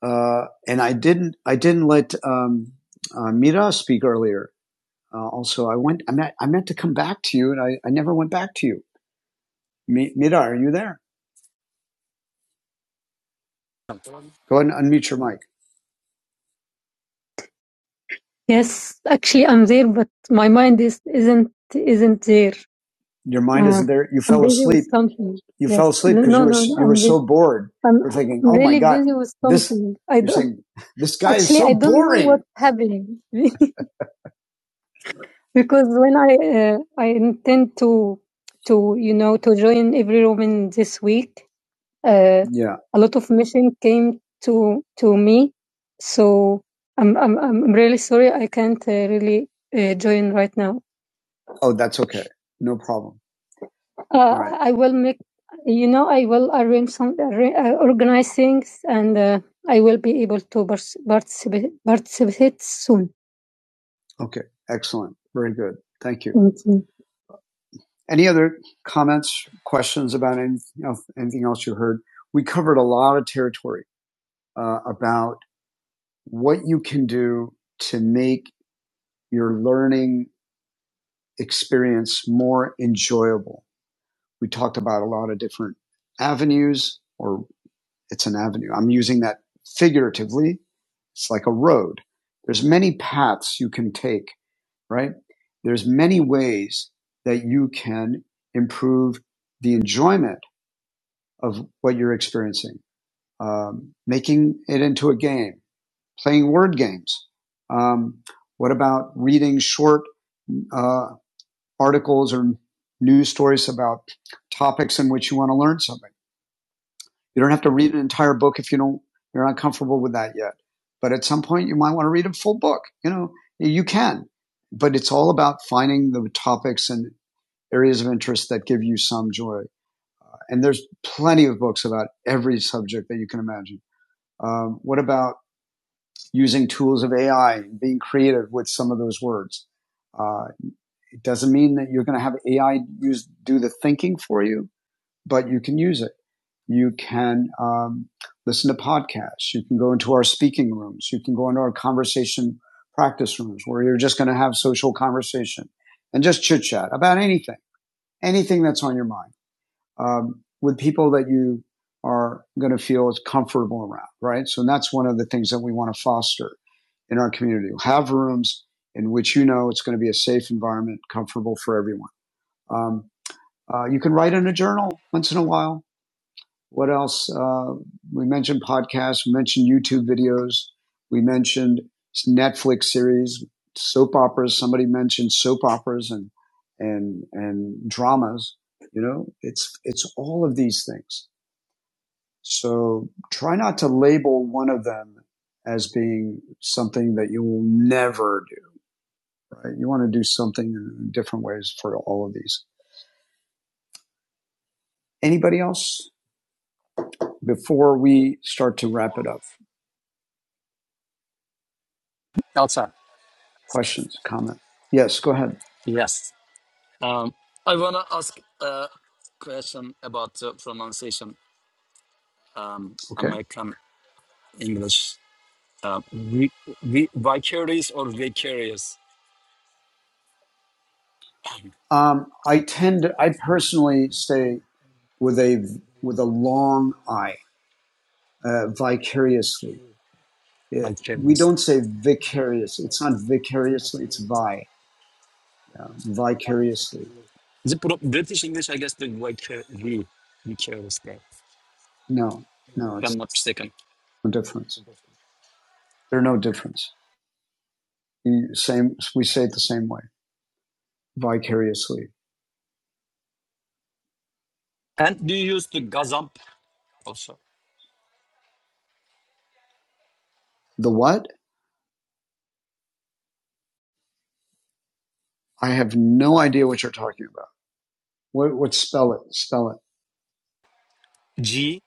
[SPEAKER 1] uh, and I didn't. I didn't let um, uh, Mira speak earlier. Uh, also, I went. I meant. I meant to come back to you, and I, I never went back to you. Mi- Mira, are you there? Go ahead and unmute your mic. Yes, actually, I'm there, but my mind is isn't isn't there. Your mind Uh, isn't there. You fell asleep. something. You yes. fell Yes, asleep no, because no, no, you were no. s- you were I'm busy. so busy. bored. I'm You're thinking, "Oh my really my God, busy with this." something. This, I don't saying, "This guy is actually. is so I don't boring. know what's happening <laughs> because when I uh, I intend to to you know to join every room in this week, Uh, Yeah. a lot of mission came to to me, so I'm I'm, I'm really sorry I can't uh, really uh, join right now. Oh, that's okay. No problem. Uh, All right. I will make, you know, I will arrange some, uh, organize things, and uh, I will be able to participate participate soon. Okay. Excellent. Very good. Thank you. Thank you. Any other comments, questions about anything else, anything else you heard? We covered a lot of territory uh, about what you can do to make your learning experience more enjoyable. We talked about a lot of different avenues, or it's an avenue. I'm using that figuratively. It's like a road. There's many paths you can take, right? There's many ways that you can improve the enjoyment of what you're experiencing, um, making it into a game playing word games? Um, what about reading short uh, articles or news stories about topics in which you want to learn something? You don't have to read an entire book if you don't you're not comfortable with that yet. But at some point, you might want to read a full book. You know, you can, but it's all about finding the topics and areas of interest that give you some joy. And there's plenty of books about every subject that you can imagine. Um, what about using tools of AI and being creative with some of those words. Uh, it doesn't mean that you're going to have AI use do the thinking for you, but you can use it. You can um, listen to podcasts. You can go into our speaking rooms. You can go into our conversation practice rooms where you're just going to have social conversation and just chit chat about anything, anything that's on your mind um, with people that you are going to feel is comfortable around, right? So that's one of the things that we want to foster in our community. We'll Have rooms in which you know it's going to be a safe environment, comfortable for everyone. Um, uh, you can write in a journal once in a while what else? Uh, we mentioned podcasts. We mentioned YouTube videos. We mentioned Netflix series, soap operas. Somebody mentioned soap operas and and and dramas. You know, it's it's all of these things. So try not to label one of them as being something that you will never do. Right? You want to do something in different ways for all of these. Anybody else before we start to wrap it up?
[SPEAKER 3] Elsa.
[SPEAKER 1] Questions, comment? Yes, go ahead.
[SPEAKER 3] Yes. Um, I want to ask a question about uh, pronunciation, um,
[SPEAKER 1] Okay.
[SPEAKER 3] American English. Uh, vi- vi- vicarious or vicarious?
[SPEAKER 1] Um, I tend to, I personally stay with a, with a long I, uh, vicariously. It, we
[SPEAKER 3] Vicarious.
[SPEAKER 1] don't say vicarious. It's not vicariously. It's vi, uh, vicariously.
[SPEAKER 3] The pro- British English, I guess, the vicar- vi- vicarious there,
[SPEAKER 1] No, no,
[SPEAKER 3] if
[SPEAKER 1] it's
[SPEAKER 3] I'm not mistaken.
[SPEAKER 1] no difference. There are no difference. You, same, we say it the same way, vicariously.
[SPEAKER 3] And do you use the gazamp also?
[SPEAKER 1] The what? I have no idea what you're talking about. What, what spell it? Spell it.
[SPEAKER 3] G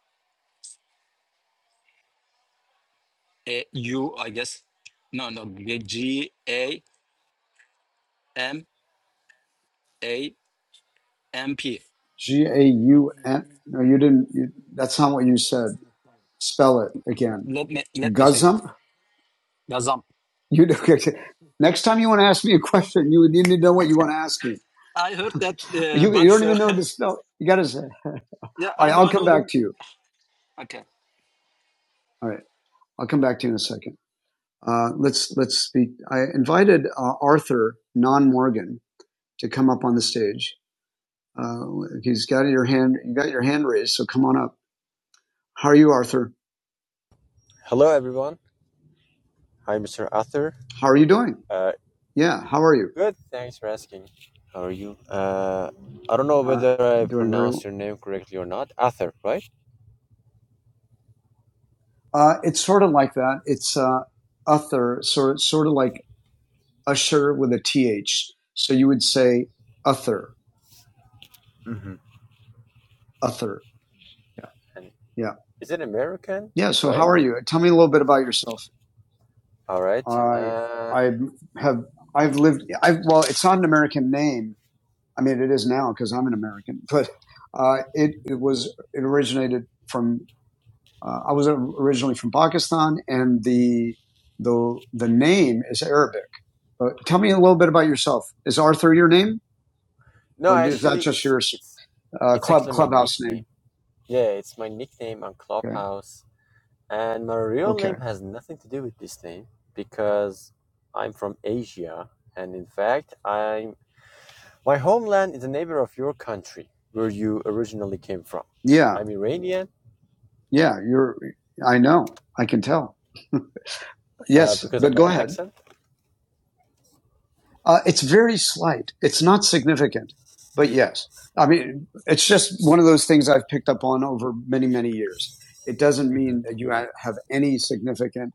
[SPEAKER 3] A U, I guess. No, no, G A M A M P.
[SPEAKER 1] G A U N. No, you didn't. You, that's not what you said. Spell it again.
[SPEAKER 3] Let me let me check that.
[SPEAKER 1] Gazump.
[SPEAKER 3] Gazamp.
[SPEAKER 1] You <laughs> next time you want to ask me a question, you would need to know what you want to ask me.
[SPEAKER 3] I heard
[SPEAKER 1] <laughs>
[SPEAKER 3] that, uh,
[SPEAKER 1] you, you
[SPEAKER 3] but
[SPEAKER 1] don't even
[SPEAKER 3] <laughs>
[SPEAKER 1] know the spell. You got to say.
[SPEAKER 3] Yeah,
[SPEAKER 1] All
[SPEAKER 3] I
[SPEAKER 1] right,
[SPEAKER 3] know,
[SPEAKER 1] I'll
[SPEAKER 3] I
[SPEAKER 1] come
[SPEAKER 3] know
[SPEAKER 1] back
[SPEAKER 3] the.
[SPEAKER 1] to you.
[SPEAKER 3] Okay.
[SPEAKER 1] All right, I'll come back to you in a second. Uh, let's let's speak. I invited uh, Arthur Non Morgan to come up on the stage. Uh, he's got your hand. You got your hand raised, so come on up. How are you, Arthur?
[SPEAKER 4] Hello, everyone. Hi, Mr. Arthur.
[SPEAKER 1] How are you doing?
[SPEAKER 4] Uh,
[SPEAKER 1] Yeah, how are you?
[SPEAKER 4] good. Thanks for asking. How are you? Uh, I don't know
[SPEAKER 1] Uh,
[SPEAKER 4] whether I
[SPEAKER 1] doing very
[SPEAKER 4] pronounced
[SPEAKER 1] well.
[SPEAKER 4] your name correctly or not. Arthur, right?
[SPEAKER 1] Uh, it's sort of like that. It's uh, Arthur, sort sort of like usher with a th. So you would say uther,
[SPEAKER 4] hmm
[SPEAKER 1] uther. Yeah,
[SPEAKER 4] And
[SPEAKER 1] yeah,
[SPEAKER 4] is it American?
[SPEAKER 1] yeah. So how
[SPEAKER 4] Right.
[SPEAKER 1] are you? Tell me a little bit about yourself.
[SPEAKER 4] All right.
[SPEAKER 1] I
[SPEAKER 4] Uh,
[SPEAKER 1] I have I've lived. I well, it's not an American name. I mean, it is now because I'm an American, <laughs> but uh, it it was it originated from. Uh, I was originally from Pakistan, and the the the name is Arabic. But tell me a little bit about yourself. Is Arthur your name,
[SPEAKER 4] no,
[SPEAKER 1] or is that
[SPEAKER 4] actually,
[SPEAKER 1] just
[SPEAKER 4] it's
[SPEAKER 1] your
[SPEAKER 4] it's
[SPEAKER 1] uh,
[SPEAKER 4] it's
[SPEAKER 1] club
[SPEAKER 4] actually my
[SPEAKER 1] clubhouse name?
[SPEAKER 4] nickname. Yeah, it's my nickname on
[SPEAKER 1] Okay.
[SPEAKER 4] Clubhouse, and my real
[SPEAKER 1] Okay.
[SPEAKER 4] name has nothing to do with this name because I'm from Asia, and in fact, I'm My homeland is a neighbor of your country, where you originally came from.
[SPEAKER 1] Yeah,
[SPEAKER 4] I'm Iranian
[SPEAKER 1] yeah, you're. I know. I can tell. <laughs>
[SPEAKER 4] uh,
[SPEAKER 1] Yes,
[SPEAKER 4] because of
[SPEAKER 1] but
[SPEAKER 4] my
[SPEAKER 1] go ahead.
[SPEAKER 4] accent.
[SPEAKER 1] Uh, it's very slight. It's not significant, but yes. I mean, it's just one of those things I've picked up on over many, many years. It doesn't
[SPEAKER 4] hmm
[SPEAKER 1] mean that you have any significant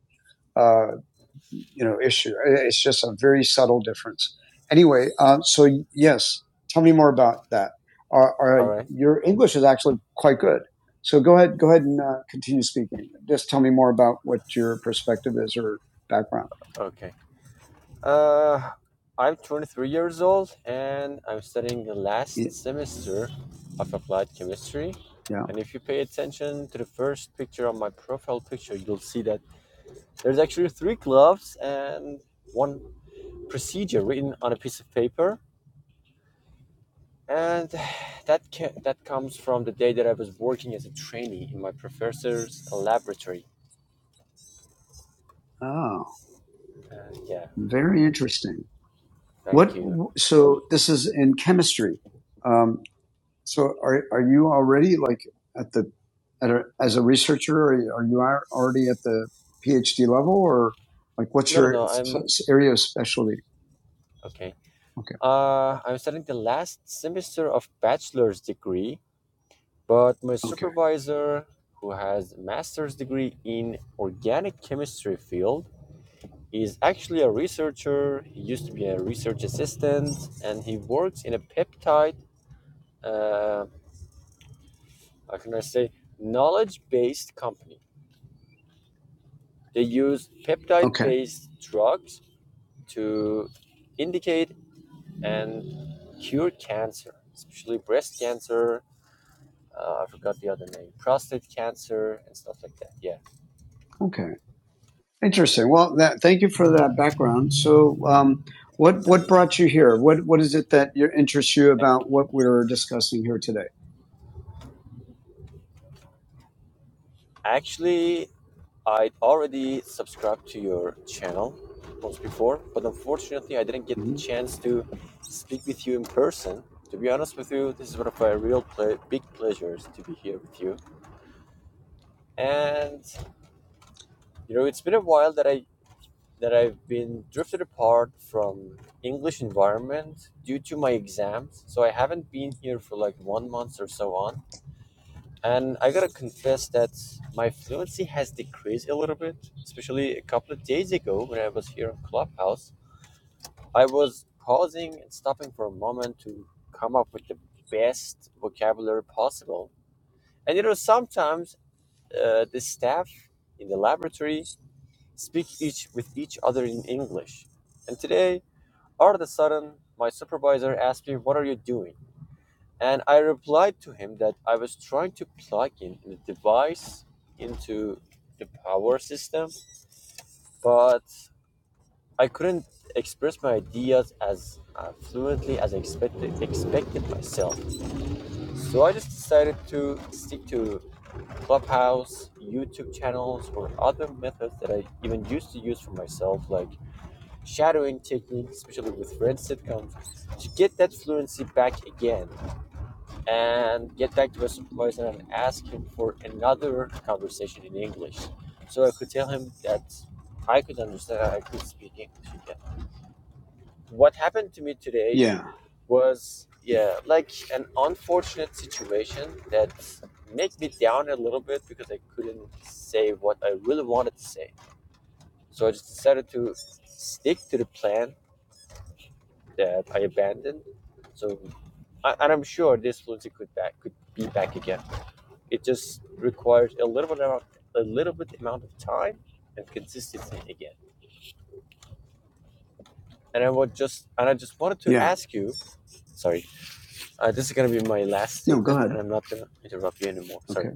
[SPEAKER 1] uh, you know, issue. It's just a very subtle difference. Anyway, uh, so yes, tell me more about that. Our,
[SPEAKER 4] All
[SPEAKER 1] our,
[SPEAKER 4] right.
[SPEAKER 1] your English is actually quite good. So go ahead, go ahead and uh, continue speaking. Just tell me more about what your perspective is or background.
[SPEAKER 4] Okay. Uh, I'm 23 years old and I'm studying the last semester of applied chemistry.
[SPEAKER 1] Yeah.
[SPEAKER 4] And if you pay attention to the first picture on my profile picture, you'll see that there's actually three gloves and one procedure written on a piece of paper and <sighs> that ca- that comes from the day that I was working as a trainee in my professor's laboratory.
[SPEAKER 1] Oh,
[SPEAKER 4] Uh, yeah,
[SPEAKER 1] very interesting.
[SPEAKER 4] thank
[SPEAKER 1] What?
[SPEAKER 4] you.
[SPEAKER 1] So this is in chemistry. Um, So are are you already like at the at a, as a researcher? Are, you, are you ar- already at the PhD level, or like what's
[SPEAKER 4] No, no,
[SPEAKER 1] your
[SPEAKER 4] no.
[SPEAKER 1] f-
[SPEAKER 4] I'm
[SPEAKER 1] area of specialty?
[SPEAKER 4] okay.
[SPEAKER 1] Okay,
[SPEAKER 4] Uh, I'm studying the last semester of bachelor's degree, but my
[SPEAKER 1] okay,
[SPEAKER 4] supervisor, who has master's degree in organic chemistry field, is actually a researcher. He used to be a research assistant, and he works in a peptide. Uh, how can I say? Knowledge-based company They use peptide
[SPEAKER 1] okay,
[SPEAKER 4] based drugs to indicate and cure cancer, especially breast cancer. Uh, I forgot the other name, prostate cancer, and stuff like that. Yeah,
[SPEAKER 1] okay. Interesting. Well, that thank you for that background. So, um, what what
[SPEAKER 4] and
[SPEAKER 1] brought you here? What what is it that you- interests you
[SPEAKER 4] thank you.
[SPEAKER 1] about what we're discussing here today?
[SPEAKER 4] Actually, I'd already subscribed to your channel once before, but unfortunately, I didn't get the
[SPEAKER 1] hmm
[SPEAKER 4] chance to speak with you in person. To be honest with you, this is one of my real ple- big pleasures to be here with you. And you know, it's been a while that I that I've been drifted apart from English environment due to my exams. So I haven't been here for like one month or so on. And I gotta confess that my fluency has decreased a little bit, especially a couple of days ago when I was here in Clubhouse. I was pausing and stopping for a moment to come up with the best vocabulary possible. And you know, sometimes uh, the staff in the laboratory speak each with each other in English. And today All of a sudden, my supervisor asked me, What are you doing? And I replied to him that I was trying to plug in the device into the power system, but I couldn't express my ideas as uh, fluently as I expected, expected myself. So I just decided to stick to Clubhouse, YouTube channels, or other methods that I even used to use for myself, like shadowing technique, especially with French sitcoms, to get that fluency back again and get back to a supervisor and ask him for another conversation in English. So I could tell him that I could understand, I could speak English again. What happened to me today
[SPEAKER 1] Yeah,
[SPEAKER 4] was, yeah, like an unfortunate situation that made me down a little bit because I couldn't say what I really wanted to say. So I just decided to stick to the plan that I abandoned. So, I, and I'm sure this fluency could back could be back again. It just requires a little bit amount, a little bit amount of time and consistency again. And I would just and I just wanted to
[SPEAKER 1] yeah.
[SPEAKER 4] ask you. Sorry, uh, this is gonna be my last
[SPEAKER 1] No, go
[SPEAKER 4] statement,
[SPEAKER 1] ahead.
[SPEAKER 4] and I'm not gonna interrupt you anymore. Sorry.
[SPEAKER 1] Okay,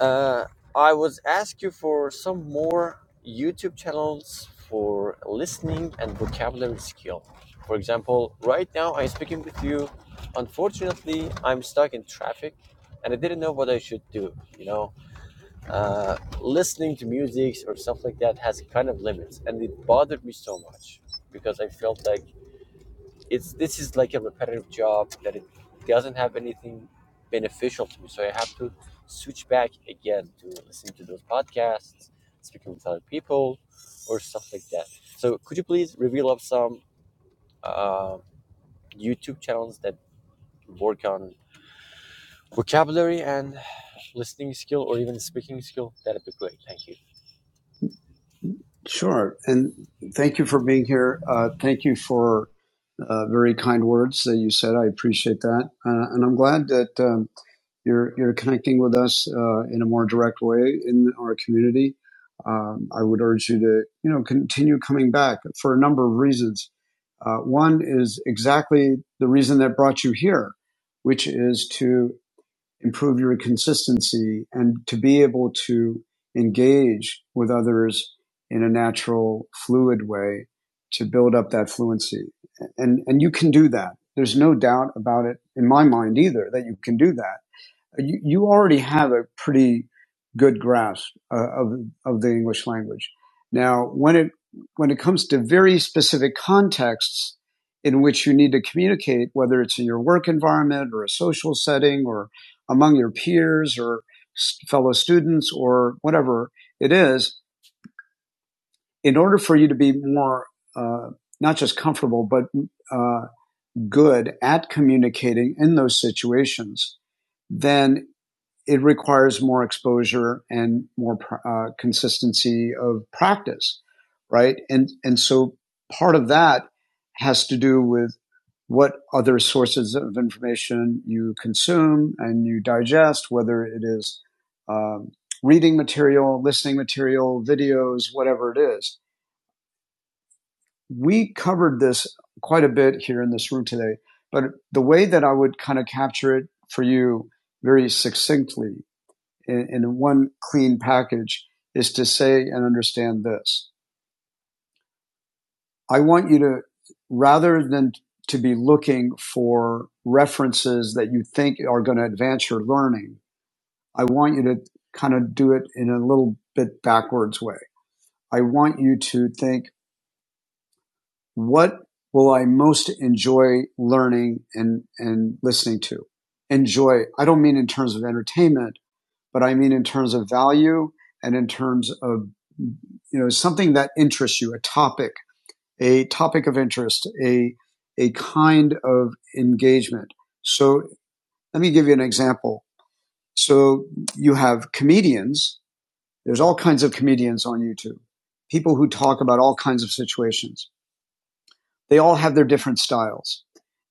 [SPEAKER 4] Uh, I was ask you for some more YouTube channels for listening and vocabulary skill. For example, right now I'm speaking with you. Unfortunately, I'm stuck in traffic and I didn't know what I should do. You know, uh, listening to music or stuff like that has kind of limits, and it bothered me so much because I felt like it's this is like a repetitive job that it doesn't have anything beneficial to me. So I have to switch back again to listening to those podcasts, speaking with other people, or stuff like that. So could you please reveal up some uh, YouTube channels that work on vocabulary and listening skill or even speaking skill? That'd be great. Thank you.
[SPEAKER 1] sure. And thank you for being here. Uh, thank you for uh, very kind words that you said. I appreciate that, uh, and I'm glad that um, you're you're connecting with us uh, in a more direct way in our community. Um, I would urge you to you know continue coming back for a number of reasons. Uh, one is exactly the reason that brought you here, which is to improve your consistency and to be able to engage with others in a natural, fluid way to build up that fluency. And, and you can do that. There's no doubt about it in my mind either that you can do that you, you already have a pretty good grasp uh, of of the English language. Now, when it when it comes to very specific contexts in which you need to communicate, whether it's in your work environment or a social setting or among your peers or fellow students or whatever it is, in order for you to be more uh, not just comfortable but uh, good at communicating in those situations, then it requires more exposure and more uh, consistency of practice, right? And and so part of that has to do with what other sources of information you consume and you digest, whether it is um, reading material, listening material, videos, whatever it is. We covered this quite a bit here in this room today, but the way that I would kind of capture it for you very succinctly in, in one clean package is to say and understand this. I want you to, rather than to be looking for references that you think are going to advance your learning, I want you to kind of do it in a little bit backwards way. I want you to think, what will I most enjoy learning and, and listening to? Enjoy. I don't mean in terms of entertainment. but I mean in terms of value and in terms of you know something that interests you, a topic, a topic of interest, a a kind of engagement. So let me give you an example. So you have comedians. There's all kinds of comedians on YouTube. People who talk about all kinds of situations. They all have their different styles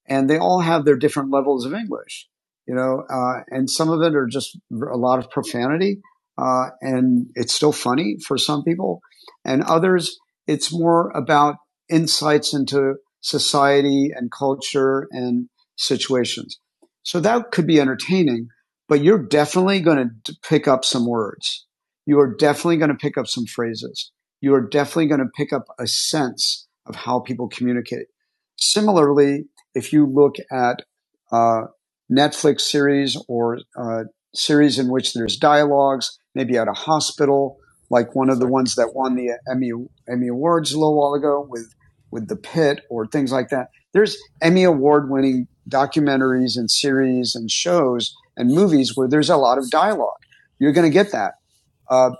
[SPEAKER 1] and they all have their different levels of English, you know, uh, and some of it are just a lot of profanity, uh, and it's still funny for some people, and others it's more about insights into society and culture and situations. So that could be entertaining, but you're definitely going to pick up some words. You are definitely going to pick up some phrases. You are definitely going to pick up a sense of how people communicate. Similarly, if you look at uh, Netflix series or uh, series in which there's dialogues, maybe at a hospital, like one of the
[SPEAKER 4] Sorry.
[SPEAKER 1] ones that won the Emmy Emmy Awards a little while ago with with The Pit or things like that. There's Emmy Award winning documentaries and series and shows and movies where there's a lot of dialogue. You're going to get that. Uh,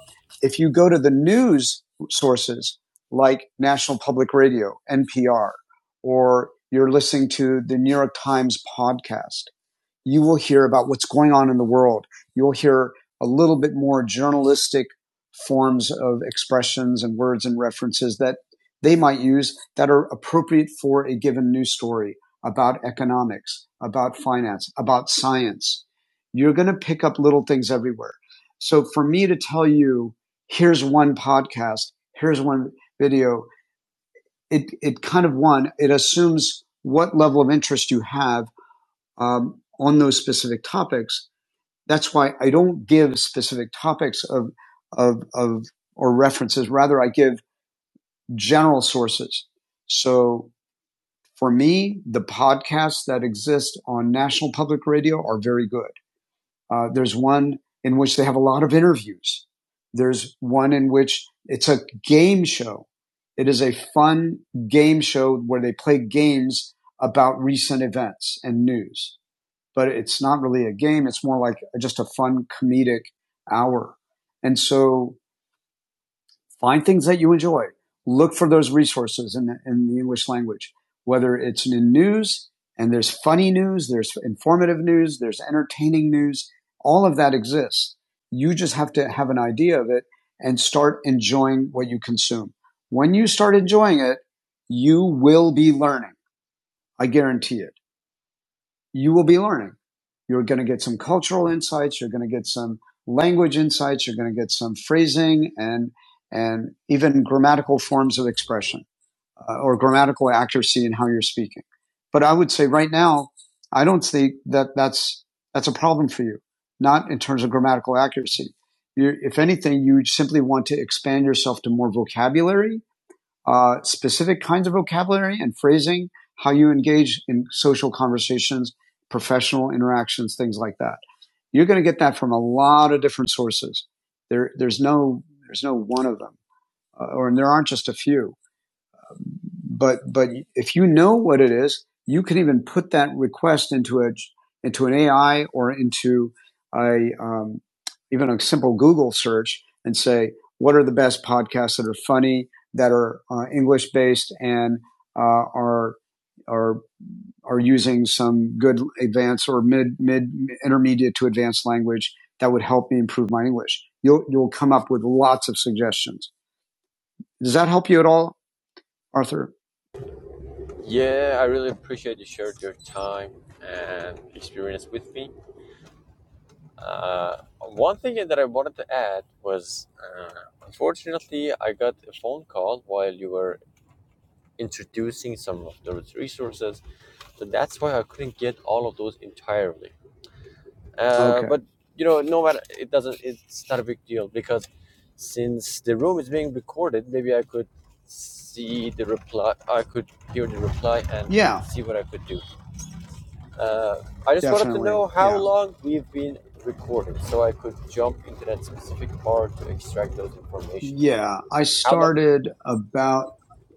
[SPEAKER 1] if you go to the news sources like National Public Radio, NPR, or you're listening to the New York Times podcast, you will hear about what's going on in the world. You'll hear a little bit more journalistic forms of expressions and words and references that they might use that are appropriate for a given news story about economics, about finance, about science. You're going to pick up little things everywhere. So for me to tell you, here's one podcast, here's one video, it, it kind of one, it assumes what level of interest you have um, on those specific topics. That's why I don't give specific topics of, of, of, or references. Rather, I give general sources. So for me, the podcasts that exist on National Public Radio are very good. Uh, there's one in which they have a lot of interviews. There's one in which it's a game show. It is a fun game show where they play games about recent events and news but it's not really a game. It's more like just a fun comedic hour. And so find things that you enjoy. Look for those resources in the, in the English language, whether it's in news and there's funny news, there's informative news, there's entertaining news. All of that exists. You just have to have an idea of it and start enjoying what you consume. When you start enjoying it, you will be learning. I guarantee it you will be learning. You're going to get some cultural insights. You're going to get some language insights. You're going to get some phrasing and, and even grammatical forms of expression uh, or grammatical accuracy in how you're speaking. But I would say right now, I don't think that that's, that's a problem for you, not in terms of grammatical accuracy. you if anything, you simply want to expand yourself to more vocabulary uh, specific kinds of vocabulary and phrasing, how you engage in social conversations, professional interactions, things like that. You're going to get that from a lot of different sources. There, there's no, there's no one of them, uh, or and there aren't just a few. But but if you know what it is, you can even put that request into a into an AI or into a um, even a simple Google search and say what are the best podcasts that are funny that are uh, English based and uh, are are are using some good advanced or mid mid intermediate to advanced language that would help me improve my English. You'll you'll come up with lots of suggestions. Does that help you at all, Arthur?
[SPEAKER 4] Yeah, I really appreciate you shared your time and experience with me. Uh, one thing that I wanted to add was, uh, unfortunately, I got a phone call while you were introducing some of those resources, so that's why I couldn't get all of those entirely. Uh,
[SPEAKER 1] Okay.
[SPEAKER 4] but you know, no matter, it doesn't. It's not a big deal because since the room is being recorded, maybe I could see the reply. I could hear the reply and
[SPEAKER 1] Yeah.
[SPEAKER 4] see what I could do. Uh, I just wanted to
[SPEAKER 1] Definitely.
[SPEAKER 4] know how
[SPEAKER 1] Yeah.
[SPEAKER 4] long we've been recording so I could jump into that specific part to extract those information.
[SPEAKER 1] Yeah. I
[SPEAKER 4] How long?
[SPEAKER 1] started about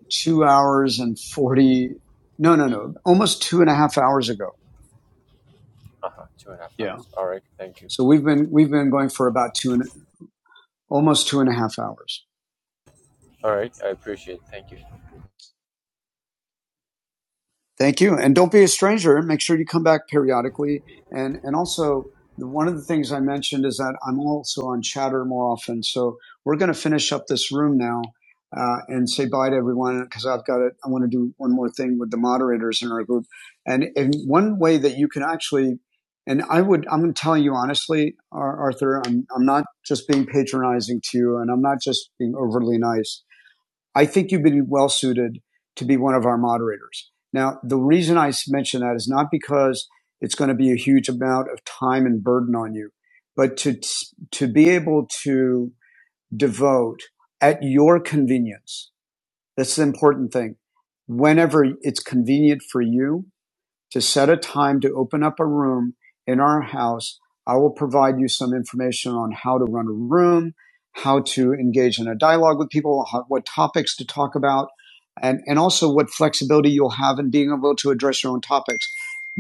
[SPEAKER 1] two hours and 40. No, no, no. Almost two and a half hours ago.
[SPEAKER 4] Uh huh, two and a half
[SPEAKER 1] Yeah.
[SPEAKER 4] hours. All right, thank you.
[SPEAKER 1] So we've been, we've been going for about two and almost two and a half hours.
[SPEAKER 4] All right, I appreciate it. Thank you.
[SPEAKER 1] Thank you. And don't be a stranger. Make sure you come back periodically. And, and also, one of the things I mentioned is that I'm also on chatter more often. So we're going to finish up this room now uh, and say bye to everyone because I've got it. I want to do one more thing with the moderators in our group. And, and one way that you can actually, and I would, I'm telling you honestly, Ar- Arthur, I'm, I'm not just being patronizing to you and I'm not just being overly nice I think you'd be well suited to be one of our moderators. Now, the reason I mention that is not because it's going to be a huge amount of time and burden on you, but to to be able to devote at your convenience. That's the important thing. Whenever it's convenient for you, to set a time to open up a room in our house. I will provide you some information on how to run a room, how to engage in a dialogue with people, how, what topics to talk about, and, and also what flexibility you'll have in being able to address your own topics.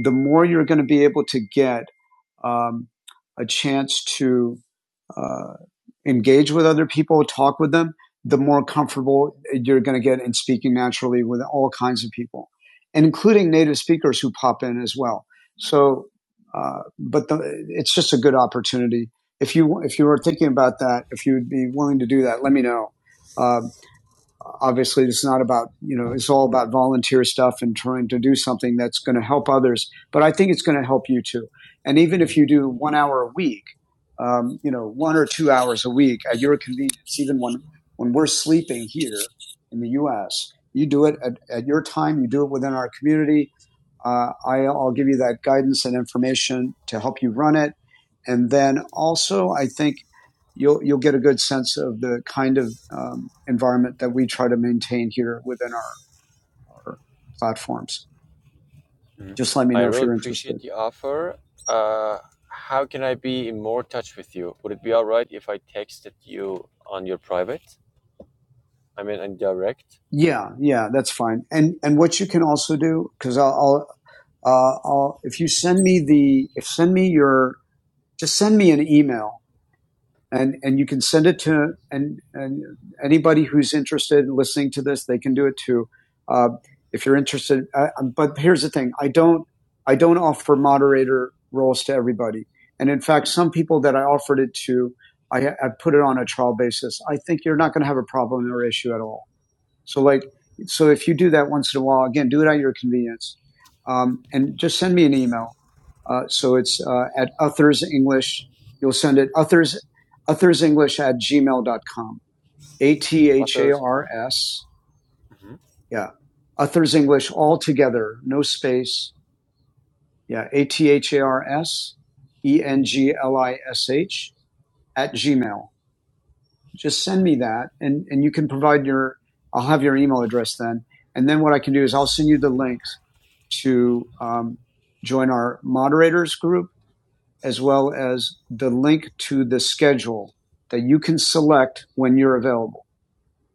[SPEAKER 1] The more you're going to be able to get um, a chance to uh, engage with other people, talk with them, the more comfortable you're going to get in speaking naturally with all kinds of people, including native speakers who pop in as well. So, uh, but the, it's just a good opportunity. If you if you were thinking about that, if you'd be willing to do that, let me know. Uh, obviously it's not about you know it's all about volunteer stuff and trying to do something that's going to help others but i think it's going to help you too and even if you do one hour a week um, you know one or two hours a week at your convenience even when when we're sleeping here in the us you do it at, at your time you do it within our community uh, I, I'll give you that guidance and information to help you run it. And then also, I think you'll you'll get a good sense of the kind of um, environment that we try to maintain here within our, our platforms. Just let me
[SPEAKER 4] I
[SPEAKER 1] know if
[SPEAKER 4] really
[SPEAKER 1] you're interested.
[SPEAKER 4] appreciate the offer. Uh, how can I be in more touch with you? Would it be all right if I texted you on your private? I mean, on direct
[SPEAKER 1] Yeah, yeah, that's fine. And and what you can also do because I'll, I'll uh, I'll, if you send me the, if send me your, just send me an email and and you can send it to and and anybody who's interested in listening to this they can do it too uh, if you're interested uh, um, but here's the thing i don't i don't offer moderator roles to everybody and in fact some people that i offered it to i, I put it on a trial basis i think you're not going to have a problem or issue at all so like so if you do that once in a while again do it at your convenience um, and just send me an email uh, so it's uh, at Uthers English. You'll send it Uthers Uthers English at gmail dot com. A T H A
[SPEAKER 4] authors?
[SPEAKER 1] R S.
[SPEAKER 4] hmm
[SPEAKER 1] Yeah. Uthers English all together, no space. Yeah. A T H A R S E N G L I S H at Gmail. Just send me that and, and you can provide your, I'll have your email address then. And then what I can do is I'll send you the links to um, join our moderators group as well as the link to the schedule that you can select when you're available.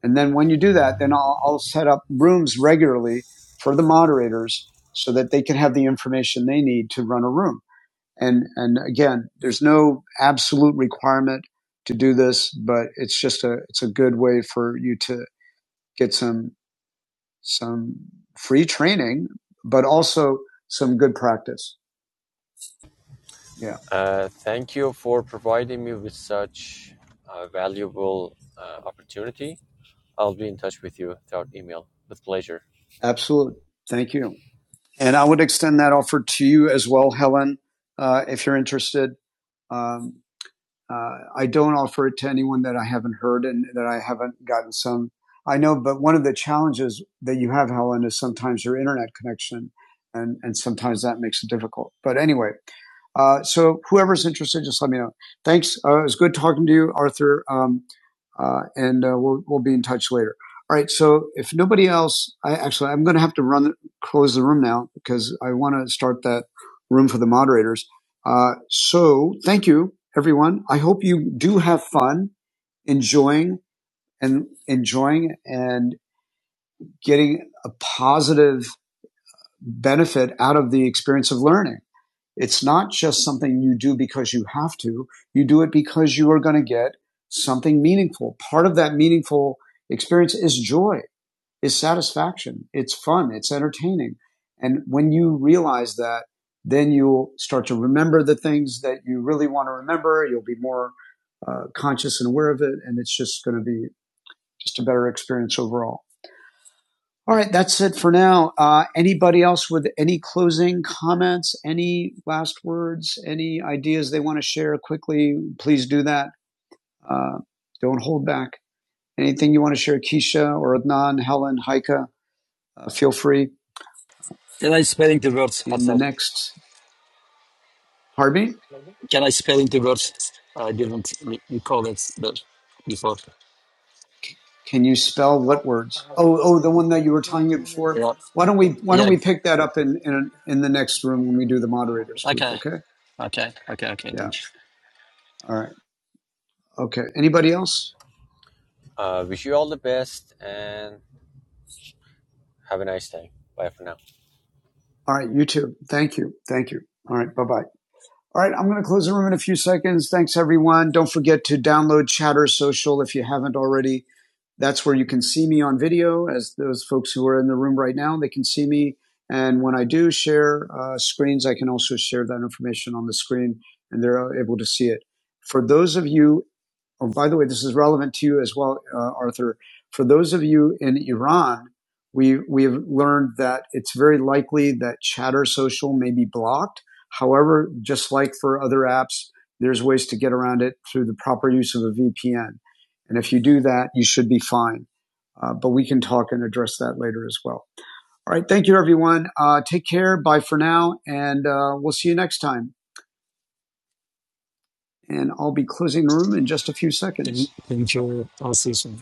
[SPEAKER 1] And then when you do that, then I'll, I'll set up rooms regularly for the moderators so that they can have the information they need to run a room. And, and again, there's no absolute requirement to do this, but it's just a, it's a good way for you to get some, some free training, but also some good practice. Yeah,
[SPEAKER 4] Uh, thank you for providing me with such a valuable uh, opportunity. I'll be in touch with you throughout email with pleasure.
[SPEAKER 1] absolutely. Thank you. And I would extend that offer to you as well, Helen, uh, if you're interested. Um, uh, I don't offer it to anyone that I haven't heard and that I haven't gotten some. I know, but one of the challenges that you have, Helen, is sometimes your internet connection, and, and sometimes that makes it difficult. But anyway, uh, so whoever's interested, just let me know. Thanks. Uh, it was good talking to you, Arthur. Um, uh, and uh, we'll, we'll be in touch later. All right. So if nobody else, I actually, I'm going to have to run, close the room now because I want to start that room for the moderators. Uh, so thank you, everyone. I hope you do have fun enjoying and enjoying and getting a positive benefit out of the experience of learning. It's not just something you do because you have to. You do it because you are going to get something meaningful. Part of that meaningful experience is joy, is satisfaction. It's fun. It's entertaining. And when you realize that, then you'll start to remember the things that you really want to remember. You'll be more uh, conscious and aware of it. And it's just going to be just a better experience overall. All right, that's it for now. Uh, anybody else with any closing comments, any last words, any ideas they want to share quickly? Please do that. Uh, don't hold back. Anything you want to share, Keisha or Adnan, Helen, Heike, uh, feel free
[SPEAKER 3] Can I spell into words,
[SPEAKER 1] in the
[SPEAKER 3] Atar?
[SPEAKER 1] next. Pardon me.
[SPEAKER 3] Can I spell into words? I didn't re- recall it but before.
[SPEAKER 1] Can you spell what words? Oh, oh, the one that you were telling me before.
[SPEAKER 3] Yeah.
[SPEAKER 1] Why don't we Why don't
[SPEAKER 3] Yeah.
[SPEAKER 1] we pick that up in in, in the next room when we do the moderators group?
[SPEAKER 3] Okay.
[SPEAKER 1] Okay.
[SPEAKER 3] Okay. Okay. Okay.
[SPEAKER 1] Yeah.
[SPEAKER 3] Thank you.
[SPEAKER 1] All right. Okay. Anybody else?
[SPEAKER 4] Uh, wish you all the best and have a nice day. Bye for now.
[SPEAKER 1] All right, you too. Thank you. Thank you. All right, bye bye. All right, I'm going to close the room in a few seconds. Thanks, everyone. Don't forget to download Chatter Social if you haven't already. That's where you can see me on video, as those folks who are in the room right now, they can see me. And when I do share uh, screens, I can also share that information on the screen and they're able to see it. For those of you, oh, by the way, this is relevant to you as well, uh, Arthur. For those of you in Iran, we, we have learned that it's very likely that Chatter Social may be blocked However, just like for other apps, there's ways to get around it through the proper use of a VPN. And if you do that, you should be fine. Uh, but we can talk and address that later as well. All right. Thank you, everyone. Uh, take care. Bye for now. And uh, we'll see you next time. And I'll be closing the room in just a few seconds.
[SPEAKER 3] Thank thank you, Asif.